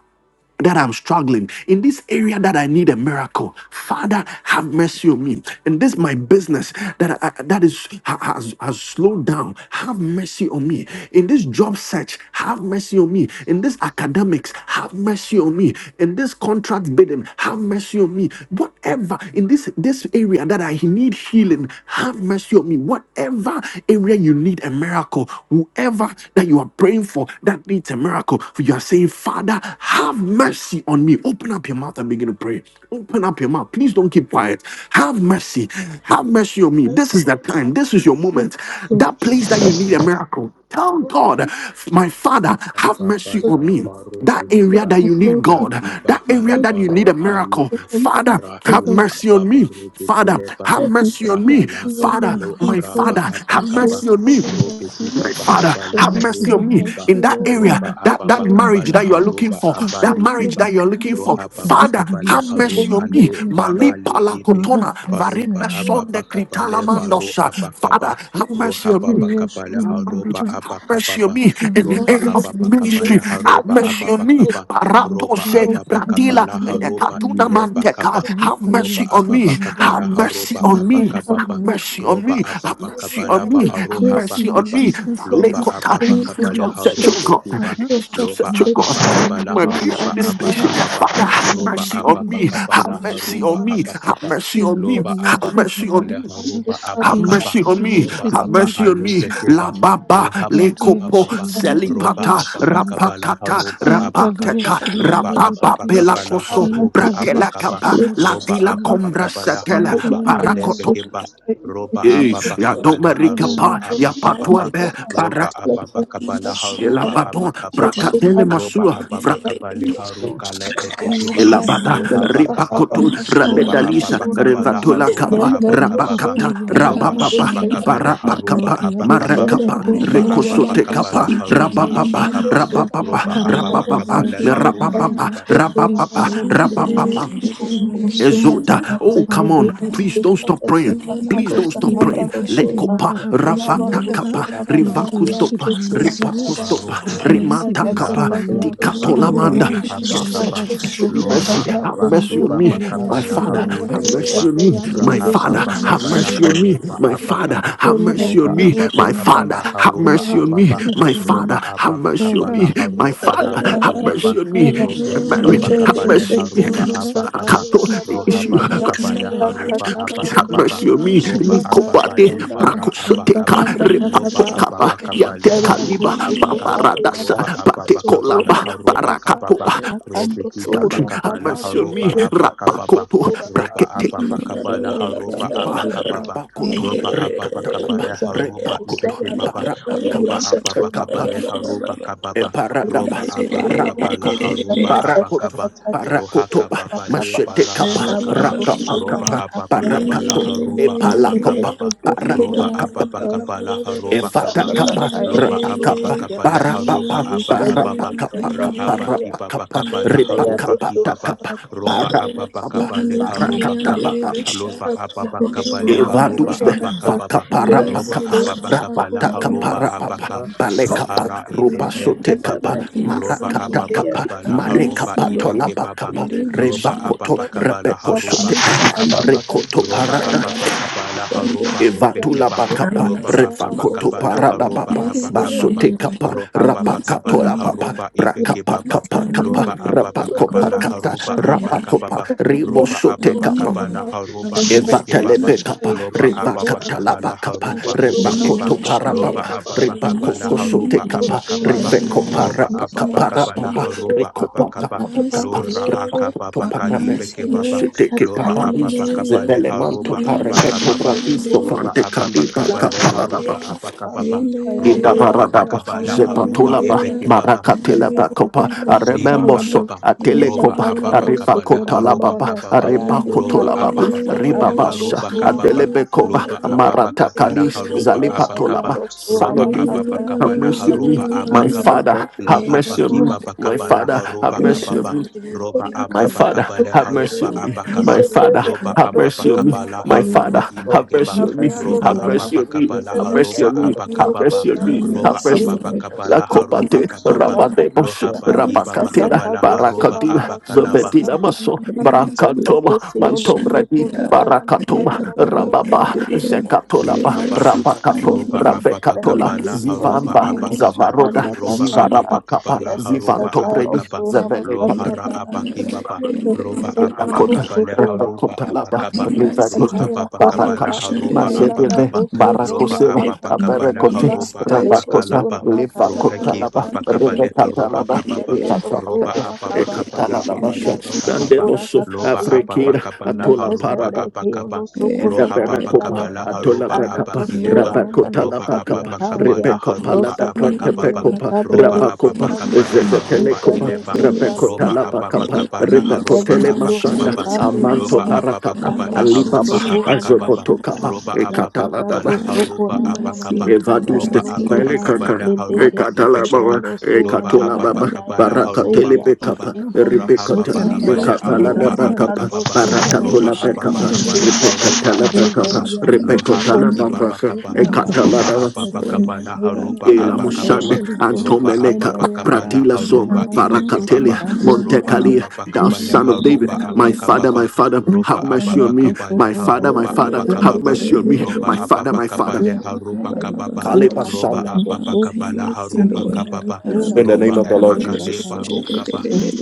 S1: that I'm struggling, in this area that I need a miracle. Father, have mercy on me. In this my business that I, that is ha- has, has slowed down, have mercy on me. In this job search, have mercy on me. In this academics, have mercy on me. In this contract bidding, have mercy on me. Whatever in this this area that I need healing, have mercy on me. Whatever area you need a miracle, whoever that you are praying for that needs a miracle, for you are saying, Father, have mercy on me. Open up your mouth and begin to pray. Open up your mouth. Please don't keep quiet. Have mercy. Have mercy on me. This is the time. This is your moment.
S5: So
S1: That place that you need a miracle. Tell God, my Father, have mercy on
S4: Kababala
S1: me. That
S4: Barodu Kiba
S1: area that you need
S4: la
S1: God,
S4: kipa
S1: that area that you need
S4: palabaru
S1: a miracle.
S4: aibe
S1: Father, have
S4: rahila
S1: mercy on me.
S4: babaru
S1: Father,
S4: bikeleba
S1: have mercy on me.
S4: rahala
S1: Father,
S4: babalo
S1: my
S4: araba
S1: Father,
S2: yandere
S1: have
S2: yashiri
S4: abakaba
S1: mercy on me.
S2: mantara
S4: robe kipa
S1: My father,
S4: pakabala
S1: have
S2: Bless you
S1: mercy
S4: harobe
S1: on me
S2: in
S4: kiba
S1: in that
S2: Jesus
S1: area,
S2: name
S4: roba
S1: that, that
S4: ababa
S2: Ipa
S1: marriage
S4: kabala
S1: that you are
S2: yandara
S1: looking
S4: haroba
S1: for, that
S2: bashiri
S4: abali
S1: marriage
S4: kiba
S2: mandere
S1: that you are
S2: be
S1: looking for.
S4: roha baba
S1: Father,
S2: yandere
S4: kabala
S1: have
S2: yashiri
S4: haru
S1: mercy on
S2: mandere
S1: me.
S4: ale
S2: beri
S1: Malipa
S4: barale
S1: la
S2: Lord
S4: ibe
S1: kotona,
S2: have mercy
S4: baroba
S2: on
S1: varipe
S2: me
S1: son
S4: ababa
S1: de kritala
S4: kabale
S2: Jesus
S4: baru
S1: mandosa.
S2: name
S4: abakaba
S1: Father, have
S4: roha
S1: mercy on
S2: beri
S1: me.
S4: baba kabala
S2: yashiri
S4: haroba
S2: mandara
S1: Have mercy on
S4: abakababa
S1: me
S2: Mercy
S1: in the
S2: in
S4: roba
S1: area of
S2: Jesus'
S4: ababa kabala
S1: ministry. Have
S4: haroba
S1: mercy on me.
S4: abakaba
S1: Parato
S4: roba
S1: se Mante
S4: ababa
S1: Bradila
S4: kabala haroba
S1: Kaduna
S4: ile
S1: Manteka.
S4: bakaba
S1: Have
S4: roba
S1: mercy on
S4: ababa
S1: me. Have
S4: kabala
S1: mercy
S4: haroba
S1: on me. Have
S4: abakababa
S1: mercy on
S4: roba
S1: me. Have
S4: ababa
S1: mercy
S4: kabala
S1: on
S4: ba
S1: me. Have
S4: aroha
S1: mercy on
S4: bakiba
S1: me.
S2: name.
S4: loba ababa
S1: Lekota. This is
S4: kabale
S1: John
S2: Evaluation,
S1: Central
S4: harode
S1: God.
S4: kiba
S1: It
S2: Baba.
S1: is is John
S4: loba
S2: In
S1: Central God.
S4: ababa
S1: It
S2: Papalian,
S1: is
S4: kabala
S2: the
S1: my prayer
S2: Rebishi
S1: in
S4: haroba
S1: this
S2: and Dara.
S1: station.
S4: abakababa
S1: Father, have
S4: roba
S1: mercy
S2: Evaluation,
S1: on
S4: ababa
S1: me.
S2: Mandara
S4: kabala
S1: Have mercy
S2: Bashidi
S4: haroba
S1: on me.
S2: Mandara.
S1: Have
S4: abakaba
S1: mercy on me.
S4: loba
S1: Have
S4: ababa
S2: Evaluation,
S1: mercy
S4: kabale
S1: on me.
S2: Mandara.
S4: haroba
S1: Have
S4: abakaba
S1: mercy on me.
S4: roba
S2: Evaluation,
S1: Have mercy on
S4: abahali
S1: me.
S2: Mandara.
S1: La
S4: bekeba
S1: baba
S4: roha
S2: Lord, yes,
S1: lekopo
S4: bakababa
S2: she
S4: roba
S1: selipata
S4: ababa
S2: demanded,
S4: kabala
S1: rapakata
S4: haroba abaka
S1: rapateka
S2: Impaliashiri
S4: Loba apa
S1: rapapa
S2: mandelibariya,
S4: pakapa laha
S1: pelakoso
S4: roba apa kaba.
S2: impaliashiri
S1: bratelakapa
S4: Roba
S1: latila
S2: mandariyanda,
S4: apa
S1: combra
S4: pakapa laha
S1: setela
S4: roba ale
S2: injaliyanda,
S1: parakoto.
S4: bekeba. Roba
S1: Hey,
S4: apa
S1: ya
S4: pakapa leha
S1: domerika
S4: roba
S1: pa ya
S4: apa
S1: patua
S4: kababa.
S1: be parak.
S4: Roba apa pakapa laha
S3: patient,
S1: La
S4: roba
S1: baton
S4: apa
S3: mercy,
S4: kababa.
S3: tell me,
S1: brakatele
S4: Roba apa
S1: masua
S4: pakapa leha ruka le
S3: God,
S4: ebekeba.
S2: libriyashiri
S1: Elabada,
S4: Loha
S2: mandaraba,
S4: bakababa.
S1: Ripakoto,
S4: Roba apa
S1: Rabedalisha,
S2: impaliyashiri
S4: pakapa laha
S1: Revatola
S2: mandoliyanta,
S4: roba
S1: Kappa,
S4: apa kababa.
S1: Rabakata,
S4: Loba
S2: impapaliyandaraba
S4: apa
S3: mercy,
S1: Rabababa,
S3: Lord,
S2: shiyandara,
S4: pakapa leha roba
S1: Barapakapa,
S4: apa kaba.
S1: Marakapa,
S2: loriyabariyashiri
S4: Roba apa
S2: mandelibi,
S1: Rekosote
S4: pakapa
S3: Thank
S1: Kappa,
S4: laha roba apa
S1: Rabababa,
S2: injaliyashiri
S4: kaba.
S2: manda,
S1: Rabababa,
S4: Roba ababa kaba
S1: Rabababa,
S4: leha
S2: hariyabariyashiri
S4: roba
S2: mandara,
S1: Rabababa,
S4: kiba
S1: Rabababa, Rabababa,
S2: impapaliyandaraba shiri mandi,
S1: Ezota. Oh, come on. Please
S2: paliyandelibiri.
S1: don't stop praying. Please don't stop praying.
S2: Inderebe shiri
S1: Lekopa
S2: mandara bashi
S1: ravata
S2: andara.
S1: kapa
S2: Lord, ya shiri
S1: rivakustopa
S2: manderebe.
S4: Baru
S1: ripakostopa
S2: Lord,
S4: Abba,
S2: mercy,
S1: remata
S2: mercy,
S1: kapa
S2: O
S4: Lapa
S2: Lord.
S5: Satariano
S4: Ibaba Kaba
S5: Sukura
S1: dikatolamanda.
S2: Handerebe shi
S4: Ruhaba
S1: Just
S2: andara
S4: Kaba,
S1: search, show
S5: Lakosu
S2: bashi
S1: me
S2: mandara.
S4: Lora
S1: mercy.
S5: Katabra
S1: Have
S4: Abba
S2: In
S1: mercy on
S5: Kosura
S4: Ibaba
S1: me,
S2: papali ya
S5: Bakaya
S4: Kaba
S1: my
S2: shiri
S1: father.
S5: Ebra
S4: Laharu
S2: mandere.
S4: de
S1: Have mercy
S4: Kiba,
S1: on me,
S5: Kabriano
S2: Mitali
S1: my
S2: ya
S4: Rahaba
S1: father.
S2: shiri
S5: Sukura
S1: Have
S4: Bakaba
S5: Bakaya
S2: mitali
S1: mercy on
S2: andara.
S1: me,
S4: Laharuba
S1: my
S4: Abba
S1: father.
S4: Kaba,
S1: Have
S5: mama
S1: mercy
S2: Yavari
S4: Roba
S1: on
S2: ya
S1: me,
S4: Abba
S2: shiri
S1: my
S4: Bakaba
S2: mandere.
S1: father. Have
S2: Lord,
S4: Laharuba
S1: mercy
S2: have
S1: on me,
S4: Ababa,
S2: mercy
S1: my
S2: upon
S4: Roba
S1: father.
S2: me.
S4: Abba
S1: Have mercy
S2: Lord,
S4: Bakaba
S1: on
S2: have
S1: me, my
S4: Laharu
S2: mercy.
S1: father.
S4: Alaba
S1: Have
S4: Kibaba,
S1: mercy on me
S4: Robe
S2: Shiri
S1: my marriage.
S4: Kibaba
S2: manderebe
S1: Have
S4: Kaba
S2: shiri
S1: mercy on me.
S2: mitali
S4: Leharuba
S2: andara.
S4: Abba
S1: I
S4: Kaba,
S1: can't know
S2: In
S1: the
S2: papali
S1: issue
S4: Rohaba
S2: ya shiri
S4: Bakaba
S1: concerning
S2: mandara ba.
S1: marriage.
S4: Leharuba Abba
S1: Please
S2: In
S1: have
S4: Kababa,
S1: mercy
S2: papali
S1: on
S2: ya
S1: me.
S2: shiri
S4: Roba Abba
S2: mandara.
S1: Nikobade,
S2: Lord,
S4: Balibara
S2: have
S4: Abba
S1: Prakosoteka,
S4: roba
S1: Repato
S5: sura,
S1: kaba,
S4: ababa kabale
S2: mercy.
S1: Yanteka kaliba,
S4: haroba abaka
S1: Pavaradasa,
S4: roba ababa kabala
S1: Patekolaba,
S4: haroba
S1: Parakapo.
S4: kababa robe
S1: This
S4: kibaba
S1: country, have
S4: kabala
S1: mercy on
S4: haroba
S1: me.
S4: abaka baba
S1: Rapakoto,
S4: roba
S1: Brakete,
S4: ababa kabala haroba
S1: Zipa,
S4: abaka baba
S1: Rabakoto,
S4: roba ababa
S1: Rekatalaba,
S4: kabale haroba
S1: Repakoto,
S4: ibeke baba roba
S1: Parapakapa,
S4: ababa kabale
S1: Rakapa.
S4: haroba kababa
S1: Eparadaba,
S4: roba ababa kabala
S1: Parapacopa,
S4: haroba
S1: Paracoto,
S4: abakaba roha
S1: Paracotopa,
S4: kababa le
S1: Machete
S4: bara
S1: Capa,
S4: abakaba roba
S1: Racapacapa,
S4: ababa kabala
S1: Paracato,
S4: haroba
S1: Epalacopa,
S4: abakababa roba
S1: Parapacapa,
S4: ababa kabala haroba
S1: Efata
S4: kababa
S1: Capa,
S4: loba ababa
S1: Ratacapa,
S4: kabala haroba
S1: Parapapa,
S4: aba kababa
S1: Parapacapa,
S4: rahaba kibaba
S1: Parapacapa,
S4: kabala haroba
S3: you.
S1: Ripacapa,
S4: kibaba
S1: Tacapa,
S4: roba ababa
S3: Bless you,
S1: Parapapa,
S4: kabale
S3: Lord. Have mercy,
S4: haroba kaba
S1: Paracatala,
S4: loba
S3: Lord.
S4: ababa
S3: Lord.
S4: kabale haroba
S1: Evaduste
S4: aba kababa
S3: Have
S4: roba
S3: mercy,
S1: fakaparapakapa
S3: Lord.
S4: ababa kabala
S3: Have
S4: haroba
S1: rapatakaparapapa
S4: abaka
S1: palekapa
S4: lohara
S1: rupa
S4: idebe
S1: sote
S4: kebaba
S1: kapa
S4: roba
S1: marakata
S4: ababa
S1: kapa
S4: kabala haroba
S3: mercy,
S1: marekapa,
S3: Lord.
S4: ibeke
S1: marakatakapa
S4: baba
S1: kapa,
S3: And in my
S4: loba
S1: revakoto
S4: ababa
S3: shandere,
S4: kabala haroba aba
S3: mercy,
S1: repekosotekapa
S3: Father.
S4: kababa
S3: I
S1: rekoto
S4: roba
S3: bless
S1: parada
S4: apa
S3: da da
S4: pakapala
S3: shande.
S4: haroba
S1: Evatula
S4: obekeba
S3: Have
S1: bakapa
S4: loba
S3: mercy,
S4: apa
S3: Jesus.
S1: refakoto
S4: pakapala
S1: parada
S4: haroba
S1: papa
S3: Bless
S4: apa
S3: your
S4: kababa
S3: name,
S1: basote
S3: Lord.
S1: kapa
S4: ro
S3: I
S4: apa
S3: bless your
S1: rapakato
S4: pakapala
S1: la
S3: name,
S1: papa
S3: Lord.
S4: haroba
S3: I
S1: brakapa
S4: ibekebaba
S3: bless
S1: kapa
S3: your name,
S1: kapa
S4: loba
S3: Lord.
S4: apa
S1: rapakopa
S4: pakapala
S3: Never
S1: kata
S4: haroba apa
S3: shine
S1: rapakopa
S3: I
S4: roba
S3: bless
S4: apa
S3: your
S1: ribosote
S3: name,
S4: pakapala
S3: Lord. Have
S4: haroba
S3: mercy,
S4: ibekebaba
S1: Evatelepe kapa,
S4: loba
S1: reva
S4: apa
S3: Rabadabra.
S4: pakapala
S1: katalava kapa,
S4: haroba
S1: reva
S4: ibekeba
S1: koto
S3: Remember shall
S4: loba
S3: I
S1: parapapa,
S4: apa
S1: reva
S3: bless
S4: pakapala
S1: koko
S3: your name,
S1: sote
S4: haroba apa
S3: Lord.
S1: kapa,
S3: That I
S1: rife
S3: never walk
S4: roba
S1: koparapa
S4: apa
S3: in the
S4: pakapala
S1: kaparapapa,
S3: shine
S4: haroba
S1: riko
S4: apa
S3: Have
S1: pantalava
S3: mercy,
S1: kapa,
S4: lora
S3: Lord.
S1: reva
S4: akaba
S1: koto
S3: Have
S1: parape.
S4: pakalibe
S3: mercy, Lord.
S1: Ashiteke
S4: Loba
S1: paradis,
S4: ababa
S3: Remember,
S4: kabale haroba
S1: zevelemanto parepe
S4: abakababa.
S1: kobradis,
S3: remember,
S4: Roba
S1: sofante
S4: ababa
S1: kaliba
S3: Thank
S4: kabale haroba abakababa. Roba
S1: Inda
S4: ababa
S1: baradaba,
S4: kabala haruba
S1: zepatulaba,
S4: ebeke baba.
S1: marakatelaba kopa,
S4: Liba
S1: arememboso,
S4: bakaba. Roba
S1: atelekopa,
S4: ababa kaba leha roba
S1: arifakotalababa,
S4: kababa. Roba
S1: aribakotolababa,
S4: ababa kaba leha
S1: ribabasa,
S4: roba kababa.
S1: adelebekoba,
S4: Loba ababa kaba la
S1: maratakalis,
S4: haruba
S3: you.
S4: abakaba.
S1: zalipatolaba, son
S4: Roba
S1: of
S3: Lord, have mercy,
S1: David.
S4: ababa
S3: Lord,
S4: kaba
S1: Have
S4: la
S1: mercy
S3: have
S1: on
S3: mercy,
S1: me,
S4: haruba
S1: my
S4: abakaba.
S3: Lord,
S1: father.
S4: La
S1: Have
S3: have mercy,
S4: haba
S1: mercy on me,
S4: kiba
S1: my
S4: bakaba
S1: father.
S3: Lord,
S4: leha
S1: Have
S4: roba
S3: have
S1: mercy on
S4: kababa.
S1: me,
S4: Roba
S1: my
S4: ababa
S1: father,
S4: kaba
S1: have
S4: leha
S1: mercy
S4: roba
S1: on me.
S4: abakaba.
S1: My father,
S4: Loba
S1: have
S4: ababa
S1: mercy on me.
S4: kaba la
S1: My father,
S4: haruba
S1: have
S4: ibekeba.
S1: mercy on me.
S4: Roba
S1: Have mercy
S4: ababa
S1: on me.
S4: kaba leha
S1: Have mercy
S4: roba
S1: on me. Have
S4: abakababa.
S1: mercy on me. Have
S4: Roba
S1: mercy on me.
S4: ababa kaba
S1: La
S4: leha roba
S1: copate,
S3: mercy,
S4: kababa.
S3: Lord,
S1: rapate, bosh,
S3: have
S4: Lohaba
S3: mercy,
S4: baba
S3: Lord,
S1: rapacatela,
S4: kabala haroba
S1: baracadila,
S4: abakalaba
S3: Mercy.
S1: zovedila maso,
S3: Rima sutu
S1: brancatoma, mantombradi,
S3: kabashandeya.
S1: baracatoma,
S3: Reba baba
S1: rababa,
S3: bandeya. Hey,
S1: zecatolaba,
S3: mercy
S4: Lihababa,
S1: rapacato,
S3: find me,
S4: Roba
S3: Lord.
S4: ababa
S3: Have
S1: ravecatola,
S4: kabala
S3: Mercy
S4: Roba
S3: find
S1: zivamba,
S3: me, Lord.
S4: Abakaba,
S1: zavaroda,
S5: Tanya
S3: Reba
S4: Roba
S3: shande.
S5: Kasamba,
S4: ababa
S1: zivarapatapa,
S4: kabala
S5: Lebe
S4: Roba
S5: Satilo
S4: Abakaba,
S5: Surama
S1: zivantobredi,
S4: Lohara
S3: river,
S5: Kasabana,
S4: Abakibaba,
S5: Lebe
S3: kandeya
S4: Roba
S5: Sebiano
S1: Rakota,
S3: badeyande.
S4: ababa Leha
S5: Sukura,
S4: Roba
S1: Rakota Laba,
S4: Abakaba,
S5: Tantaka
S3: Mercy.
S1: Rivakota,
S5: Brasakaira
S4: Rohababakaba,
S3: Reba
S4: kabala
S1: Barakat,
S5: Koseta,
S4: Roba
S3: shandeya ba.
S5: Anada
S1: Mazedeve,
S4: Abakaba,
S5: Kosu
S4: Loba
S3: Obtain
S5: Korea
S1: Barakoseva,
S3: favor in
S4: Abakaba, Laha
S1: Aparacote,
S3: your
S5: Katambianasa,
S4: Roba
S3: sight.
S5: Lebo
S1: Ravacosa,
S4: Abakalaba,
S5: Surama
S3: Reba
S1: Livakota
S5: Kabayano
S1: Laba,
S4: Rohakiba baba kabale
S3: kandeya.
S5: Satayante,
S1: Rivakata
S4: Roba
S1: Laba,
S4: Kababa,
S5: Ikeriano
S4: Roba
S1: Ekatalaba,
S5: Surama Kabaya,
S4: Abakaba, Laba
S1: Ekatalaba,
S4: Aroba
S5: Ikano
S4: Kababa,
S5: Sukura
S1: Nandeboso,
S4: Loba
S5: Katambiana,
S4: ababa
S1: Afrikira,
S5: and
S4: kabala
S5: the
S4: Roba
S1: Atola
S5: Kesebre
S4: Abakaba,
S5: Keono
S1: Eda
S5: Sukura
S4: roha papa
S1: berakopa,
S4: kapala
S5: Kabrianaka,
S1: atola
S4: haruba
S5: and the
S4: apa
S1: bakapa,
S4: kileba
S5: Kosura
S3: Reba
S5: Mamano
S1: rabakota la
S4: roba apa
S1: Atolabakapa, Rabakotalabakapa,
S4: papa kapala
S5: Sabia
S3: Lord,
S1: Rebekopala
S4: haruba
S1: da
S4: apa
S3: see
S5: Rosata Cambria
S4: kapapa
S3: mercy.
S1: Cretepecopa,
S5: Catabria
S4: roba
S3: Lord,
S4: apa
S5: Rosu
S4: papa
S1: Rabacopa,
S3: see
S5: Cambria
S4: kapala
S3: mercy.
S4: haruba
S5: Nintendo
S3: Lord,
S4: ileba
S3: see
S5: Cambria
S4: roba
S3: mercy.
S1: la
S5: Nosura
S4: apa papa
S1: bakapa,
S5: Amaka
S4: kapala haruba
S1: Rebekotele
S4: apa
S5: Enemeno
S1: Mashanda,
S3: Lord,
S4: kapapa
S3: see
S5: Sutabria
S1: Amanto
S4: loba
S5: Kama
S3: mercy.
S4: apa papa
S1: Parakapa,
S3: Lord,
S4: kapala
S5: Amra
S1: Alibaba,
S4: haruba
S5: Koso
S4: apa
S5: Kura
S4: kapapa
S1: azoboto
S5: Mamakata
S1: kapa,
S4: roba
S5: La
S4: apa papa
S5: Tabra
S1: Azobotokapa,
S4: kapala
S5: Koso
S4: haruba
S5: Kura
S4: apa kapa
S3: mercy.
S5: Mamamandi
S3: Lord,
S5: Cambria
S4: roba
S1: Evaduste,
S3: see
S4: apa papa
S5: Nosuka
S3: mercy.
S1: Melekaka,
S4: kapala
S5: Lindi
S4: haruba
S1: Ekatala
S5: Kiseteta
S4: ipekeba
S1: Baba,
S5: Nosura
S4: loba
S1: Ekatola
S5: Mama
S4: apa papa
S1: Baba,
S4: kapala
S5: Kodayanda
S4: haruba
S1: Barakatele
S5: Sabia
S4: kapapa
S1: Bekapa,
S2: Araba
S5: Ikono
S4: raha
S1: Ribekata,
S4: papa
S5: Sukura
S2: intelligence
S5: Mama
S4: kapala
S1: Rekapala da
S4: aruba
S2: indaraba
S4: apa
S1: Bakapa,
S5: Latakando
S4: kapapa
S2: indaraba
S5: Sura
S4: roba
S1: Barakatola
S5: Yanda
S1: Bekapa,
S2: indara
S4: apapakaba la
S5: Ikono
S4: haroba
S1: Ribekatala
S5: Sabri
S1: Bekapa,
S4: apakaba
S2: intelligence
S5: Korianda
S4: loha
S1: Ribekotala
S2: intelligence
S5: Onda
S1: Bakasa,
S5: Kasi
S4: pakibabakaba
S3: Lord,
S5: Cambria
S3: see
S1: Ekatala
S4: roba
S1: Dava,
S3: mercy.
S2: intelligence
S5: Thank
S4: apapakaba la
S3: Lord,
S4: haroba
S1: Elamusande,
S4: apakababa
S2: intelligence
S3: Lord,
S4: roba
S1: Antomeleka.
S4: apapakaba la
S1: Pratila
S3: Angels
S1: Som,
S2: indara
S4: haroba
S3: of the
S1: Farakatelia,
S4: ipekebaba roba
S1: Montecali, thou
S4: apapakaba le
S1: son of David,
S4: haroba
S1: my father,
S4: apakababa
S1: my father,
S4: roba
S1: have mercy on me,
S4: apapakaba le
S1: my father, my
S4: haroba
S1: father, have
S4: apakababa
S1: mercy on me,
S4: roba
S1: my father, my
S4: apapakaba
S1: father.
S4: le haroba kababa roba
S1: Kalebasanda,
S4: apapakaba la
S2: intelligence
S4: haroba kababa
S2: indaraba
S1: In the
S4: roba
S1: name of the Lord Jesus.
S4: epakaleba
S2: intelligence
S4: rokaba
S2: name name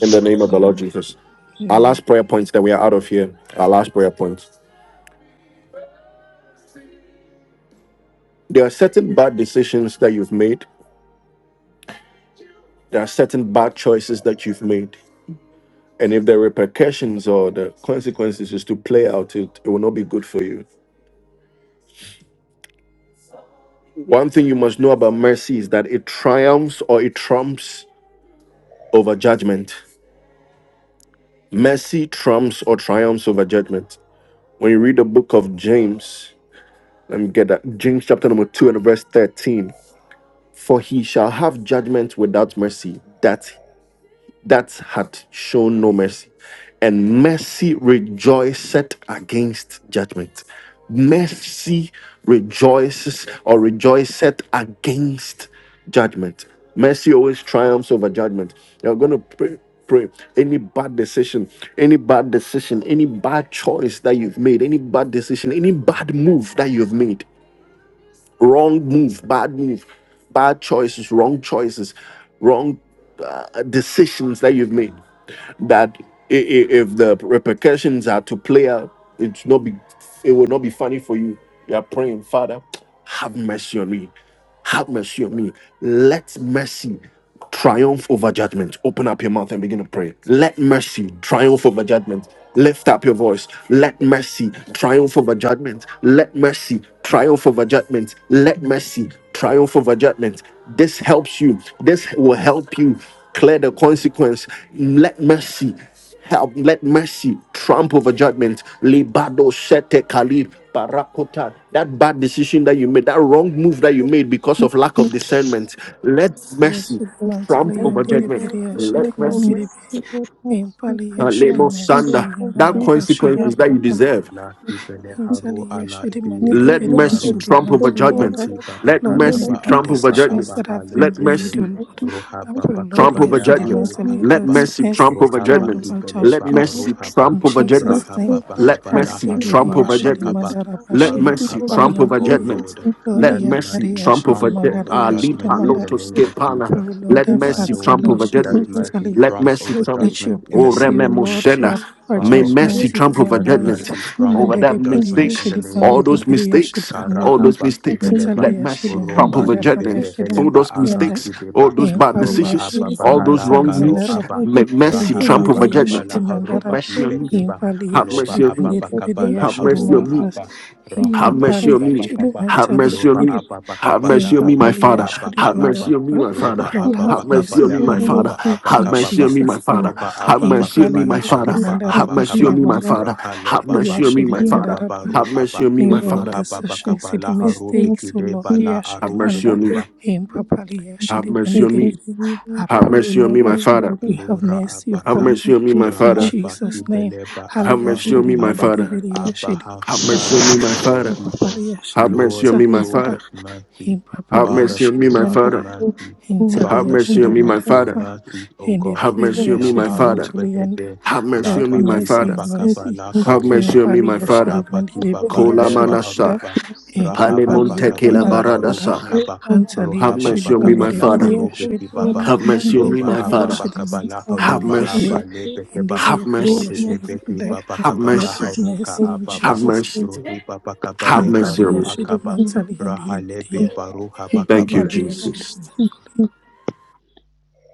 S1: In the name of the Lord
S2: name
S1: Jesus. Our
S2: Amen, Amen.
S1: last prayer point that we are out of here. Our last prayer point. There are certain bad decisions that you've made. There are certain bad choices that you've made. And if the repercussions or the consequences is to play out, it, it will not be good for you. One thing you must know about mercy is that it triumphs or it trumps over judgment. Mercy trumps or triumphs over judgment. When you read the book of James, let me get that. James chapter number 2 and verse 13. for he shall have judgment without mercy that that had shown no mercy and mercy rejoiceth against judgment mercy rejoices or rejoiceth against judgment mercy always triumphs over judgment you're going to pray pray any bad decision any bad decision any bad choice that you've made any bad decision any bad move that you've made wrong move, bad move, bad choices, wrong choices, wrong uh, decisions that you've made that i- i- if the repercussions are to play out, it's not be it will not be funny for you. You are praying, Father, have mercy on me. Have mercy on me. Let mercy triumph over judgment. Open up your mouth and begin to pray. Let mercy triumph over judgment. Lift up your voice. Let mercy triumph over judgment. Let mercy triumph over judgment. Let mercy triumph over judgment. This helps you. This will help you clear the consequence. Let mercy help. Let mercy trump over judgment. Libado sete kalib barakota. That bad decision that you made, that wrong move that you made because of lack of discernment. Let
S2: yes
S1: mercy
S2: intelligence
S1: trump over
S2: indara
S1: judgment. Let mercy.
S2: intelligence impali yes
S1: Kalemo
S2: intelligence
S1: sanda. That
S2: indaraba
S1: consequences that you deserve.
S4: la kipele
S2: Mentally,
S4: haru
S2: yes,
S4: ala
S2: she demanded a
S4: bile
S1: Let
S2: bit,
S4: e
S2: yes,
S1: mercy
S2: she
S4: barudi
S1: trump over
S2: mentally, and
S1: judgment.
S2: uh,
S4: baki baba
S1: Let
S2: Lord, any
S4: kalaba
S1: mercy
S2: bad
S1: trump over
S4: aruba
S2: decisions
S4: aba
S1: judgment.
S2: that have
S4: hali
S2: been
S1: Let
S2: made,
S4: bede
S2: oh
S1: mercy.
S2: Lord,
S4: roha
S2: I pray,
S4: baba
S2: Lord,
S1: Trump
S2: yes,
S1: over
S4: kabala
S2: she
S1: judgments.
S4: aruha
S2: mentally,
S1: Let
S4: kaba
S2: let's
S1: mercy
S2: mercy,
S1: trump over
S4: roha
S2: strongly,
S1: judgments.
S4: baki
S2: my
S4: bele
S1: Let
S4: ba
S2: judgment.
S1: mercy
S4: aruha ba
S2: In
S1: trump over
S2: Jesus'
S1: judgments.
S4: raha
S2: name,
S4: baba
S1: Let
S2: and
S4: kabala
S1: mercy
S2: it be the
S4: haruba
S1: trump
S2: yes,
S1: over
S4: aba
S2: she
S4: kaba
S1: judgments.
S2: demanded a
S1: Let
S2: bashir
S4: baruha
S1: mercy
S4: ba
S2: properly,
S1: trump
S2: and
S1: over
S4: O
S2: it
S1: judgments.
S4: Lord,
S2: Lord,
S1: Let
S4: let
S2: yeah, but
S1: mercy
S4: mercy
S2: yes,
S1: trump
S2: she
S1: over
S4: trump
S1: de-
S2: demanded,
S4: over
S1: uh,
S2: yes, she
S4: judgment
S1: lipa
S4: in
S2: demanded,
S4: the
S1: lotus
S4: name of
S2: I
S4: Jesus.
S1: kepana.
S2: pray, Lord,
S1: Let
S2: our
S4: My
S1: mercy
S2: Father, oh
S4: Lord,
S1: trump
S2: Lord,
S1: over
S2: she
S4: let
S1: judgments.
S4: mercy
S2: demanded.
S1: Let
S4: trump
S1: mercy
S4: over
S1: trump.
S2: Let your
S4: judgment in the
S1: Oh,
S2: mercy,
S4: name
S2: O
S4: of
S2: Lord,
S4: Jesus.
S2: drop
S1: remember
S2: our
S4: Father
S1: May
S4: of
S1: mercy
S2: judgment
S4: heaven,
S2: in
S1: trample
S2: my
S1: over
S4: let
S2: life.
S1: judgment,
S4: mercy trump
S2: And
S1: over
S4: over
S1: that
S2: Handedebedi,
S4: judgment in
S1: mistakes,
S4: the
S2: yeshedi,
S4: name of
S1: all those
S4: Jesus.
S2: pandedebedi, yeshedi,
S1: mistakes,
S2: pandere,
S1: all
S4: Karaha
S1: those
S4: baki
S1: mistakes.
S4: beleba,
S2: intali,
S1: Let mercy
S2: yeshedi,
S1: trample
S4: oroba
S1: over
S2: mandere,
S4: ibe
S2: bada,
S1: judgment,
S2: yeshedi,
S1: all
S4: beheleba
S1: those
S2: manduli, yanda,
S1: mistakes,
S4: araki deba,
S1: all those bad
S2: impali,
S4: loba
S1: decisions,
S4: aba
S2: yeshedi,
S1: all those
S4: bahala
S1: wrong
S4: karo
S2: mandatali,
S1: moves.
S4: aba,
S1: May mercy
S4: raha
S1: trample
S2: Indidibidi
S4: baba
S1: over judgment.
S2: yashiri
S4: kabala
S1: Have
S2: mandara
S4: haruba
S1: mercy
S4: ibe
S1: on me.
S4: kiba,
S2: impali
S1: Have
S4: loba
S2: yashiri
S1: mercy on
S4: aba
S1: me.
S2: mandidibidi
S4: bakabala
S1: Have
S2: yashiri
S1: mercy
S4: haruba
S1: on me.
S2: mantas
S4: aba, raha
S1: Have mercy
S2: impapali
S4: baki
S1: on
S4: baba
S1: me.
S2: yashiri
S4: kaba,
S1: Have
S2: mantali
S1: mercy
S4: loba
S1: on me.
S2: indiribi
S4: aba
S1: Have
S4: bakabala
S1: mercy on me, my
S2: impapali
S4: haruba
S1: father.
S4: aba
S2: yashiri
S1: Have
S4: kalaba,
S1: mercy on
S2: mandaraba.
S1: me, my
S4: roba
S1: father.
S2: Lord
S4: apa
S2: have
S1: Have
S4: pakapa
S1: mercy
S2: mercy
S1: on me,
S4: leha
S2: upon
S1: my
S2: me
S4: roba
S1: father.
S4: apa
S1: Have
S2: in
S1: mercy
S4: kababa
S1: on me,
S2: Jesus
S1: my
S2: name.
S1: father.
S4: roba
S1: Have
S4: apa
S1: mercy on
S2: Impali
S1: me,
S4: pakapa
S1: my
S4: leha
S2: yashiri
S1: father.
S4: roba
S1: Have
S4: apa
S2: mandaraba
S1: mercy
S2: shiri
S1: on
S4: kaba
S1: me, my
S2: mandara
S1: father.
S4: raha le
S1: Have
S4: baba
S1: mercy on me,
S2: yashiri
S1: my
S4: kibele
S1: father.
S4: baba
S2: mandaraba.
S4: ru
S1: Have mercy
S4: aba
S1: on me,
S2: Any
S1: my
S2: wrong
S1: father.
S4: roha baba
S2: decisions,
S4: kaba
S2: any
S4: laha ru
S2: mistakes, oh
S4: bikide
S2: Lord,
S4: bala
S1: Have
S2: yashiri
S4: aru de
S1: mercy on
S2: mandara
S1: me.
S2: impapali
S1: Have
S2: yashiri
S1: mercy on me.
S2: mandidibidi. I
S1: Have
S2: pray, O
S1: mercy on me,
S2: Lord,
S1: my
S2: that
S1: father.
S2: Lord, you have
S4: Lura
S2: mercy
S1: Have
S2: upon me.
S4: Abaka
S1: mercy on me, my
S2: In
S1: father.
S4: Rahaba
S2: Jesus' name,
S4: Kibeleba
S1: Have
S2: Hallelujah,
S1: mercy
S4: Abaru
S2: Shidi
S4: Abba
S2: Mandiri Biriya
S4: Abba
S2: Shidi
S4: have
S2: Mandaraba,
S1: on me,
S4: mercy
S1: my
S4: on your
S1: father.
S4: people.
S2: Impapaliya
S1: Have
S2: Shidi
S1: mercy
S4: Lord
S1: on me,
S2: Manzali
S1: my
S4: show
S2: Yandara,
S4: us
S1: father.
S4: mercy.
S1: Have
S4: Father
S1: mercy on me, my father. Have mercy on me,
S4: show
S1: my
S4: us
S2: Impapaliya
S1: father.
S4: mercy.
S1: Have
S2: Hintalia
S4: Father
S1: mercy on
S4: show
S1: me,
S4: us
S1: my
S4: your
S1: father.
S2: Shedimandaraba,
S4: mercies, O God.
S1: Have mercy
S2: Hindibidia
S1: on me,
S4: La
S1: my father.
S4: haruba
S2: Shedimantulianda,
S4: ebe
S1: Have
S4: la
S1: mercy on
S2: Lord
S1: me, my
S4: baki
S2: mercy,
S1: father.
S4: baba kaba
S2: mercy,
S4: la
S1: Have mercy
S4: karuba
S1: on me, my
S2: Himpalia
S1: father.
S4: rahaba ki baba
S2: Shedimandibidia
S1: Kola
S4: leba
S1: manasa.
S2: Shedimanda,
S4: aruba rahaba
S2: Himpapalia
S1: Palemonte
S4: baka
S1: kela
S4: bale
S2: Barabarada,
S4: haruba
S1: baradasa.
S4: kaba
S2: Hantalia
S1: Have
S4: rohaba
S1: mercy on
S4: baka
S1: me, my
S4: bala
S1: father.
S2: Shedimandibidia
S4: haruba
S2: Shediman,
S1: Have mercy on me,
S4: Loba
S1: my
S2: Himpalia
S4: apa
S1: father.
S4: pakabala
S1: Have
S4: haruba
S2: Shedimantalia
S1: mercy.
S4: apa lebe
S5: you.
S4: keba
S1: Have
S2: Hindidia Bidia
S1: mercy.
S4: robe ebe
S2: Shedimanda,
S4: keba
S1: Have
S2: Lord
S4: pakabala
S1: mercy.
S2: have
S4: haruka
S2: mercy in
S4: apa
S1: Have
S4: ba
S2: Jesus.
S1: mercy.
S4: rohiba
S1: Have
S4: pakabale
S1: mercy
S4: haru
S2: Himpalia
S1: on me.
S4: akaba
S2: Shedimantalia Hindibidia,
S4: rahalebe baruha
S1: Thank
S4: pakaba.
S1: you,
S2: Hampapalia
S1: Jesus.
S2: Shedimantulia.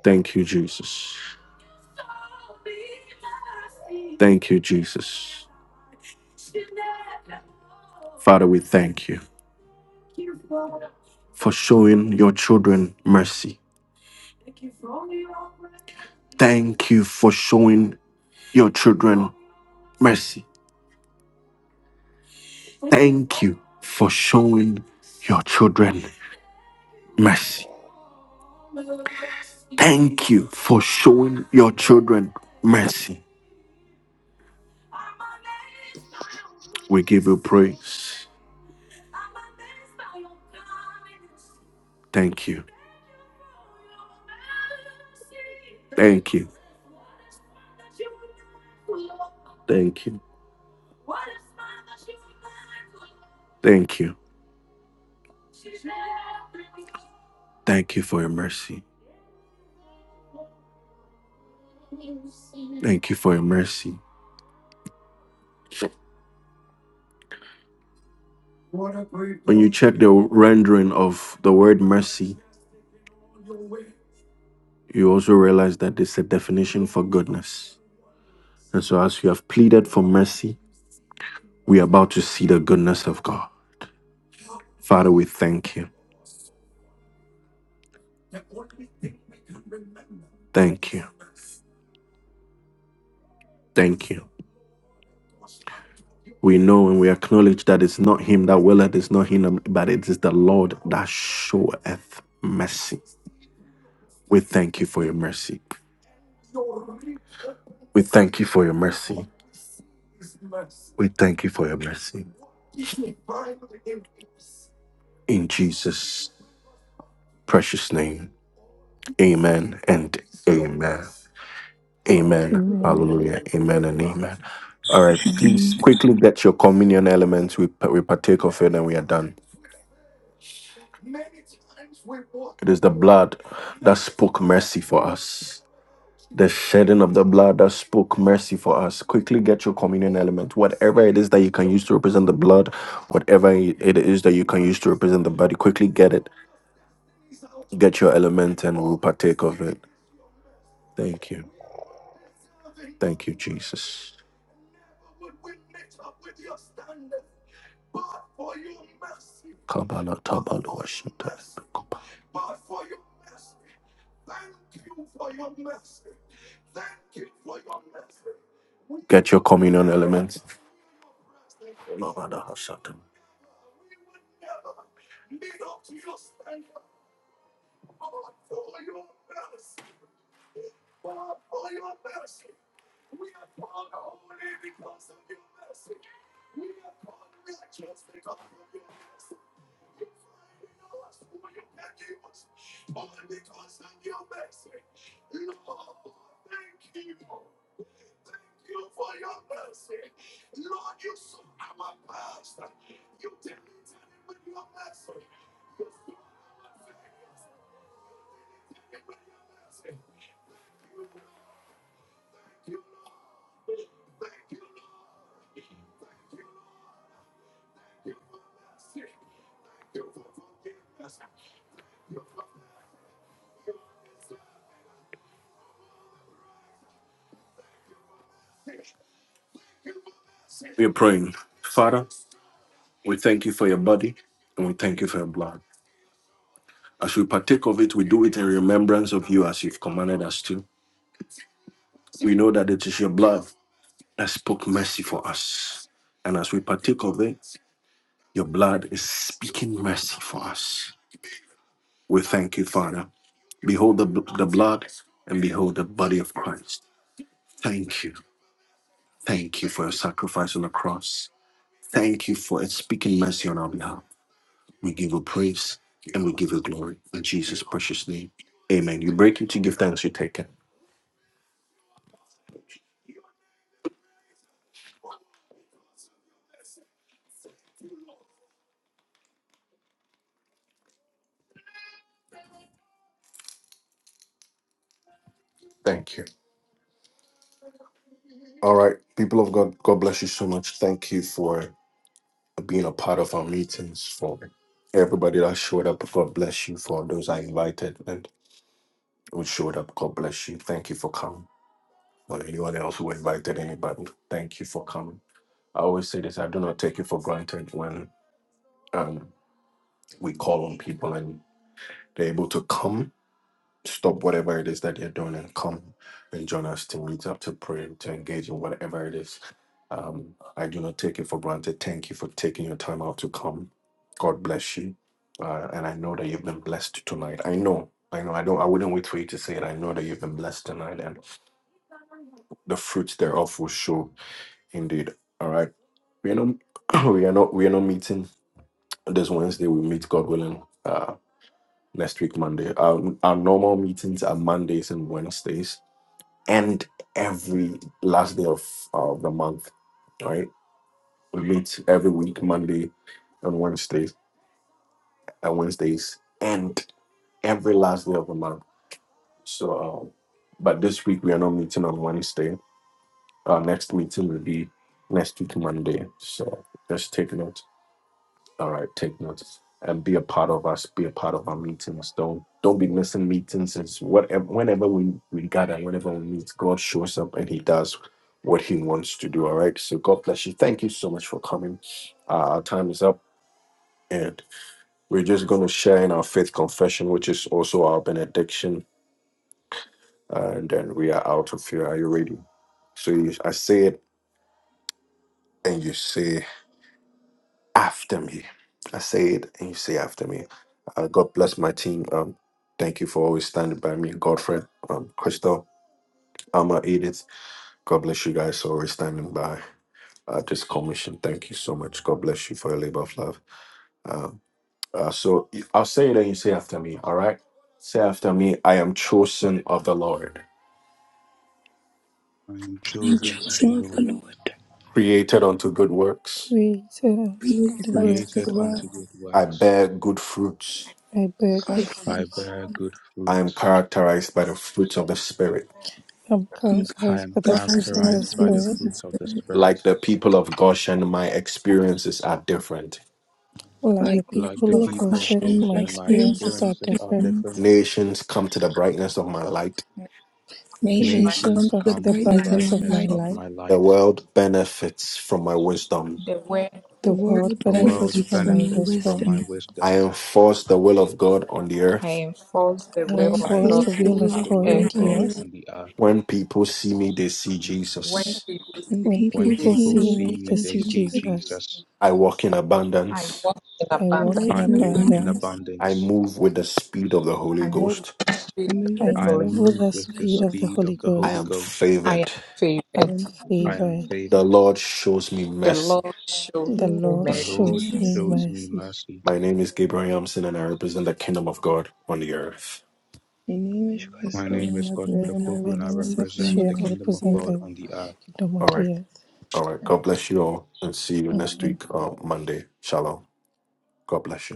S1: Thank you, Jesus. Thank you, Jesus. Father, we thank you. for showing your children mercy. Thank you for showing your children mercy. Thank you for showing your children mercy. Thank you for showing your children mercy. We give you praise. Thank you. Thank you. Thank you. Thank you. Thank you for your mercy. Thank you for your mercy. When you check the rendering of the word mercy, you also realize that it's a definition for goodness. And so, as you have pleaded for mercy, we are about to see the goodness of God. Father, we thank you. Thank you. Thank you. We know and we acknowledge that it's not Him that willeth, it's not Him, but it is the Lord that showeth mercy. We thank you for your mercy. We thank you for your mercy. We thank you for your mercy. In Jesus' precious name, amen and amen. Amen.
S2: Amen.
S6: Amen.
S1: Hallelujah. Amen and amen. All right. Please quickly get your communion elements. We, we partake of it and we are done. It is the blood that spoke mercy for us. The shedding of the blood that spoke mercy for us. Quickly get your communion element. Whatever it is that you can use to represent the blood, whatever it is that you can use to represent the body, quickly get it. Get your element and we'll partake of it. Thank you. Thank you, Jesus. Kabbalah, Tabbalah, Shanta, Get your communion elements. We are praying, Father, we thank you for your body and we thank you for your blood. As we partake of it, we do it in remembrance of you as you've commanded us to. We know that it is your blood that spoke mercy for us. And as we partake of it, your blood is speaking mercy for us. We thank you, Father. Behold the, the blood and behold the body of Christ. Thank you. Thank you for your sacrifice on the cross. Thank you for it speaking mercy on our behalf. We give you praise and we give you glory in Jesus' precious name. Amen. You break it, you give thanks, you take it. Thank you. All right, people of God, God bless you so much. Thank you for being a part of our meetings. For everybody that showed up, God bless you. For those I invited and who showed up, God bless you. Thank you for coming. For anyone else who invited anybody, thank you for coming. I always say this: I do not take it for granted when um, we call on people and they're able to come stop whatever it is that you are doing and come and join us to meet up to pray to engage in whatever it is um, i do not take it for granted thank you for taking your time out to come god bless you uh, and i know that you've been blessed tonight i know i know i don't i wouldn't wait for you to say it i know that you've been blessed tonight and the fruits thereof will show indeed all right we are not we are not we are not meeting this wednesday we meet god willing uh next week monday our, our normal meetings are mondays and wednesdays end every last day of, of the month, right? We meet every week, Monday and Wednesdays, and Wednesdays, and every last day of the month. So, um, but this week we are not meeting on Wednesday. Our next meeting will be next week, Monday. So just take note. All right, take notes and be a part of us. Be a part of our meetings. Don't don't be missing meetings. It's whatever whenever we we gather, whenever we meet, God shows up and He does what He wants to do. All right. So God bless you. Thank you so much for coming. Uh, our time is up, and we're just going to share in our faith confession, which is also our benediction, and then we are out of here. Are you ready? So you, I say it, and you say. after me. I say it and you say after me. Uh, God bless my team. Um, thank you for always standing by me, Godfred, um, Crystal, Alma, Edith. God bless you guys for always standing by uh, this commission. Thank you so much. God bless you for your labor of love. Um, uh, so I'll say it and you say after me. All right. Say after me. I am chosen of the Lord,
S4: I am chosen of the Lord,
S3: Lord,
S1: created unto good works.
S2: Praise Aaron's good
S3: praise unto
S4: created
S3: the
S2: words,
S3: word
S4: unto good
S1: I
S4: works.
S1: bear good fruits.
S2: I bear good
S3: like that.
S4: I
S2: fruits.
S4: bear good
S1: I am
S4: fruits.
S1: characterized by the fruits of the Spirit.
S2: I'm
S3: Um, God,
S4: I
S2: characterized
S4: am
S2: by the
S3: Lord, as
S2: fruits of
S3: God
S2: the
S4: characterized by the
S3: fruits
S2: Spirit.
S3: of the
S4: fruit of the
S3: Spirit,
S4: Spirit.
S1: Like the people of Goshen, my experiences are different.
S2: Like
S3: like
S2: the
S3: the
S4: Like the
S2: people
S3: people
S2: of
S3: of
S4: people of
S2: Goshen,
S3: Goshen,
S2: my
S3: like
S4: Goshen, my
S3: streams
S2: experiences
S3: of
S2: are
S4: experiences are
S2: different.
S3: difference.
S4: different.
S1: Nations come to the brightness of my light.
S2: The
S3: Nations
S2: nations
S3: come
S4: Nations
S2: come
S3: to the
S2: to
S4: come
S2: the
S4: to the
S3: brightness of
S2: brightness of
S3: my
S4: brightness
S2: my
S3: light.
S4: of
S2: light.
S4: my
S1: The
S4: light.
S1: world benefits from my wisdom.
S7: The word
S3: The
S2: The world
S7: benefits
S3: world
S4: The
S7: woman.
S2: benefits
S4: world
S3: benefits
S2: from
S3: from
S2: my
S3: your
S4: benefits from
S2: wisdom.
S4: my
S3: wisdom.
S1: I
S4: wisdom.
S1: enforce the will of God on the
S7: I
S1: earth.
S7: enforce the
S2: I
S3: I
S7: will of
S4: I
S2: enforce the
S3: enforce
S7: God
S3: the
S2: will
S3: will
S4: enforce
S2: of
S7: on
S3: of
S4: the
S7: the
S2: God
S4: will of
S2: on
S3: God
S7: earth.
S3: on
S2: the
S4: God
S3: the
S2: earth.
S3: earth,
S4: on the earth.
S1: When people see me, they see
S7: When
S1: Jesus.
S7: people see
S3: and
S7: me,
S2: When
S4: When
S3: people
S7: they
S2: people
S3: see
S7: see
S4: people
S2: see
S3: me
S4: see
S2: me, they
S4: me,
S7: Jesus.
S3: in
S4: they
S2: see
S4: see
S3: Jesus.
S2: Jesus.
S4: Jesus.
S1: I walk in
S7: I
S1: abundance.
S7: walk in
S2: I
S3: I
S2: walk
S7: abundance.
S2: in
S4: I
S3: walk in
S4: walk in
S3: abundance.
S2: abundance.
S1: I
S4: abundance.
S1: move with the speed of the Holy
S7: I move in
S1: Ghost.
S7: the
S3: I
S7: speed of
S3: move
S7: the
S2: I
S3: with the
S4: I
S7: Holy
S2: move with
S7: Ghost.
S4: move
S3: speed
S2: the
S3: of
S4: with
S3: the
S4: the
S2: speed of
S3: flesh
S2: the
S4: speed
S2: Holy
S4: of the
S1: I
S4: Holy
S2: Ghost.
S1: am
S4: Ghost.
S7: I am
S1: favored.
S7: favored.
S2: I'm
S3: and
S4: I
S3: fruit.
S4: am
S2: favored.
S1: The
S4: favored.
S1: Lord shows me
S7: The
S1: mercy.
S7: Lord shows
S3: the
S2: The
S3: Lord
S7: me
S2: Lord
S4: The
S7: mercy.
S4: Lord
S3: is
S2: shows me
S3: mercy.
S4: shows me
S2: mercy.
S4: mercy.
S1: My name is Gabriel Yamson, and I represent the kingdom of God on the earth.
S3: My name is
S4: My
S3: Crystal,
S4: name is
S3: and I,
S4: Godfrey
S2: Amen.
S4: Opoku
S3: represent
S2: My
S4: and I
S2: name is
S3: the
S2: Akushi
S4: represent
S3: kingdom of
S4: the
S2: and I
S3: God
S4: kingdom of
S3: on the
S2: represent
S3: Earth.
S4: God on
S2: the
S4: the earth.
S2: kingdom on
S1: All right.
S2: the earth.
S1: All right. God bless you all and see you next
S2: Amen.
S1: week, uh, Monday. Shalom. God bless you.